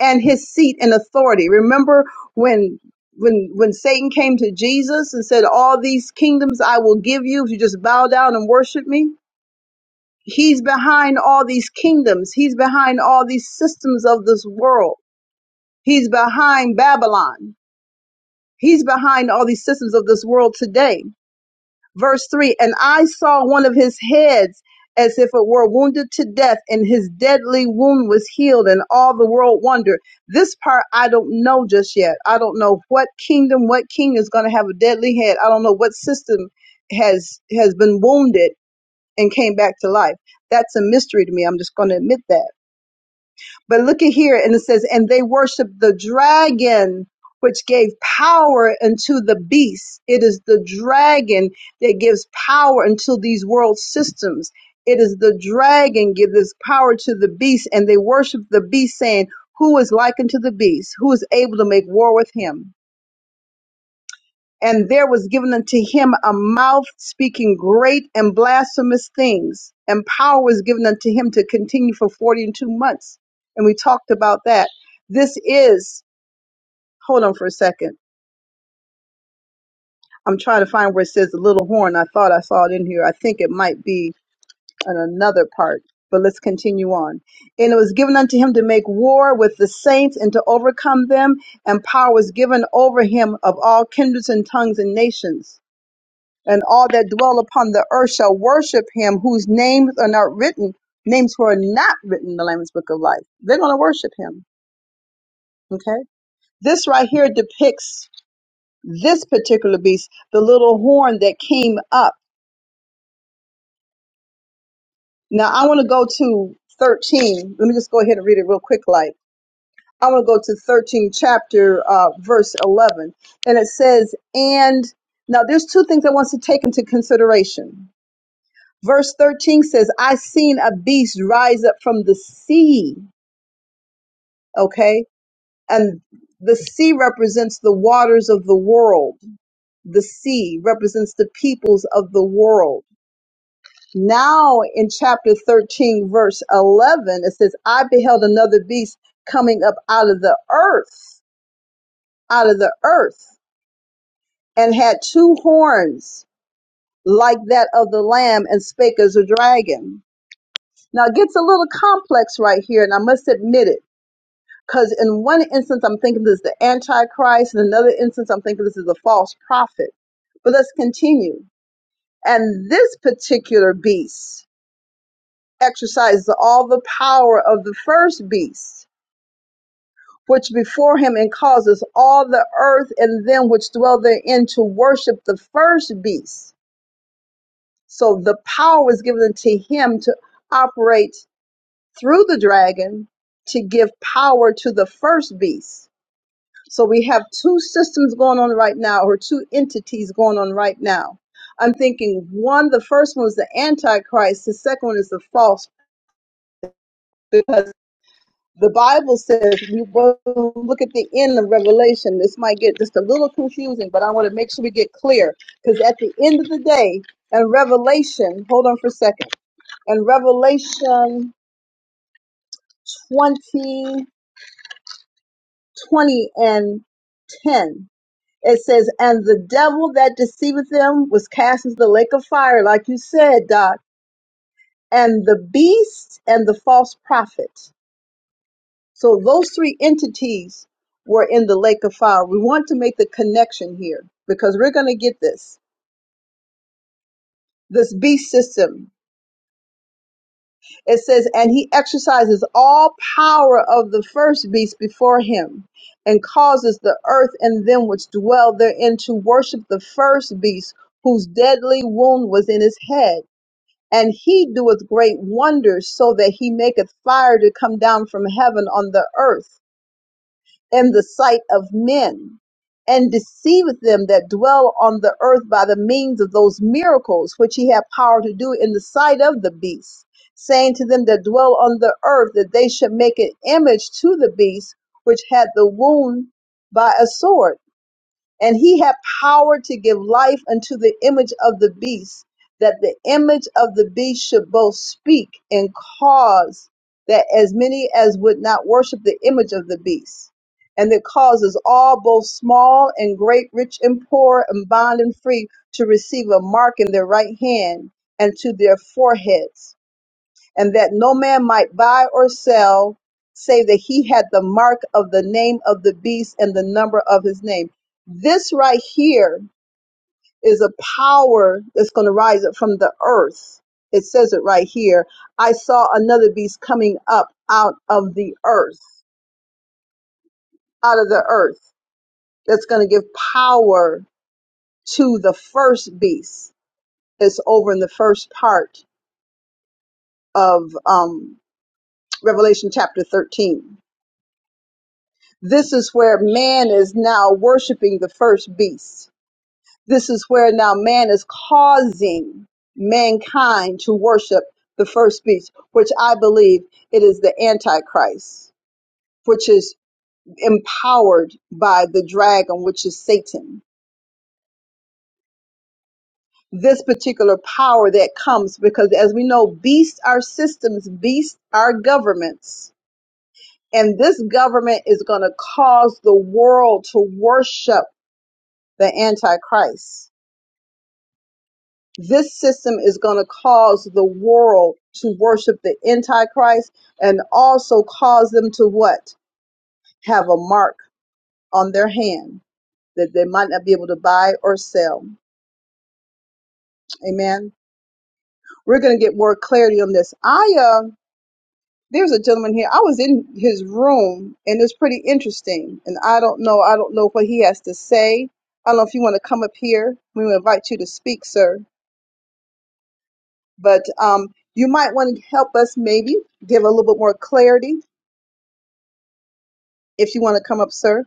A: and his seat and authority. Remember when when when Satan came to Jesus and said, All these kingdoms I will give you if you just bow down and worship me? He's behind all these kingdoms. He's behind all these systems of this world. He's behind Babylon. He's behind all these systems of this world today. Verse 3 And I saw one of his heads as if it were wounded to death, and his deadly wound was healed, and all the world wondered. This part I don't know just yet. I don't know what kingdom, what king is going to have a deadly head. I don't know what system has has been wounded and came back to life. That's a mystery to me. I'm just going to admit that. But look at here, and it says, and they worshiped the dragon, which gave power unto the beast. It is the dragon that gives power unto these world systems. It is the dragon gives power to the beast, and they worship the beast, saying, Who is like unto the beast? Who is able to make war with him? And there was given unto him a mouth speaking great and blasphemous things, and power was given unto him to continue for 40 and two months. And we talked about that. This is, hold on for a second. I'm trying to find where it says the little horn. I thought I saw it in here. I think it might be in another part, but let's continue on. And it was given unto him to make war with the saints and to overcome them, and power was given over him of all kindreds and tongues and nations and all that dwell upon the earth shall worship him whose names are not written, names who are not written in the Lamb's Book of Life. They're going to worship him. Okay. This right here depicts this particular beast, the little horn that came up. Now I want to go to 13. Let me just go ahead and read it real quick, like. I want to go to 13 chapter, uh, verse 11. And it says, and now there's two things I want to take into consideration Verse 13 says, I seen a beast rise up from the sea. Okay. And the sea represents the waters of the world. The sea represents the peoples of the world. Now in chapter 13, verse 11, it says, I beheld another beast coming up out of the earth, out of the earth, and had two horns like that of the lamb and spake as a dragon. Now it gets a little complex right here, and I must admit it. Because in one instance, I'm thinking this is the Antichrist. In another instance, I'm thinking this is a false prophet. But let's continue. And this particular beast exercises all the power of the first beast, which before him and causes all the earth and them which dwell therein to worship the first beast. So the power was given to him to operate through the dragon to give power to the first beast So we have two systems going on right now, or two entities going on right now. I'm thinking one, the first one is the Antichrist, the second one is the false, because the Bible says, we will look at the end of Revelation. This might get just a little confusing, but I want to make sure we get clear. Because at the end of the day, and Revelation, hold on for a second, and Revelation 20, 20 and 10, It says, and the devil that deceiveth them was cast into the lake of fire, like you said, Doc, and the beast and the false prophet. So those three entities were in the lake of fire. We want to make the connection here because we're going to get this. This beast system. It says, and he exercises all power of the first beast before him and causes the earth and them which dwell therein to worship the first beast whose deadly wound was in his head and he doeth great wonders, so that he maketh fire to come down from heaven on the earth in the sight of men, and deceiveth them that dwell on the earth by the means of those miracles which he had power to do in the sight of the beast, saying to them that dwell on the earth that they should make an image to the beast which had the wound by a sword and he had power to give life unto the image of the beast, that the image of the beast should both speak and cause that as many as would not worship the image of the beast. And that causes all, both small and great, rich and poor, and bond and free, to receive a mark in their right hand and to their foreheads and that no man might buy or sell save that he had the mark of the name of the beast and the number of his name. This right here is a power that's going to rise up from the earth. It says it right here. I saw another beast coming up out of the earth, out of the earth, that's going to give power to the first beast. It's over in the first part of um, Revelation chapter 13 This is where man is now worshiping the first beast. This is where now man is causing mankind to worship the first beast, which I believe it is the Antichrist, which is empowered by the dragon, which is Satan. This particular power that comes because, as we know, beasts are systems, beasts are governments. And this government is going to cause the world to worship the Antichrist this system is going to cause the world to worship the antichrist and also cause them to what have a mark on their hand that they might not be able to buy or sell amen we're going to get more clarity on this i uh there's a gentleman here i was in his room and it's pretty interesting and i don't know i don't know what he has to say i don't know if you want to come up here we will invite you to speak sir but um you might want to help us maybe give a little bit more clarity if you want to come up, sir,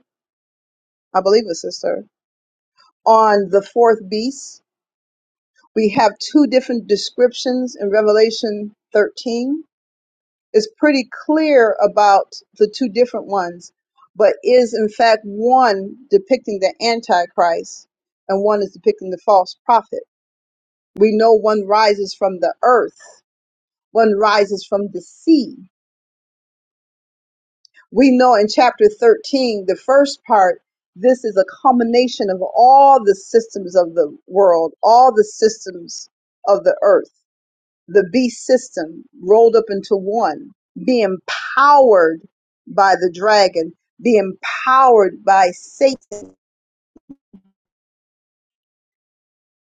A: I believe it says sir. On the fourth beast, we have two different descriptions in Revelation 13. It's pretty clear about the two different ones, but is in fact one depicting the Antichrist and one is depicting the false prophet. We know one rises from the earth, one rises from the sea. we know in chapter 13, the first part, this is a culmination of all the systems of the world, all the systems of the earth, the beast system rolled up into one, being powered by the dragon, being powered by Satan.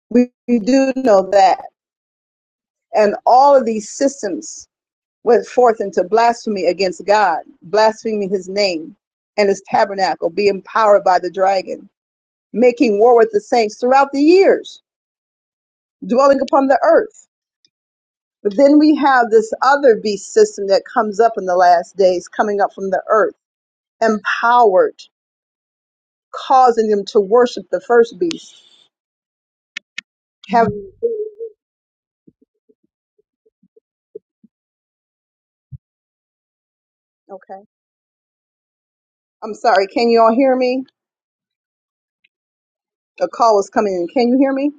A: We, we do know that. And all of these systems went forth into blasphemy against God, blaspheming his name and his tabernacle, being powered by the dragon making war with the saints throughout the years, dwelling upon the earth. But then we have this other beast system that comes up in the last days, coming up from the earth, empowered, causing them to worship the first beast. Have okay. I'm sorry. Can you all hear me? A call was coming in. Can you hear me?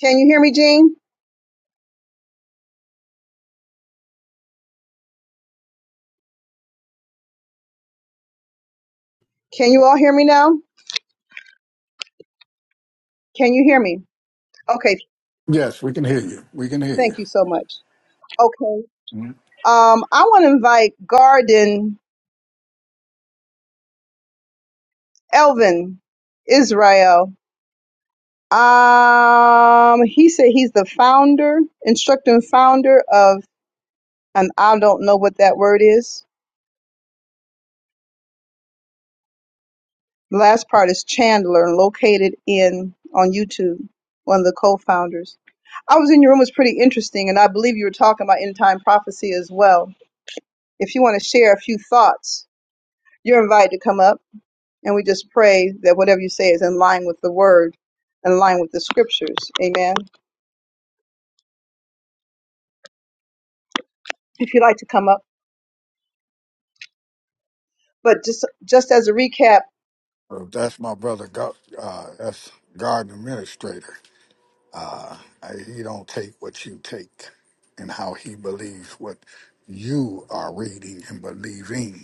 A: Can you hear me, Jean? Can you all hear me now? Can you hear me? Okay.
D: Yes, we can hear you. We can hear
A: Thank
D: you.
A: you so much. Okay.
D: Mhm.
A: Um, I want to invite Garden, Elvin, Israel. Um, he said he's the founder, instructing founder of, and I don't know what that word is. The last part is Chandler, located in on YouTube. One of the co-founders. I was in your room; it was pretty interesting, and I believe you were talking about end time prophecy as well. If you want to share a few thoughts, you're invited to come up, and we just pray that whatever you say is in line with the word, in line with the scriptures. Amen. If you'd like to come up, but just just as a recap,
D: So that's my brother. Gar- Uh, that's garden administrator. Uh, I- he don't take what you take, and how he believes what you are reading and believing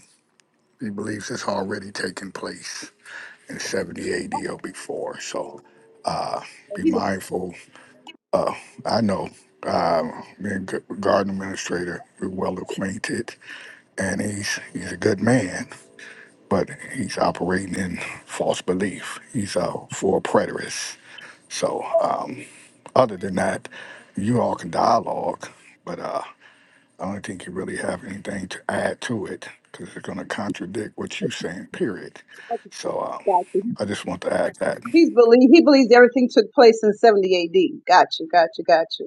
D: He believes it's already taken place in 70 AD or before. So be mindful. I know, uh, being g- garden administrator, we're well acquainted, and he's he's a good man, but he's operating in false belief. He's a full preterist. So um, other than that, you all can dialogue, but. uh, I don't think you really have anything to add to it because it's going to contradict what you're saying, period. So um, I just want to add that.
A: He's believe he believes everything took place in 70 AD. Gotcha, gotcha, gotcha.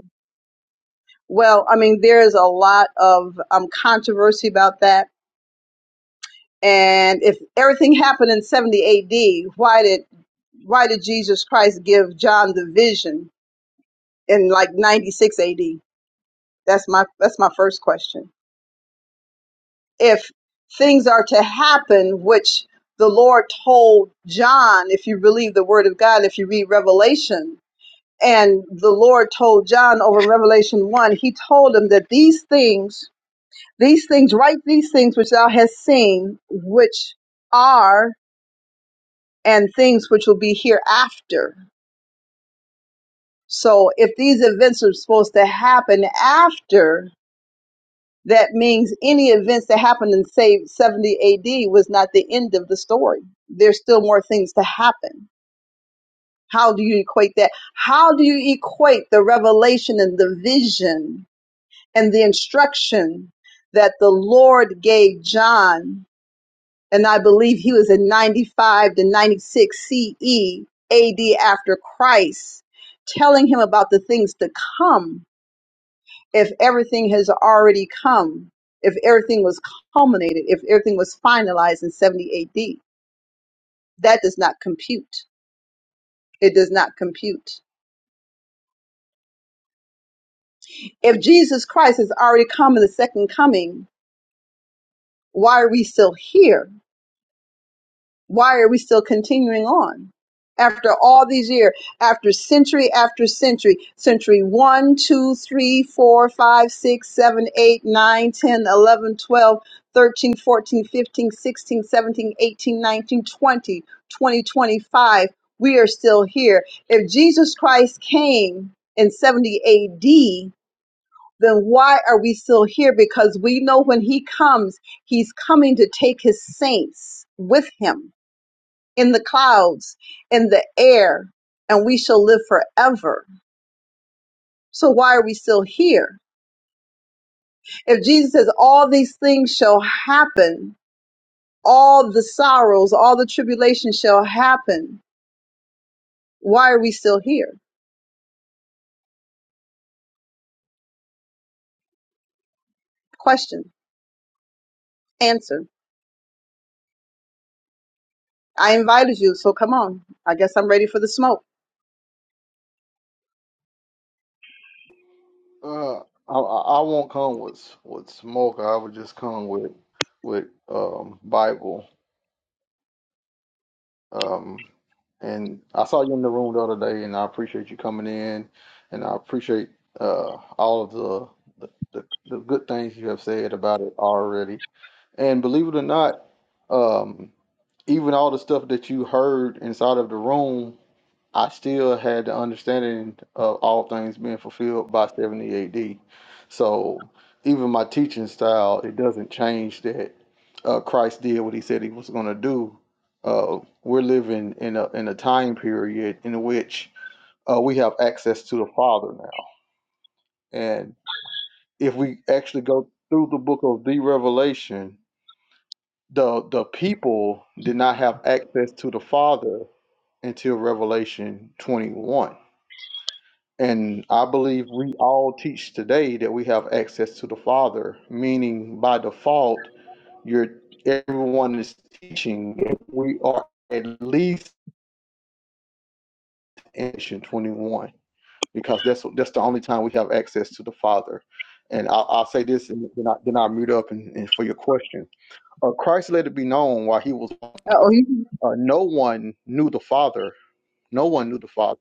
A: Well, I mean, there's a lot of um, controversy about that. And if everything happened in 70 AD, why did why did Jesus Christ give John the vision in like 96 AD? That's my that's my first question. If things are to happen, which the Lord told John, if you believe the word of God, if you read Revelation, And the Lord told John over in Revelation 1, he told him that these things, these things, write these things which thou hast seen, which are and things which will be hereafter. So if these events are supposed to happen after, that means any events that happened in, say, 70 AD was not the end of the story. There's still more things to happen. How do you equate that? How do you equate the revelation and the vision and the instruction that the Lord gave John, and I believe he was in 95 to 96 CE AD after Christ, telling him about the things to come if everything has already come, if everything was culminated, if everything was finalized in 70 AD. That does not compute. It does not compute. If Jesus Christ has already come in the second coming, why are we still here? Why are we still continuing on? After all these years, after century after century, century one, two, three, four, five, six, seven, eight, nine, ten, eleven, twelve, thirteen, fourteen, fifteen, sixteen, seventeen, eighteen, nineteen, twenty, twenty, twenty-five. we are still here. If Jesus Christ came in 70 AD, then why are we still here? Because we know when he comes, he's coming to take his saints with him in the clouds, in the air, and we shall live forever. So why are we still here? If Jesus says all these things shall happen, all the sorrows, all the tribulation shall happen, why are we still here? Question. Answer. I invited you, so come on. I guess I'm ready for the smoke.
F: Uh, I I I won't come with with smoke. I would just come with with um Bible. Um, and I saw you in the room the other day, and I appreciate you coming in, and I appreciate uh all of the the the, the good things you have said about it already. And believe it or not, um, even all the stuff that you heard inside of the room. I still had the understanding of all things being fulfilled by 70 AD. So even my teaching style, it doesn't change that uh, Christ did what he said he was going to do. Uh, we're living in a, in a time period in which uh, we have access to the Father now. And if we actually go through the book of the Revelation, the, the people did not have access to the Father until Revelation 21 And I believe we all teach today that we have access to the Father, meaning by default, you're everyone is teaching. We are at least in Mission 21 because that's that's the only time we have access to the Father. And I'll, I'll say this, and then, I, then I'll mute up and, and for your question. Uh, Christ let it be known while he was on
A: Oh,
F: earth. Uh, no one knew the Father. No one knew the Father.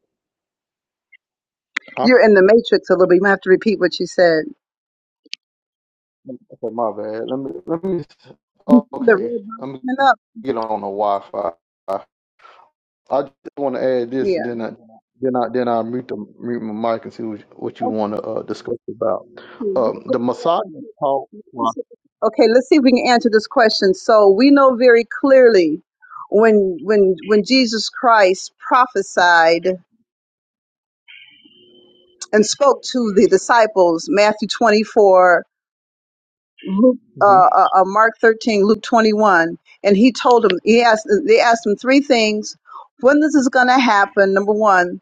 F: Huh?
A: you're in the matrix a little bit. You might have to repeat what you said.
F: Okay, my bad. Let me let me.
A: The red
F: Okay,
A: bar
F: let me
A: went up.
F: get on the Wi-Fi. I just want to add this, and
A: Yeah.
F: then I then I then I mute the mute my mic and see what, what you want to uh, discuss about. Um, the Messiah taught.
A: Okay, let's see if we can answer this question. So we know very clearly when when when Jesus Christ prophesied and spoke to the disciples, Matthew 24, Luke, uh,
F: Mhm.
A: uh, uh, Mark 13, Luke 21, and he told them, he asked, they asked him three things. When this is going to happen, number one,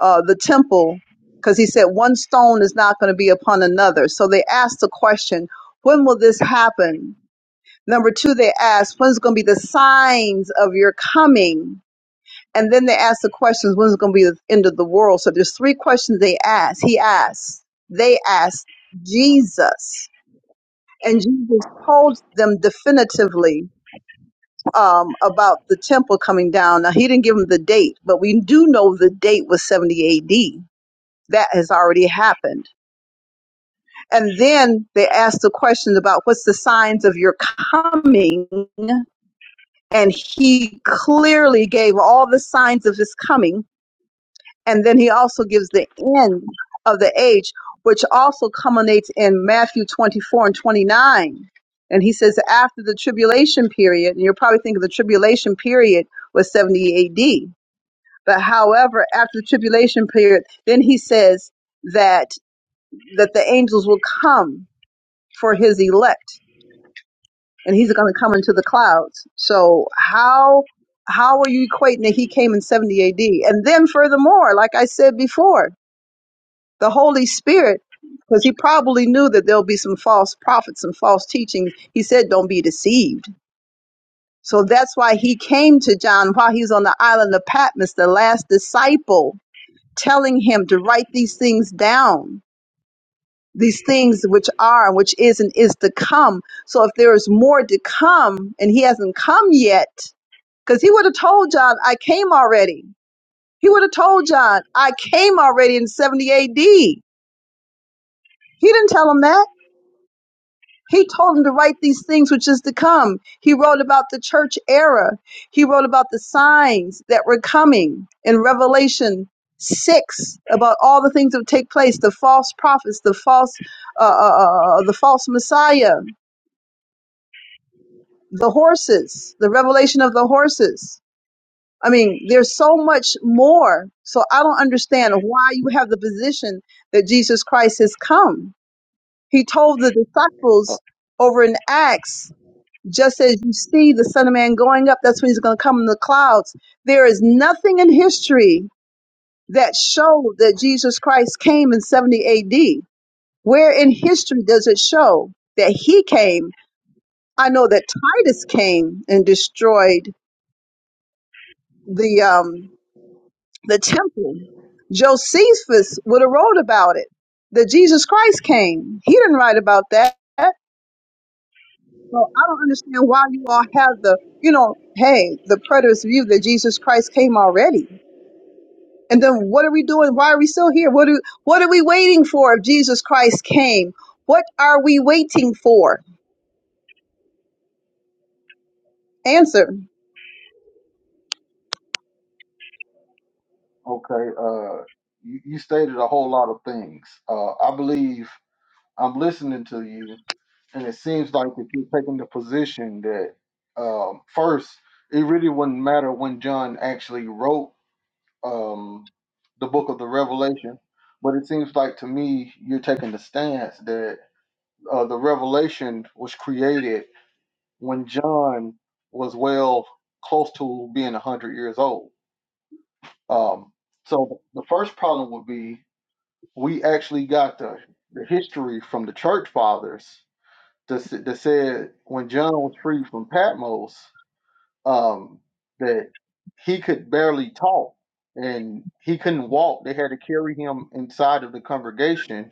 A: uh, the temple, because he said one stone is not going to be upon another. So they asked the question, when will this happen? Number two, they asked, when's going to be the signs of your coming? And then they asked the questions, when's going to be the end of the world? So there's three questions they asked. He asked, they asked Jesus. And Jesus told them definitively um, about the temple coming down. Now, he didn't give them the date, but we do know the date was 70 AD. That has already happened. And then they asked the question about what's the signs of your coming? and he clearly gave all the signs of his coming and then he also gives the end of the age which also culminates in matthew 24 and 29 and he says after the tribulation period and you're probably thinking the tribulation period was 70 ad but however after the tribulation period then he says that that the angels will come for his elect and he's going to come into the clouds. So how how are you equating that he came in 70 AD? And then furthermore, like I said before, the Holy Spirit because he probably knew that there'll be some false prophets and false teachings. He said, "Don't be deceived." So that's why he came to John while he's on the island of Patmos, the last disciple, telling him to write these things down, these things which are and which is and is to come. So if there is more to come and he hasn't come yet, Because he would have told John, I came already. He would have told John, I came already in 70 AD. He didn't tell him that. He told him to write these things which is to come. He wrote about the church era. He wrote about the signs that were coming in Revelation 6 about all the things that would take place, the false prophets, the false, uh, uh, uh, uh, the false Messiah, the horses, the revelation of the horses I mean, there's so much more. So I don't understand why you have the position that Jesus Christ has come. He told the disciples over in Acts, just as you see the Son of Man going up, that's when he's going to come in the clouds. There is nothing in history that showed that Jesus Christ came in 70 AD. Where in history does it show that he came? I know that Titus came and destroyed the um, the temple. Josephus would have wrote about it that Jesus Christ came. He didn't write about that. So I don't understand why you all have the, you know, hey, the preterist view that Jesus Christ came already. And then what are we doing? Why are we still here? What are, what are we waiting for if Jesus Christ came? What are we waiting for? Answer.
F: Okay, uh, you, you stated a whole lot of things. Uh, I believe I'm listening to you, and it seems like that you're taking the position that um, first, it really wouldn't matter when John actually wrote um, the book of the Revelation, but it seems like to me you're taking the stance that uh, the Revelation was created when John was well close to being 100 years old. Um, so the first problem would be we actually got the, the history from the church fathers that, s- that said when John was freed from Patmos, um, that he could barely talk and he couldn't walk. They had to carry him inside of the congregation.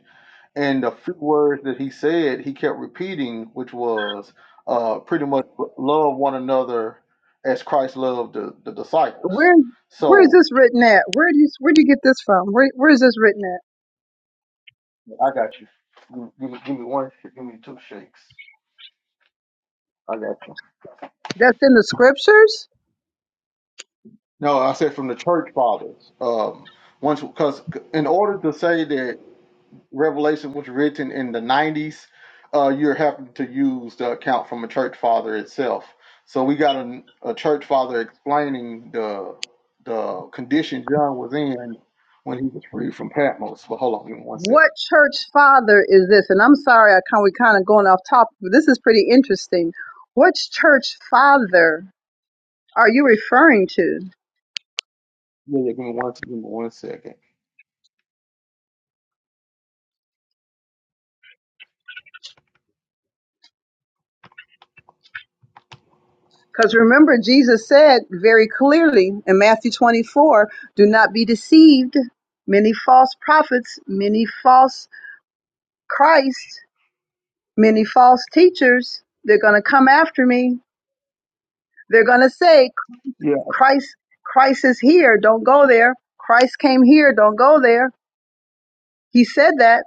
F: And the few words that he said, he kept repeating, which was uh, pretty much love one another as Christ loved the, the disciples.
A: Where where is
F: So
A: this written at? Where do you where do you get this from? Where where is this written at?
F: I got you. Give me, give me one, sh- give me two shakes. I got you.
A: That's in the scriptures?
F: No, I said from the church fathers. Um, once because in order to say that Revelation was written in the nineties, uh, you're having to use the account from a church father itself. So we got a, a church father explaining the the condition John was in when he was freed from Patmos. But hold on, give me one
A: What
F: second.
A: church father is this? And I'm sorry, I kind we kind of going off topic, but this is pretty interesting. What church father are you referring to?
F: Yeah, yeah, give me one, give me one second.
A: Because remember, Jesus said very clearly in Matthew 24, "Do not be deceived. Many false prophets, many false Christ, many false teachers. They're going to come after me. They're going to say,
F: Yeah,
A: Christ, Christ is here. Don't go there. Christ came here. Don't go there." He said that.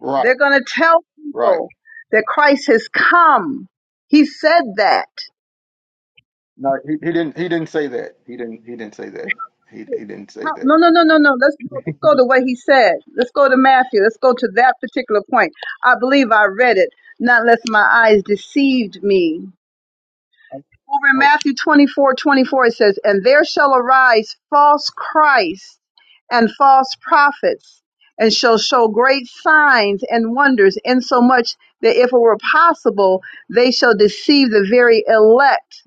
F: right,
A: They're going to tell
F: right.
A: people that Christ has come. He said that.
F: No, he, he didn't. He didn't say that. He didn't. He didn't say that. He he didn't say
A: How,
F: that.
A: no, no, no, no, no. Let's go, let's go to what he said. Let's go to Matthew. Let's go to that particular point. I believe I read it. Not lest my eyes deceived me. Over in Matthew 24 24, it says, And there shall arise false Christs and false prophets, and shall show great signs and wonders, insomuch that if it were possible, they shall deceive the very elect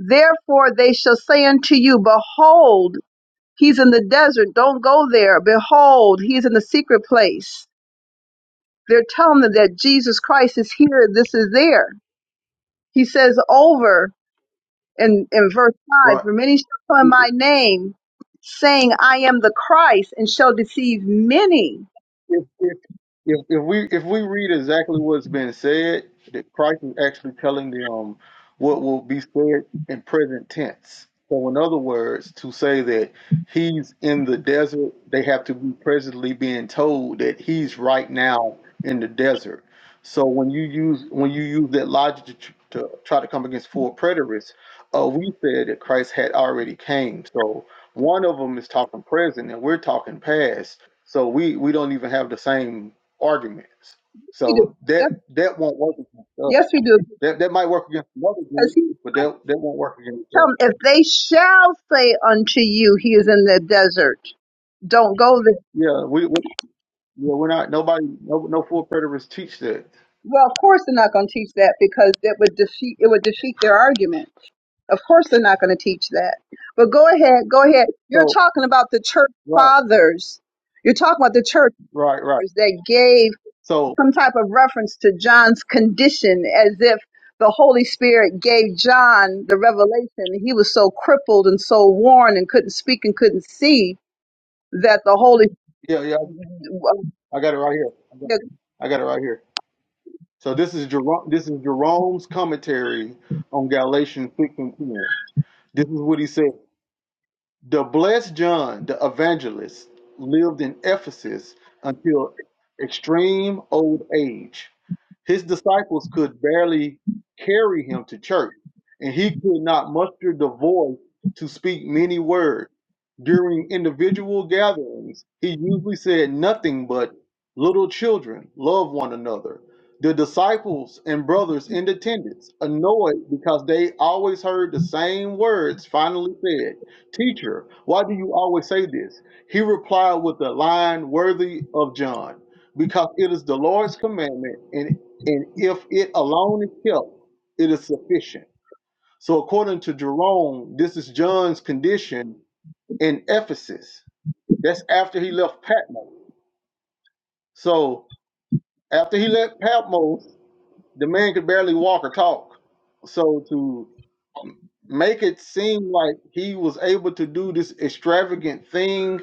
A: Therefore they shall say unto you, Behold, he's in the desert. Don't go there. Behold, he's in the secret place. They're telling them that Jesus Christ is here. This is there. He says over in, in verse 5
F: Right.
A: For many shall come in
F: If,
A: my name, saying, I am the Christ, and shall deceive many.
F: if, if, if we if we read exactly what's been said, that Christ is actually telling them um what will be said in present tense. So in other words, to say that he's in the desert, they have to be presently being told that he's right now in the desert. So when you use when you use that logic to, tr- to try to come against four preterists, uh, we said that Christ had already came. So one of them is talking present, and we're talking past. So we we don't even have the same arguments.
A: Yes, We do.
F: So
A: Yep.
F: that that won't work against us.
A: Yes, we do.
F: That that might work against another
A: Because
F: group,
A: he
F: but that that won't work against
A: tell
F: us.
A: them, if they shall say unto you, He is in the desert, don't go there.
F: Yeah, we, we yeah we're not nobody no no full preterists teach that.
A: Well, of course they're not going to teach that because that would defeat it would defeat their argument. Of course they're not going to teach that. But go ahead, go ahead. You're
F: So
A: talking about the church
F: right
A: fathers. You're talking about the church
F: right right.
A: fathers that gave
F: So
A: some type of reference to John's condition as if the Holy Spirit gave John the revelation. He was so crippled and so worn and couldn't speak and couldn't see that the Holy.
F: yeah yeah I got it right here. I got, I got it right here. So this is Jerome this is Jerome's commentary on Galatians six and ten. This is what he said. The blessed John the evangelist lived in Ephesus until extreme old age. His disciples could barely carry him to church, and he could not muster the voice to speak many words. During individual gatherings, he usually said nothing but, Little children, love one another. The disciples and brothers in attendance, annoyed because they always heard the same words, finally said, Teacher, why do you always say this? He replied with a line worthy of John, because it is the Lord's commandment, and, and if it alone is kept, it is sufficient. So, according to Jerome, this is John's condition in Ephesus. That's after he left Patmos. So, after he left Patmos, the man could barely walk or talk. So, to make it seem like he was able to do this extravagant thing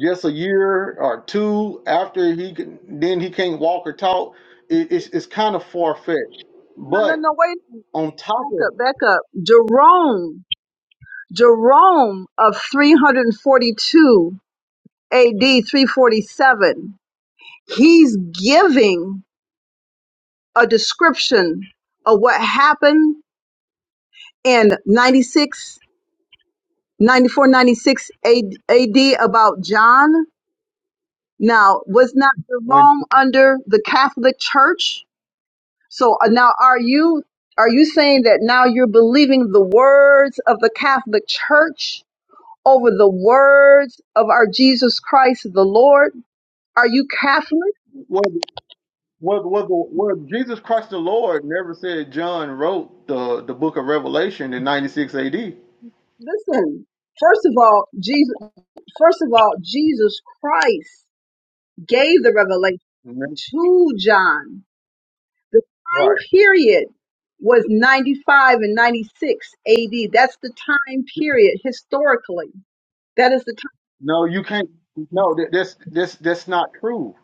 F: just a year or two after he can, then he can't walk or talk. It, it's it's kind of far fetched.
A: No, no,
F: But
A: no, wait.
F: on top
A: Back
F: of
A: up, back up. Jerome Jerome of 342 AD 347, he's giving a description of what happened in ninety-six, ninety-four, ninety-six AD about John. Now, was not
F: when
A: Jerome under the Catholic Church? So uh, now are you are you saying that now you're believing the words of the Catholic Church over the words of our Jesus Christ the Lord? Are you Catholic?
F: whether whether whether whether Jesus Christ the Lord never said John wrote the the book of Revelation in 96 A.D.
A: Listen, first of all, Jesus first of all, Jesus Christ gave the revelation
F: Mhm.
A: to John. The time
F: Right.
A: period was 95 and 96 AD. That's the time period historically. That is the time.
F: No, you can't. No, that, that's that's that's not true.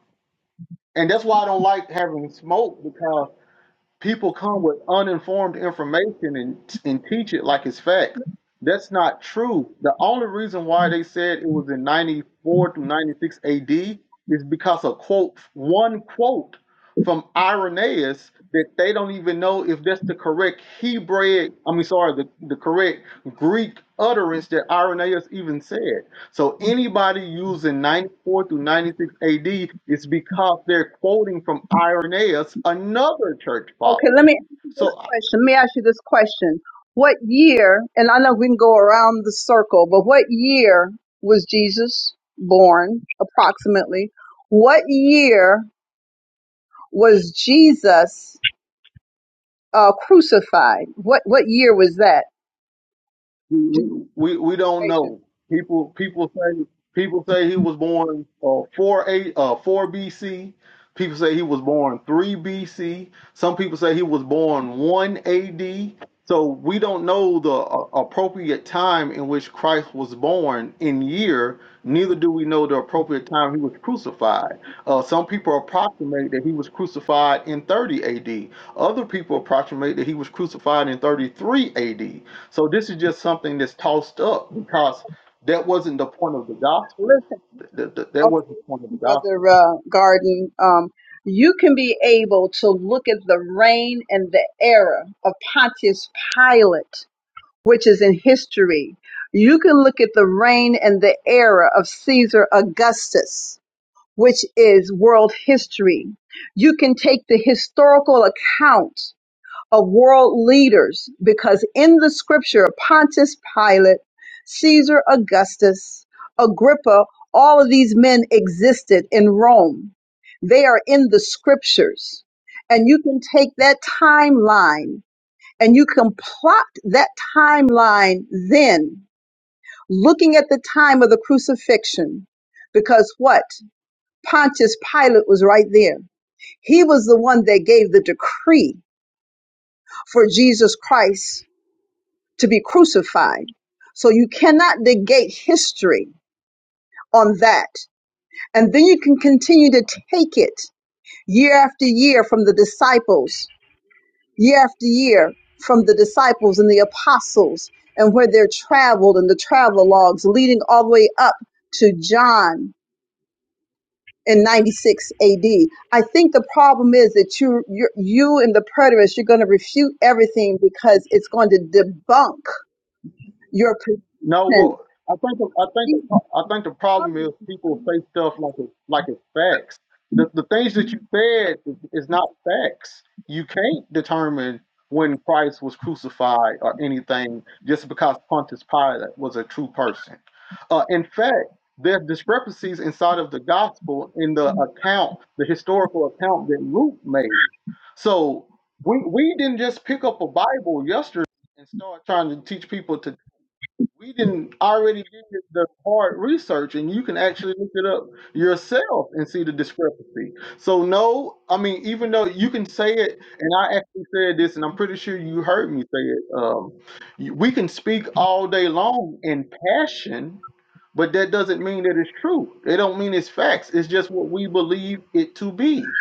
F: And that's why I don't like having smoke because. people come with uninformed information and, and teach it like it's fact. That's not true. The only reason why they said it was in 94 to 96 AD is because of quote one quote from Irenaeus that they don't even know if that's the correct Hebrew, I mean sorry, the, the correct Greek utterance that Irenaeus even said. So anybody using 94 through 96 AD is because they're quoting from Irenaeus, another church
A: Okay,
F: father.
A: let me ask you
F: So
A: this
F: uh,
A: question. Let me ask you this question. What year, and I know we can go around the circle, but what year was Jesus born approximately? What year was Jesus uh, crucified? What what year was that?
F: we,
A: Justification.
F: we, we don't know. People people say people say he was born uh, 4 A uh, 4 BC. People say he was born 3 BC. Some people say he was born 1 AD. So we don't know the uh, appropriate time in which Christ was born in year. Neither do we know the appropriate time he was crucified. Uh, some people approximate that he was crucified in 30 AD. Other people approximate that he was crucified in 33 AD. So this is just something that's tossed up because that wasn't the point of the gospel.
A: Listen,
F: Th- th- that wasn't the point of
A: okay,
F: the
A: brother
F: gospel.
A: uh, Garden, um, you can be able to look at the reign and the era of Pontius Pilate, which is in history. You can look at the reign and the era of Caesar Augustus, which is world history. You can take the historical account of world leaders because in the scripture, Pontius Pilate, Caesar Augustus, Agrippa, all of these men existed in Rome. They are in the scriptures. And you can take that timeline and you can plot that timeline then, looking at the time of the crucifixion, because what? Pontius Pilate was right there. He was the one that gave the decree for Jesus Christ to be crucified. So you cannot negate history on that. And then you can continue to take it year after year from the disciples, year after year from the disciples and the apostles and where they're traveled and the travel logs leading all the way up to John in 96 AD. I think the problem is that you you you and the preterists you're going to refute everything because it's going to debunk your
F: No, well, I think the, I think the,
A: position
F: pro- I think the problem is people say stuff like it like it's facts. The the things that you said is, is not facts. You can't determine when Christ was crucified or anything just because Pontius Pilate was a true person. Uh, in fact, there are discrepancies inside of the gospel in the account, the historical account that Luke made. So we we didn't just pick up a Bible yesterday and start trying to teach people to we didn't already did the hard research, and you can actually look it up yourself and see the discrepancy. So no, I mean, even though you can say it, and I actually said this, and I'm pretty sure you heard me say it. Um, you- we can speak all day long in passion, but that doesn't mean that it's true. It don't mean it's facts. It's just what we believe it to be.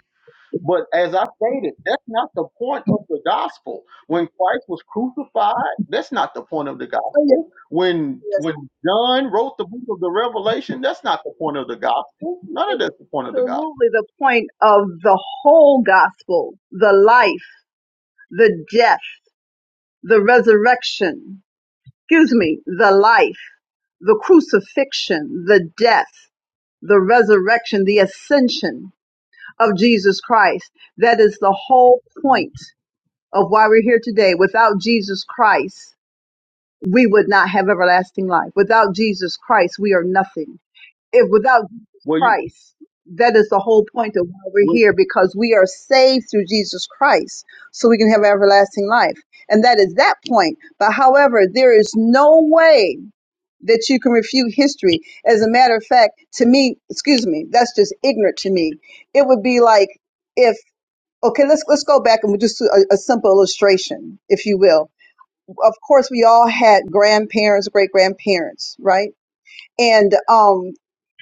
F: But as I stated, that's not the point of the gospel. When Christ was crucified, that's not the point of the gospel. When
A: Yes,
F: when John wrote the book of the Revelation, that's not the point of the gospel. None of
A: it's
F: that's the point of the gospel.
A: absolutely the point of the whole gospel, the life, the death, the resurrection, excuse me, the life, the crucifixion, the death, the resurrection, the ascension of Jesus Christ. That is the whole
F: Mhm.
A: point of why we're here today. Without Jesus Christ, we would not have everlasting life. Without Jesus Christ, we are nothing. if without Jesus
F: Well, you
A: Christ, that is the whole point of why we're
F: well,
A: here because we are saved through Jesus Christ so we can have everlasting life. And that is that point. But however, there is no way that you can refute history. As a matter of fact, to me, excuse me, that's just ignorant to me. It would be like if okay, let's let's go back and we'll just do a, a simple illustration, if you will. Of course, we all had grandparents, great grandparents, right? and um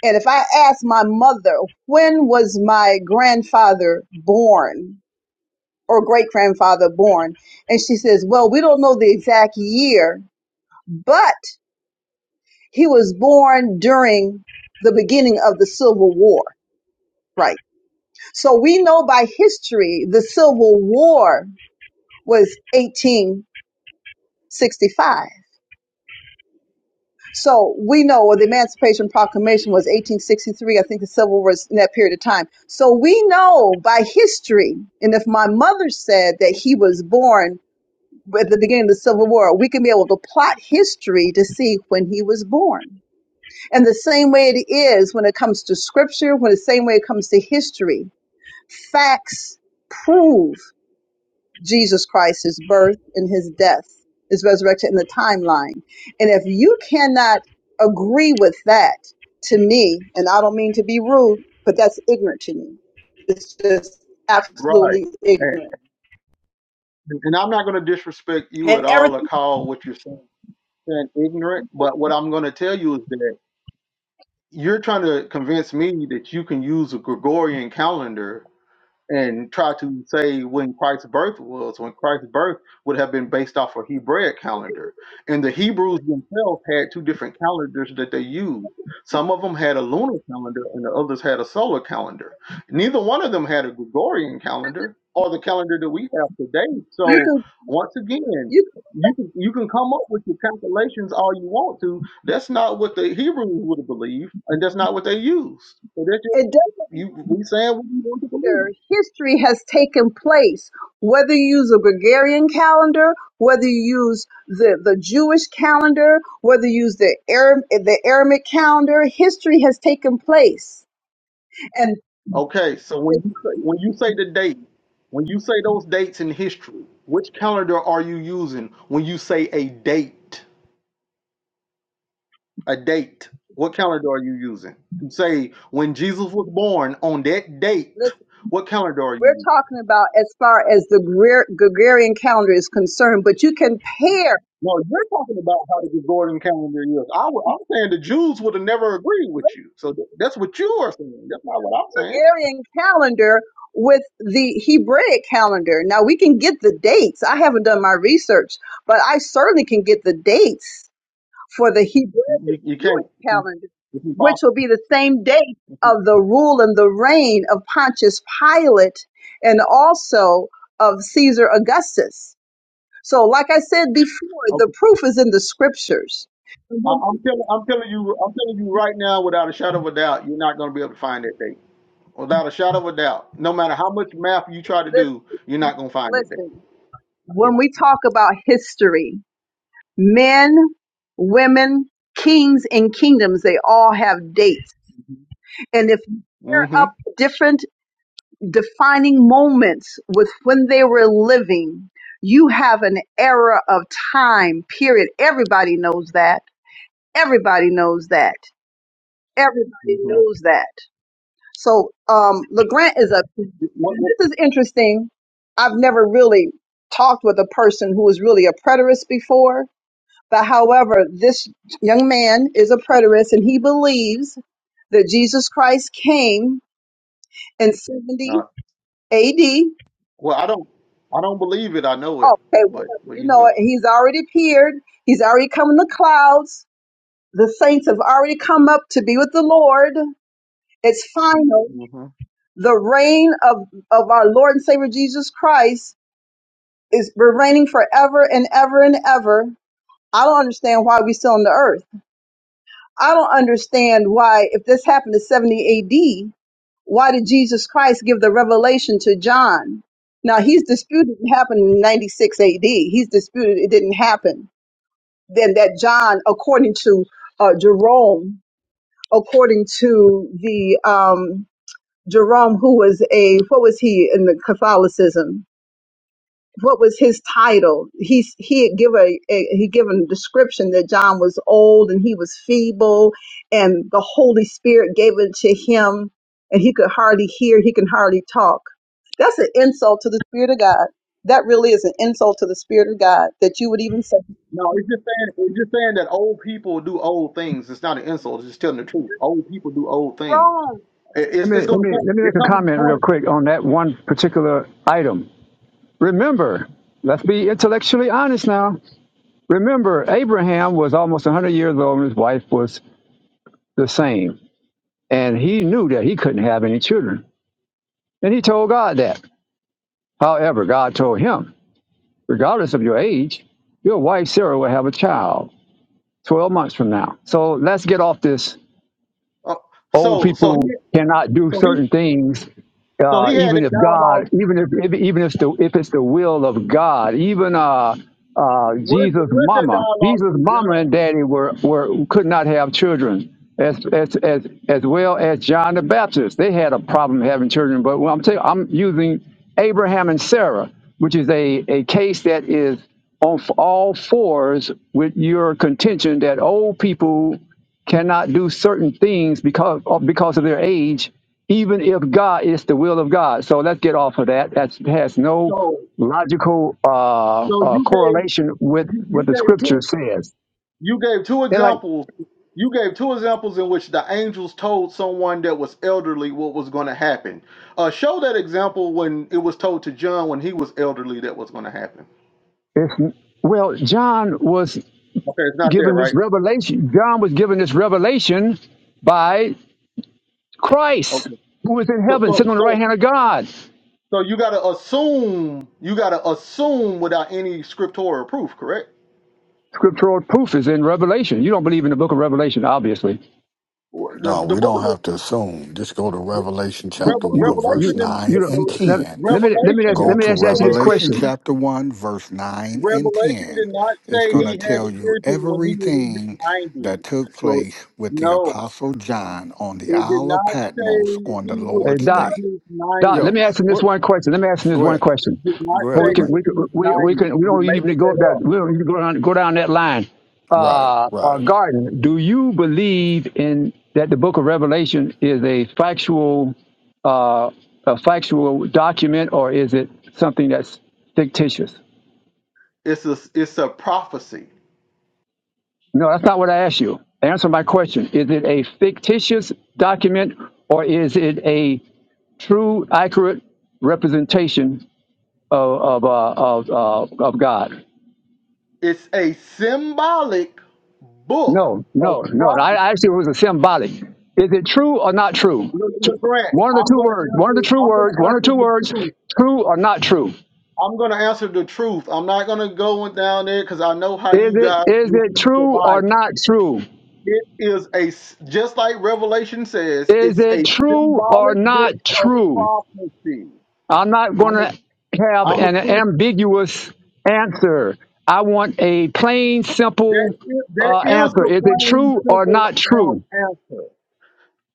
A: and if I ask my mother when was my grandfather born or great grandfather born, and she says, "Well, we don't know the exact year, but he was born during the beginning of the Civil War." Right. So we know by history the Civil War was 1865 So we know the Emancipation Proclamation was 1863. I think the Civil War was in that period of time. So we know by history, and if my mother said that he was born at the beginning of the Civil War, we can be able to plot history to see when he was born. And the same way it is when it comes to scripture, when the same way it comes to history, facts prove Jesus Christ, his birth and his death, his resurrection, and the timeline. And if you cannot agree with that to me, and I don't mean to be rude, but that's ignorant to me. It's just
F: right,
A: absolutely
F: and,
A: ignorant.
F: and I'm not going to disrespect you
A: And
F: at all or
A: everything
F: call what you're saying, saying ignorant. But what I'm going to tell you is that you're trying to convince me that you can use a Gregorian calendar and try to say when Christ's birth was, when Christ's birth would have been based off a Hebraic calendar. And the Hebrews themselves had two different calendars that they used. Some of them had a lunar calendar and the others had a solar calendar. Neither one of them had a Gregorian calendar or the calendar that we have today.
A: you
F: So
A: can,
F: once again,
A: you,
F: you can you can come up with your calculations all you want to. That's not what the Hebrews would have believed, and that's not what they used. So that's just
A: it doesn't
F: you we saying what we want to believe.
A: matter. History has taken place, whether you use a Gregorian calendar, whether you use the, the Jewish calendar, whether you use the Arab, the Aramaic calendar, history has taken place And
F: Okay, so when
A: Listen,
F: you say, when you say the date, when you say those dates in history, which calendar are you using when you say a date? A date. What calendar are you using? You say when Jesus was born on that date. What calendar are you
A: we're
F: using?
A: talking about as far as the Gre- Gregorian calendar is concerned, but you can pair
F: No, you're talking about how the Gregorian calendar is. I, am saying the Jews would have never agreed with you. So th- that's what you are saying. That's not what I'm saying.
A: Gregorian calendar with the Hebraic calendar. Now we can get the dates. I haven't done my research, but I certainly can get the dates for the Hebraic
F: You,
A: and
F: you can't.
A: Jewish calendar,
F: It's
A: which
F: impossible.
A: will be the same date of the rule and the reign of Pontius Pilate and also of Caesar Augustus. So, like I said before, the proof is in the scriptures.
F: I,
A: Lis-
F: I'm telling, I'm telling you, I'm telling you right now, without a shadow of a doubt, you're not going to be able to find that date. Without a shadow of a doubt, no matter how much math you try to do, you're not going to find that date.
A: Listen,
F: You
A: when we talk about history, men, women, kings, and kingdoms, they all have dates.
F: know.
A: And if you pair
F: Mm-hmm.
A: up different defining moments with when they were living, you have an era of time, period. Everybody knows that. Everybody knows that. Everybody
F: Mm-hmm.
A: knows that. So um, LeGrant is a.
F: What, what,
A: This is interesting. I've never really talked with a person who was really a preterist before, but however, this young man is a preterist and he believes that Jesus Christ came in 70
F: uh,
A: AD. Okay,
F: well, I don't, I don't believe it. I know it, but
A: whatever.
F: but
A: You
F: you can
A: know it.
F: go.
A: He's already appeared. He's already come in the clouds. The saints have already come up to be with the Lord. It's final.
F: hmm
A: The reign of, of our Lord and Savior Jesus Christ Is we're reigning forever and ever and ever. I don't understand why we're still on the earth. I don't understand why, if this happened in 70 AD, why did Jesus Christ give the revelation to John? Now, he's disputed it happened in 96 AD. He's disputed it didn't happen. Then that John, according to uh, Jerome, according to the um, Jerome, who was a, what was he in the Catholicism? what was his title? He he had given a, a- he given a description that John was old and he was feeble, and the Holy Spirit gave it to him, and he could hardly hear, he can hardly talk. That's an insult to the Spirit of God. That really is an insult to the Spirit of God that you would even say,
F: No, it's just saying, it's just saying that old people do old things. It's not an insult. It's just telling the truth. Old people do old things. It,
G: Let
F: it's
G: me,
F: it's going
G: let
F: to
G: me,
F: come.
G: let me
F: It
G: make a
F: comes. to the
G: comment real
F: point.
G: quick on that one particular item. Remember, let's be intellectually honest now. Remember, Abraham was almost 100 years old and his wife was the same. And he knew that he couldn't have any children. And he told God that. However, God told him, regardless of your age, your wife Sarah will have a child 12 months from now. So let's get off this
F: Uh,
G: old
F: so so he
G: people cannot do
F: so he
G: certain things
F: so
G: uh,
F: he had
G: even
F: that
G: if
F: dialogue
G: God, even if, if even if the if it's the will of God, even uh, uh,
F: Where's
G: Jesus'
F: where's that
G: mama,
F: dialogue
G: Jesus'
F: with John?
G: mama and daddy were, were could not have children, as as as as well as John the Baptist. They had a problem having children, but when I'm telling, I'm using Abraham and Sarah, which is a a case that is on f- all fours with your contention that old people cannot do certain things because of, because of their age, even if God is the will of God. So let's get off of that. That has no
F: So
G: logical uh,
F: so
G: uh,
F: you gave
G: correlation with
F: you, you
G: what the
F: gave
G: Scripture
F: two
G: says.
F: you gave two
G: And like,
F: examples you gave two examples in which the angels told someone that was elderly what was going to happen. Uh, show that example when it was told to John when he was elderly that was going to happen.
G: it's, well, John was
F: Okay, it's not there,
G: given this
F: right?
G: revelation. John was given this revelation by Christ,
F: Okay.
G: who is in
F: So
G: heaven,
F: so
G: sitting on the right
F: so
G: hand of God.
F: so you got to assume you got to assume without any scriptorial proof, correct?
G: Scriptural proof is in Revelation. You don't believe in the book of Revelation, obviously.
D: No,
F: The the
D: we
F: book.
D: don't have to assume. Just go to Revelation chapter
F: Revel-
G: You
D: 1,
F: Revelation
D: verse
G: you
F: and
G: you
D: 9
G: don't.
D: and
F: the
G: Let,
D: 10.
G: let me let me
F: Revelation
G: ask
D: Go
G: let me
D: to
F: doesn't
G: ask, ask you
F: say
G: this
F: that
D: Revelation
G: question.
F: he,
D: chapter 1, verse 9 and
F: Revelation
D: 10.
F: did not
D: It's
F: say
G: Yeah.
D: going
F: he
D: to
F: had
D: tell
F: a
D: you
F: vision when he was in his
D: everything that
F: nineties.
D: took
F: So
D: place with the
F: no,
D: Apostle John on the
F: it did
D: Isle of
F: not
D: Patmos
F: say
D: on the
F: he was
G: Hey,
D: Lord's
G: Doc,
F: in
D: day.
F: his
G: Doc, let
D: Yo,
G: me
F: nineties.
G: ask him this
D: what?
G: one question. Let me ask him this
D: Go
G: one
D: ahead.
G: question.
F: It did not
D: Go ahead,
G: Well, we
F: say he
G: can
D: LeGrand.
F: was
G: we can
F: in his
G: we, we
F: nineties.
G: can we
F: You're
G: don't
F: making
G: even go up
F: that
G: that
F: up.
G: we don't even go down go down that line.
D: Right,
G: Uh, uh,
D: right.
G: Garden, do you believe in that the Book of Revelation is a factual uh, a factual document or is it something that's fictitious?
F: It's a it's a prophecy.
G: No, that's not what I asked you. Answer my question. Is it a fictitious document or is it a true, accurate representation of, of, uh, of, uh, of God?
F: It's a symbolic book
G: No,
F: of
G: no, no.
F: prophecy.
G: I I actually it was a symbolic. Is it true or not true?
F: Look,
G: T-
F: look, Grant,
G: One of the
F: I'm
G: two
F: gonna
G: words, one of the
F: answer.
G: true
F: I'm
G: words,
F: gonna
G: one of the
F: answer
G: two
F: the
G: words,
F: two.
G: true or not true.
F: I'm gonna answer the truth. I'm not gonna go down there because I know how
G: Is
F: you
G: it
F: guys
G: is it
F: misuse the
G: true or
F: Bible.
G: not true?
F: It is a s- just like Revelation says.
G: Is
F: It's a
G: it true or
F: symbolic
G: not
F: book of
G: true?
F: prophecy.
G: I'm not going
F: I'm
G: to
F: a,
G: have
F: I'm a
G: an
F: Christian.
G: ambiguous answer. I want a plain,
F: That
G: simple
F: is,
G: uh,
F: that is
G: answer.
F: the
G: Is it true or
F: simple
G: not
F: um,
G: true?
F: answer.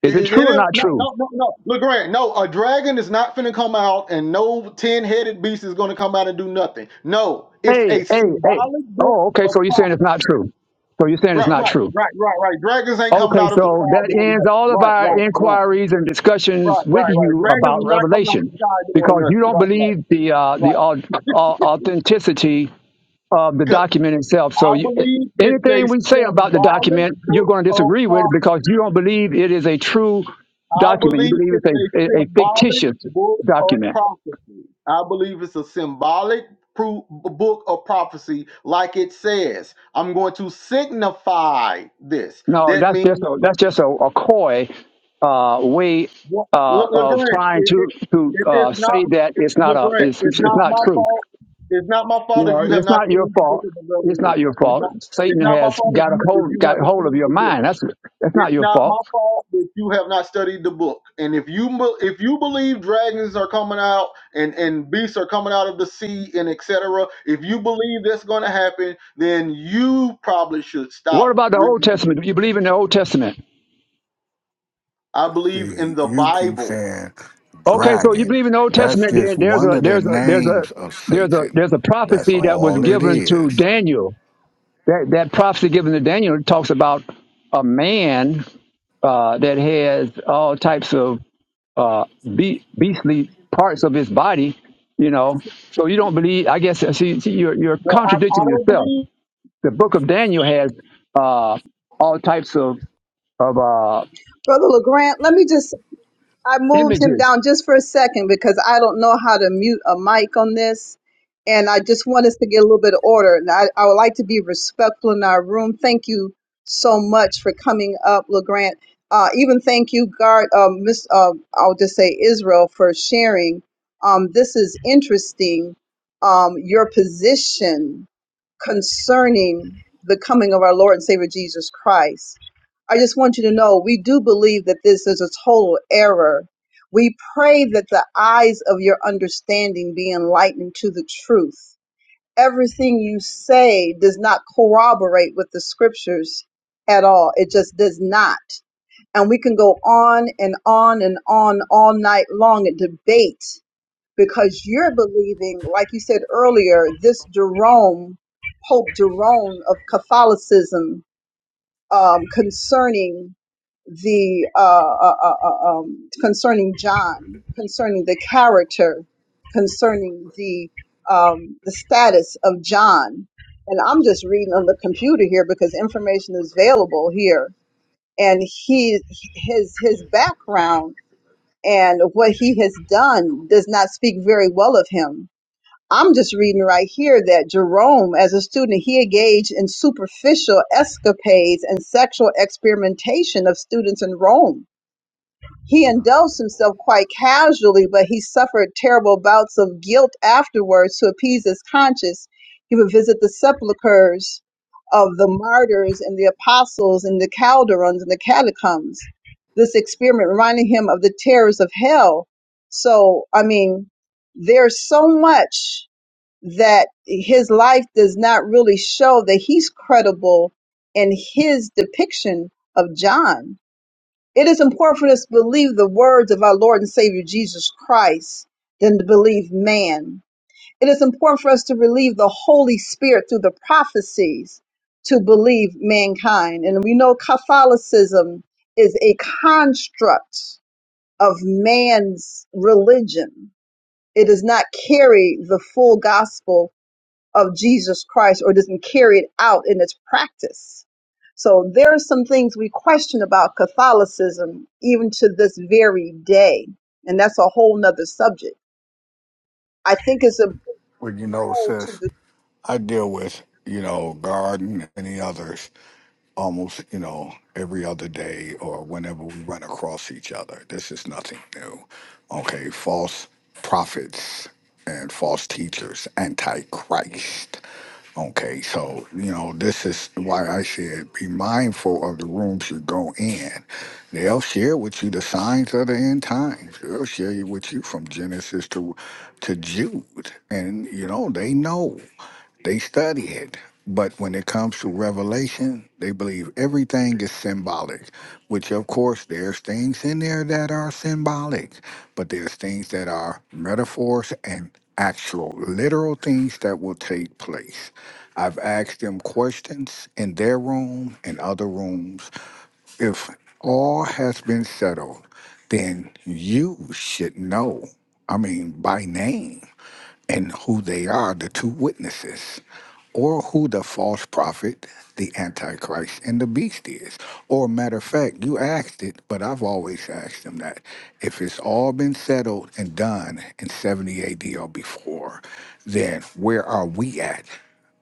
G: Is it
F: It, it
G: true or
F: is
G: not
F: no
G: true?
F: no Legrand. No, a dragon is not finna come out, and no ten headed beast is gonna come out and do nothing. No, it's
G: Hey,
F: a
G: hey, hey.
F: symbolic
G: Oh, okay.
F: of
G: So you're
F: prophecy.
G: saying it's not true. So you're saying it's
F: Right,
G: not
F: right,
G: true.
F: right, right, right. Dragons ain't coming
G: Okay,
F: out of the
G: so
F: sky
G: that
F: doing
G: ends
F: nothing.
G: all of
F: Right, right,
G: our
F: right,
G: inquiries and
F: right,
G: discussions with
F: right, right.
G: you about
F: Dragons are not coming out the
G: Revelation,
F: sky doing
G: because you
F: nothing.
G: don't
F: Right, right,
G: believe the uh,
F: right.
G: the au- au- authenticity of the
F: 'Cause
G: document itself. So
F: I
G: you,
F: believe it's
G: anything
F: a
G: we say about the
F: symbolic
G: document, you're
F: book
G: going to
F: of
G: disagree with
F: prophecy.
G: because you don't believe it is a true
F: I
G: document. You
F: believe
G: believe
F: it's
G: it's
F: a
G: a, a, a
F: symbolic
G: fictitious
F: book of
G: document.
F: prophecy. I believe it's a symbolic pro- book of prophecy, like it says. I'm going to signify this.
G: No,
F: That
G: that's
F: means
G: just a, that's just a, a coy uh, way
F: What-
G: uh,
F: Le-
G: of
F: LeGrant,
G: trying
F: it,
G: to
F: it,
G: to
F: it is
G: uh,
F: not
G: say that it's not a
F: LeGrant.
G: it's,
F: It's
G: it's
F: not
G: not
F: my
G: true.
F: fault. It's not my
G: You
F: fault if
G: know,
F: you have
G: it's
F: not
G: not your
F: studied the book
G: fault.
F: of the
G: It's not your
F: Revelation. It's
G: fault.
F: not. It's
G: Satan
F: not my
G: has
F: fault if
G: got a
F: you if
G: hold
F: you
G: got
F: haven't
G: hold of
F: studied
G: your
F: the book.
G: mind. That's that's not
F: It's
G: your
F: not my
G: fault.
F: fault if you have not studied the book. And if you be- if you believe dragons are coming out and and beasts are coming out of the sea and etc. If you believe that's going to happen, then you probably should
G: What
F: stop
G: about the Old
F: reading. the
G: Testament? Do you
F: book.
G: believe in the Old Testament?
F: I believe in
D: See,
F: the
D: you keep
F: Bible.
D: saying
G: Okay, so you
D: dragon.
G: believe in the Old
D: That's
G: Testament?
D: just
G: Then there's
D: one
G: a
D: of the
G: there's a there's a
D: names of
G: there's a
D: Satan.
G: there's a
D: That's
G: prophecy that was
D: all it
G: given to
D: is.
G: Daniel. That that prophecy given to Daniel talks about a man uh, that has all types of uh, be- beastly parts of his body. You know, so you don't believe. I guess see, see you're you're
F: No, I, I
G: contradicting
F: don't
G: yourself.
F: believe.
G: The book of Daniel has uh, all types of of uh,
A: Brother LeGrand. Let me just I moved him
G: images
A: down just for a second because I don't know how to mute a mic on this. And I just want us to get a little bit of order. And I, I would like to be respectful in our room. Thank you so much for coming up, LeGrant. Uh, even thank you, Guard, um, Miss, uh, I'll just say Israel, for sharing. Um, this is interesting, um, your position concerning the coming of our Lord and Savior Jesus Christ. I just want you to know we do believe that this is a total error. We pray that the eyes of your understanding be enlightened to the truth. Everything you say does not corroborate with the scriptures at all. It just does not. And we can go on and on and on all night long and debate because you're believing, like you said earlier, this Jerome, Pope Jerome of Catholicism, um, concerning the uh, uh, uh, uh, um, concerning John, concerning the character, concerning the um, the status of John. And I'm just reading on the computer here because information is available here, and he his his background and what he has done does not speak very well of him I'm just reading right here that Jerome, as a student, he engaged in superficial escapades and sexual experimentation of students in Rome. He indulged himself quite casually, but he suffered terrible bouts of guilt afterwards to appease his conscience. He would visit the sepulchres of the martyrs and the apostles and the calderons and the catacombs. This experiment reminded him of the terrors of hell. So, I mean, there's so much that his life does not really show that he's credible in his depiction of John. It is important for us to believe the words of our Lord and Savior Jesus Christ than to believe man. It is important for us to believe the Holy Spirit through the prophecies to believe mankind. And we know Catholicism is a construct of man's religion. It does not carry the full gospel of Jesus Christ or doesn't carry it out in its practice. So there are some things we question about Catholicism even to this very day. And that's a whole nother subject. I think it's a
D: Well, you know,
A: pull to
D: sis,
A: the,
D: I deal with, you know, Garden and the others. almost, you know, every other day or whenever we run across each other. This is nothing new. Okay, false prophets and false teachers, antichrist. Okay, so you know this is why I said be mindful of the rooms you go in. They'll share with you the signs of the end times. They'll share you with you from Genesis to to Jude, and you know they know. They study it, but when it comes to revelation, they believe everything is symbolic, which of course there's things in there that are symbolic, but there's things that are metaphors and actual literal things that will take place. I've asked them questions in their room and other rooms. If all has been settled, then you should know. I mean, by name and who they are, the two witnesses, or who the false prophet, the antichrist, and the beast is. Or matter of fact, you asked it, but I've always asked them that. If it's all been settled and done in 70 AD or before, then where are we at?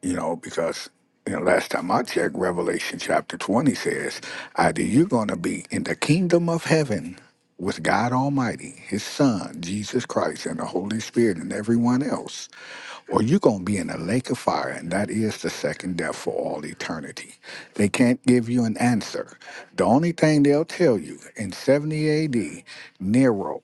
D: you know, because you know, last time I checked, Revelation chapter 20 says, either you're going to be in the kingdom of heaven with God Almighty, His Son, Jesus Christ, and the Holy Spirit, and everyone else, or you're going to be in a lake of fire, and that is the second death for all eternity. They can't give you an answer. The only thing they'll tell you in 70 AD, Nero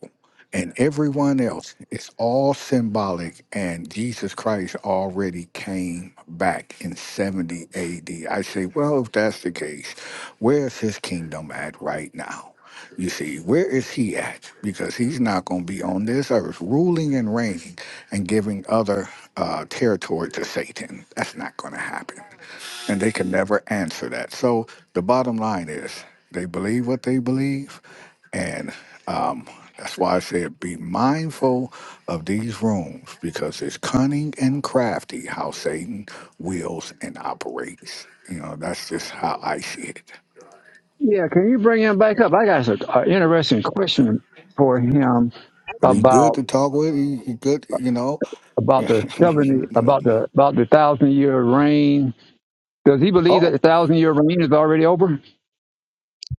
D: and everyone else is all symbolic, and Jesus Christ already came back in 70 AD. I say, well, if that's the case, where's his kingdom at right now? You see, where is he at? Because he's not going to be on this earth ruling and reigning and giving other uh, territory to Satan. That's not going to happen. And they can never answer that. So the bottom line is they believe what they believe. And um, that's why I said be mindful of these rooms because it's cunning and crafty how Satan wills and operates. You know, that's just how I see it.
G: Yeah, can you bring him back up? I got an interesting question for him
D: But he's good
G: about
D: to talk with. He, he good, you know.
G: about the seventy about the about the thousand year reign. Does he believe that the
D: oh,
G: thousand year reign is already over,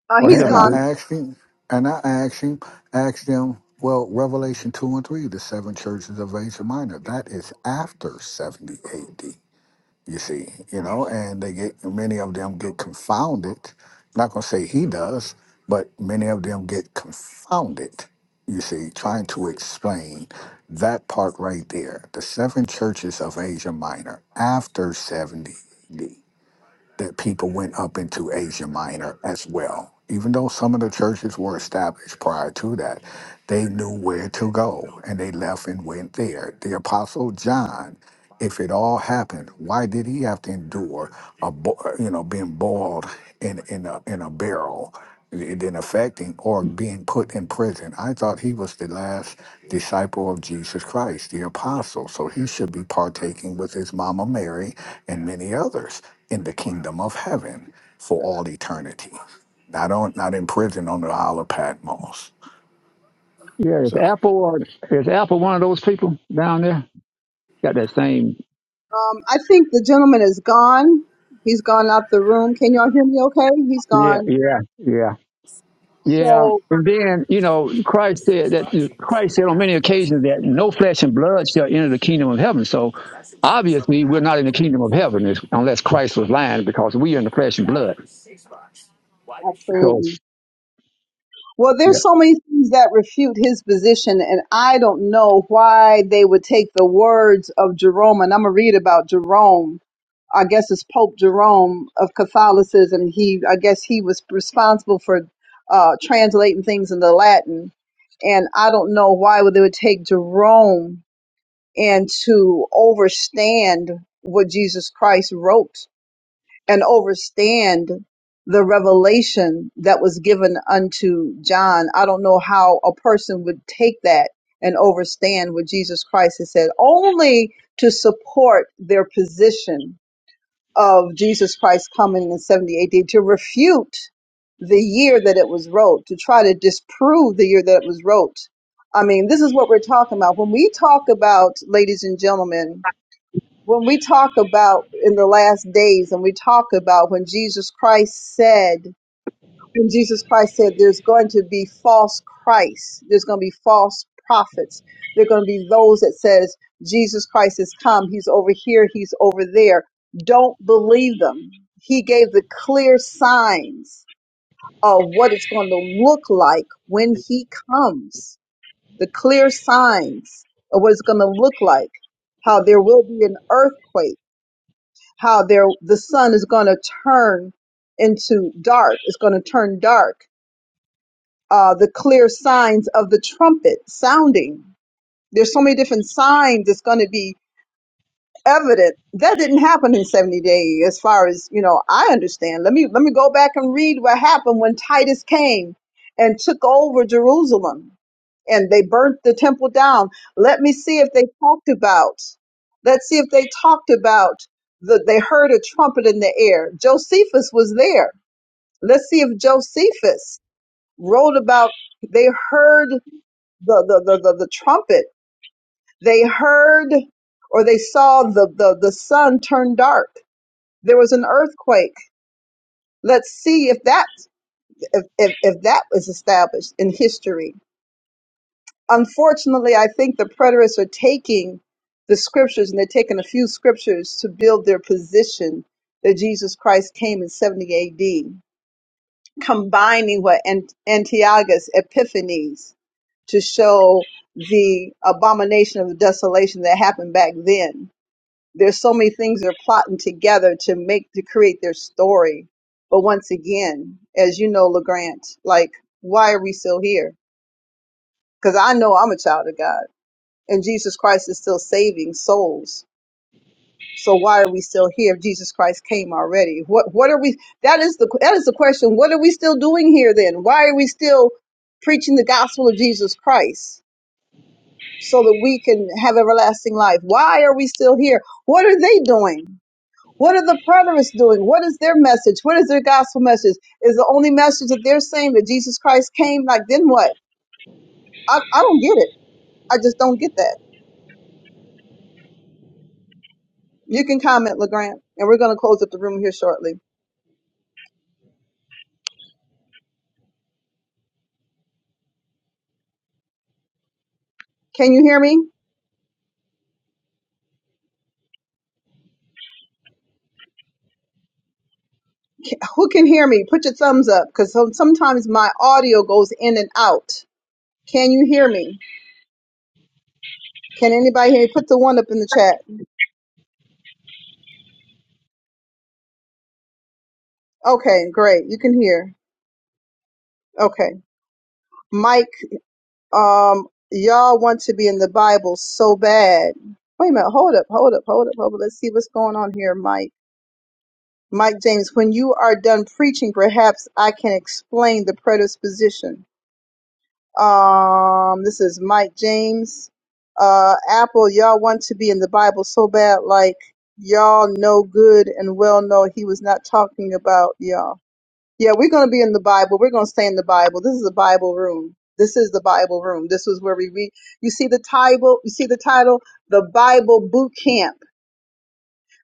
A: uh,
G: or he
A: he's
D: and
G: doesn't?
D: I
A: gone.
G: be-
D: asked him, and I asked him, asked him. Well, Revelation two and three, the seven churches of Asia Minor. That is after seventy A.D. you see, you know, and they get many of them get confounded. not gonna say he does, but many of them get confounded, you see, trying to explain that part right there. The seven churches of Asia Minor after 70 AD that people went up into Asia Minor as well. Even though some of the churches were established prior to that, they knew where to go and they left and went there. The Apostle John, if it all happened, why did he have to endure a bo- you know being boiled in in a in a barrel? than affecting or being put in prison. I thought he was the last disciple of Jesus Christ, the apostle. So he should be partaking with his mama Mary and many others in the kingdom of heaven for all eternity. Not on not in prison on the Isle of Patmos.
G: Yeah, is
D: So
G: Apple or is Apple one of those people down there? Got that same?
A: Um, I think the gentleman is gone. He's gone out the room. Can y'all hear me okay? He's
G: Yeah,
A: gone.
G: yeah, yeah. Yeah.
A: So
G: And then, you know, Christ said that Christ said on many occasions that no flesh and blood shall enter the kingdom of heaven. So obviously we're not in the kingdom of heaven unless Christ was lying because we are in the flesh and blood. So
A: absolutely. Well,
G: yeah.
A: there's so many things that refute his position, and I don't know why they would take the words of Jerome. And I'm gonna read about Jerome. I guess it's Pope Jerome of Catholicism. He, I guess, he was responsible for uh, translating things into Latin, and I don't know why would they would take Jerome and to overstand what Jesus Christ wrote and overstand the revelation that was given unto John. I don't know how a person would take that and overstand what Jesus Christ has said, only to support their position of Jesus Christ coming in 70 AD, to refute the year that it was wrote, to try to disprove the year that it was wrote. I mean, this is what we're talking about. When we talk about, ladies and gentlemen, when we talk about in the last days and we talk about when Jesus Christ said when Jesus Christ said there's going to be false Christ, there's going to be false prophets. There're going to be those that says Jesus Christ has come, he's over here, he's over there. Don't believe them. He gave the clear signs of what it's going to look like when he comes. The clear signs of what it's going to look like. How there will be an earthquake how there the sun is going to turn into dark it's going to turn dark uh, the clear signs of the trumpet sounding there's so many different signs that's going to be evident that didn't happen in 70 days as far as you know i understand let me let me go back and read what happened when titus came and took over jerusalem and they burnt the temple down. Let me see if they talked about. Let's see if they talked about the they heard a trumpet in the air. Josephus was there. Let's see if Josephus wrote about they heard the the the, the, the trumpet. They heard or they saw the, the the sun turn dark. There was an earthquake. Let's see if that if, if, if that was established in history unfortunately, I think the preterists are taking the scriptures and they're taking a few scriptures to build their position that Jesus Christ came in 70 AD, combining what Ant- Antiochus Epiphanes to show the abomination of the desolation that happened back then. There's so many things they're plotting together to make to create their story. But once again, as you know, LeGrant, like, why are we still here? Because I know I'm a child of God and Jesus Christ is still saving souls. So why are we still here if Jesus Christ came already? What what are we that is the that is the question. What are we still doing here then? Why are we still preaching the gospel of Jesus Christ so that we can have everlasting life? Why are we still here? What are they doing? What are the preterists doing? What is their message? What is their gospel message? Is the only message that they're saying that Jesus Christ came? Like then what? I, I don't get it. I just don't get that. You can comment, LeGrant, and we're going to close up the room here shortly. Can you hear me? Who can hear me? Put your thumbs up because sometimes my audio goes in and out. Can you hear me? Can anybody hear me? Put the one up in the chat. Okay, great. You can hear. Okay. Mike, um, y'all want to be in the Bible so bad. Wait a minute. Hold up. Hold up. Hold up. Hold up. Let's see what's going on here, Mike. Mike James, when you are done preaching, perhaps I can explain the predisposition. Um, this is Mike James. Uh, Apple, y'all want to be in the Bible so bad, like y'all know good and well know he was not talking about y'all. Yeah, we're gonna be in the Bible. We're gonna stay in the Bible. This is the Bible room. This is the Bible room. This is where we read. You see the title. You see the title. The Bible Boot Camp.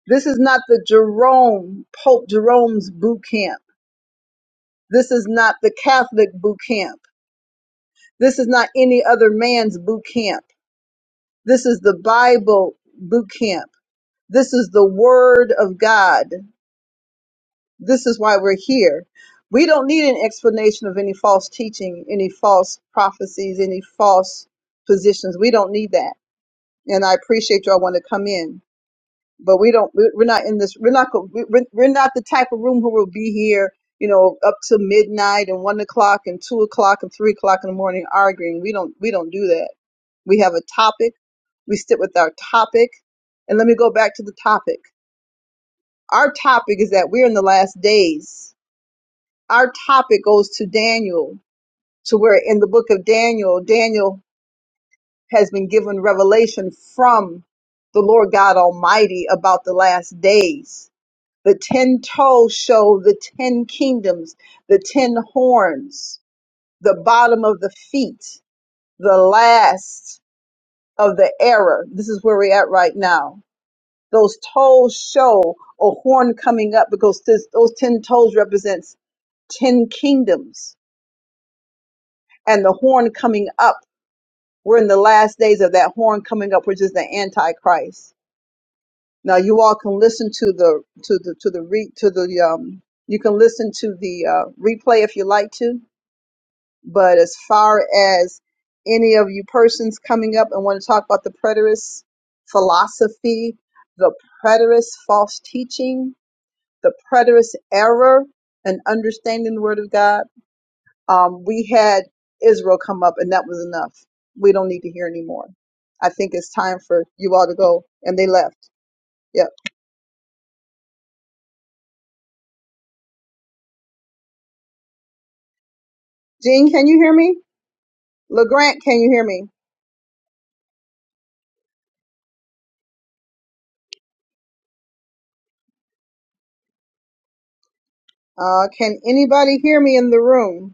A: This is not the Jerome Pope Jerome's boot camp. This is not the Catholic boot camp. This is not any other man's boot camp This is the Bible boot camp. This is the Word of God. This is why we're here. We don't need an explanation of any false teaching, any false prophecies, any false positions. We don't need that. And I appreciate y'all want to come in, but we don't. we- We're not in this. We're not. go- we- We're we're not the type of room who will be here, you know, up to midnight and one o'clock and two o'clock and three o'clock in the morning arguing. We don't. We don't do that. We have a topic we stick with our topic. And let me go back to the topic. Our topic is that we're in the last days. Our topic goes to Daniel, to where in the book of Daniel, Daniel has been given revelation from the Lord God Almighty about the last days. The ten toes show the ten kingdoms, the ten horns, the bottom of the feet, the last of the era. This is where we're at right now those toes show a horn coming up because this, those 10 toes represents 10 kingdoms and the horn coming up we're in the last days of that horn coming up which is the antichrist now you all can listen to the to the to the re, to the um you can listen to the uh, replay if you like to but as far as any of you persons coming up and want to talk about the preterist philosophy the preterist false teaching the preterist error and understanding the word of God, um, we had Israel come up and that was enough. We don't need to hear anymore. I think it's time for you all to go. And they left. Yep. Jean, can you hear me? LeGrant, can you hear me? Uh, can anybody hear me in the room?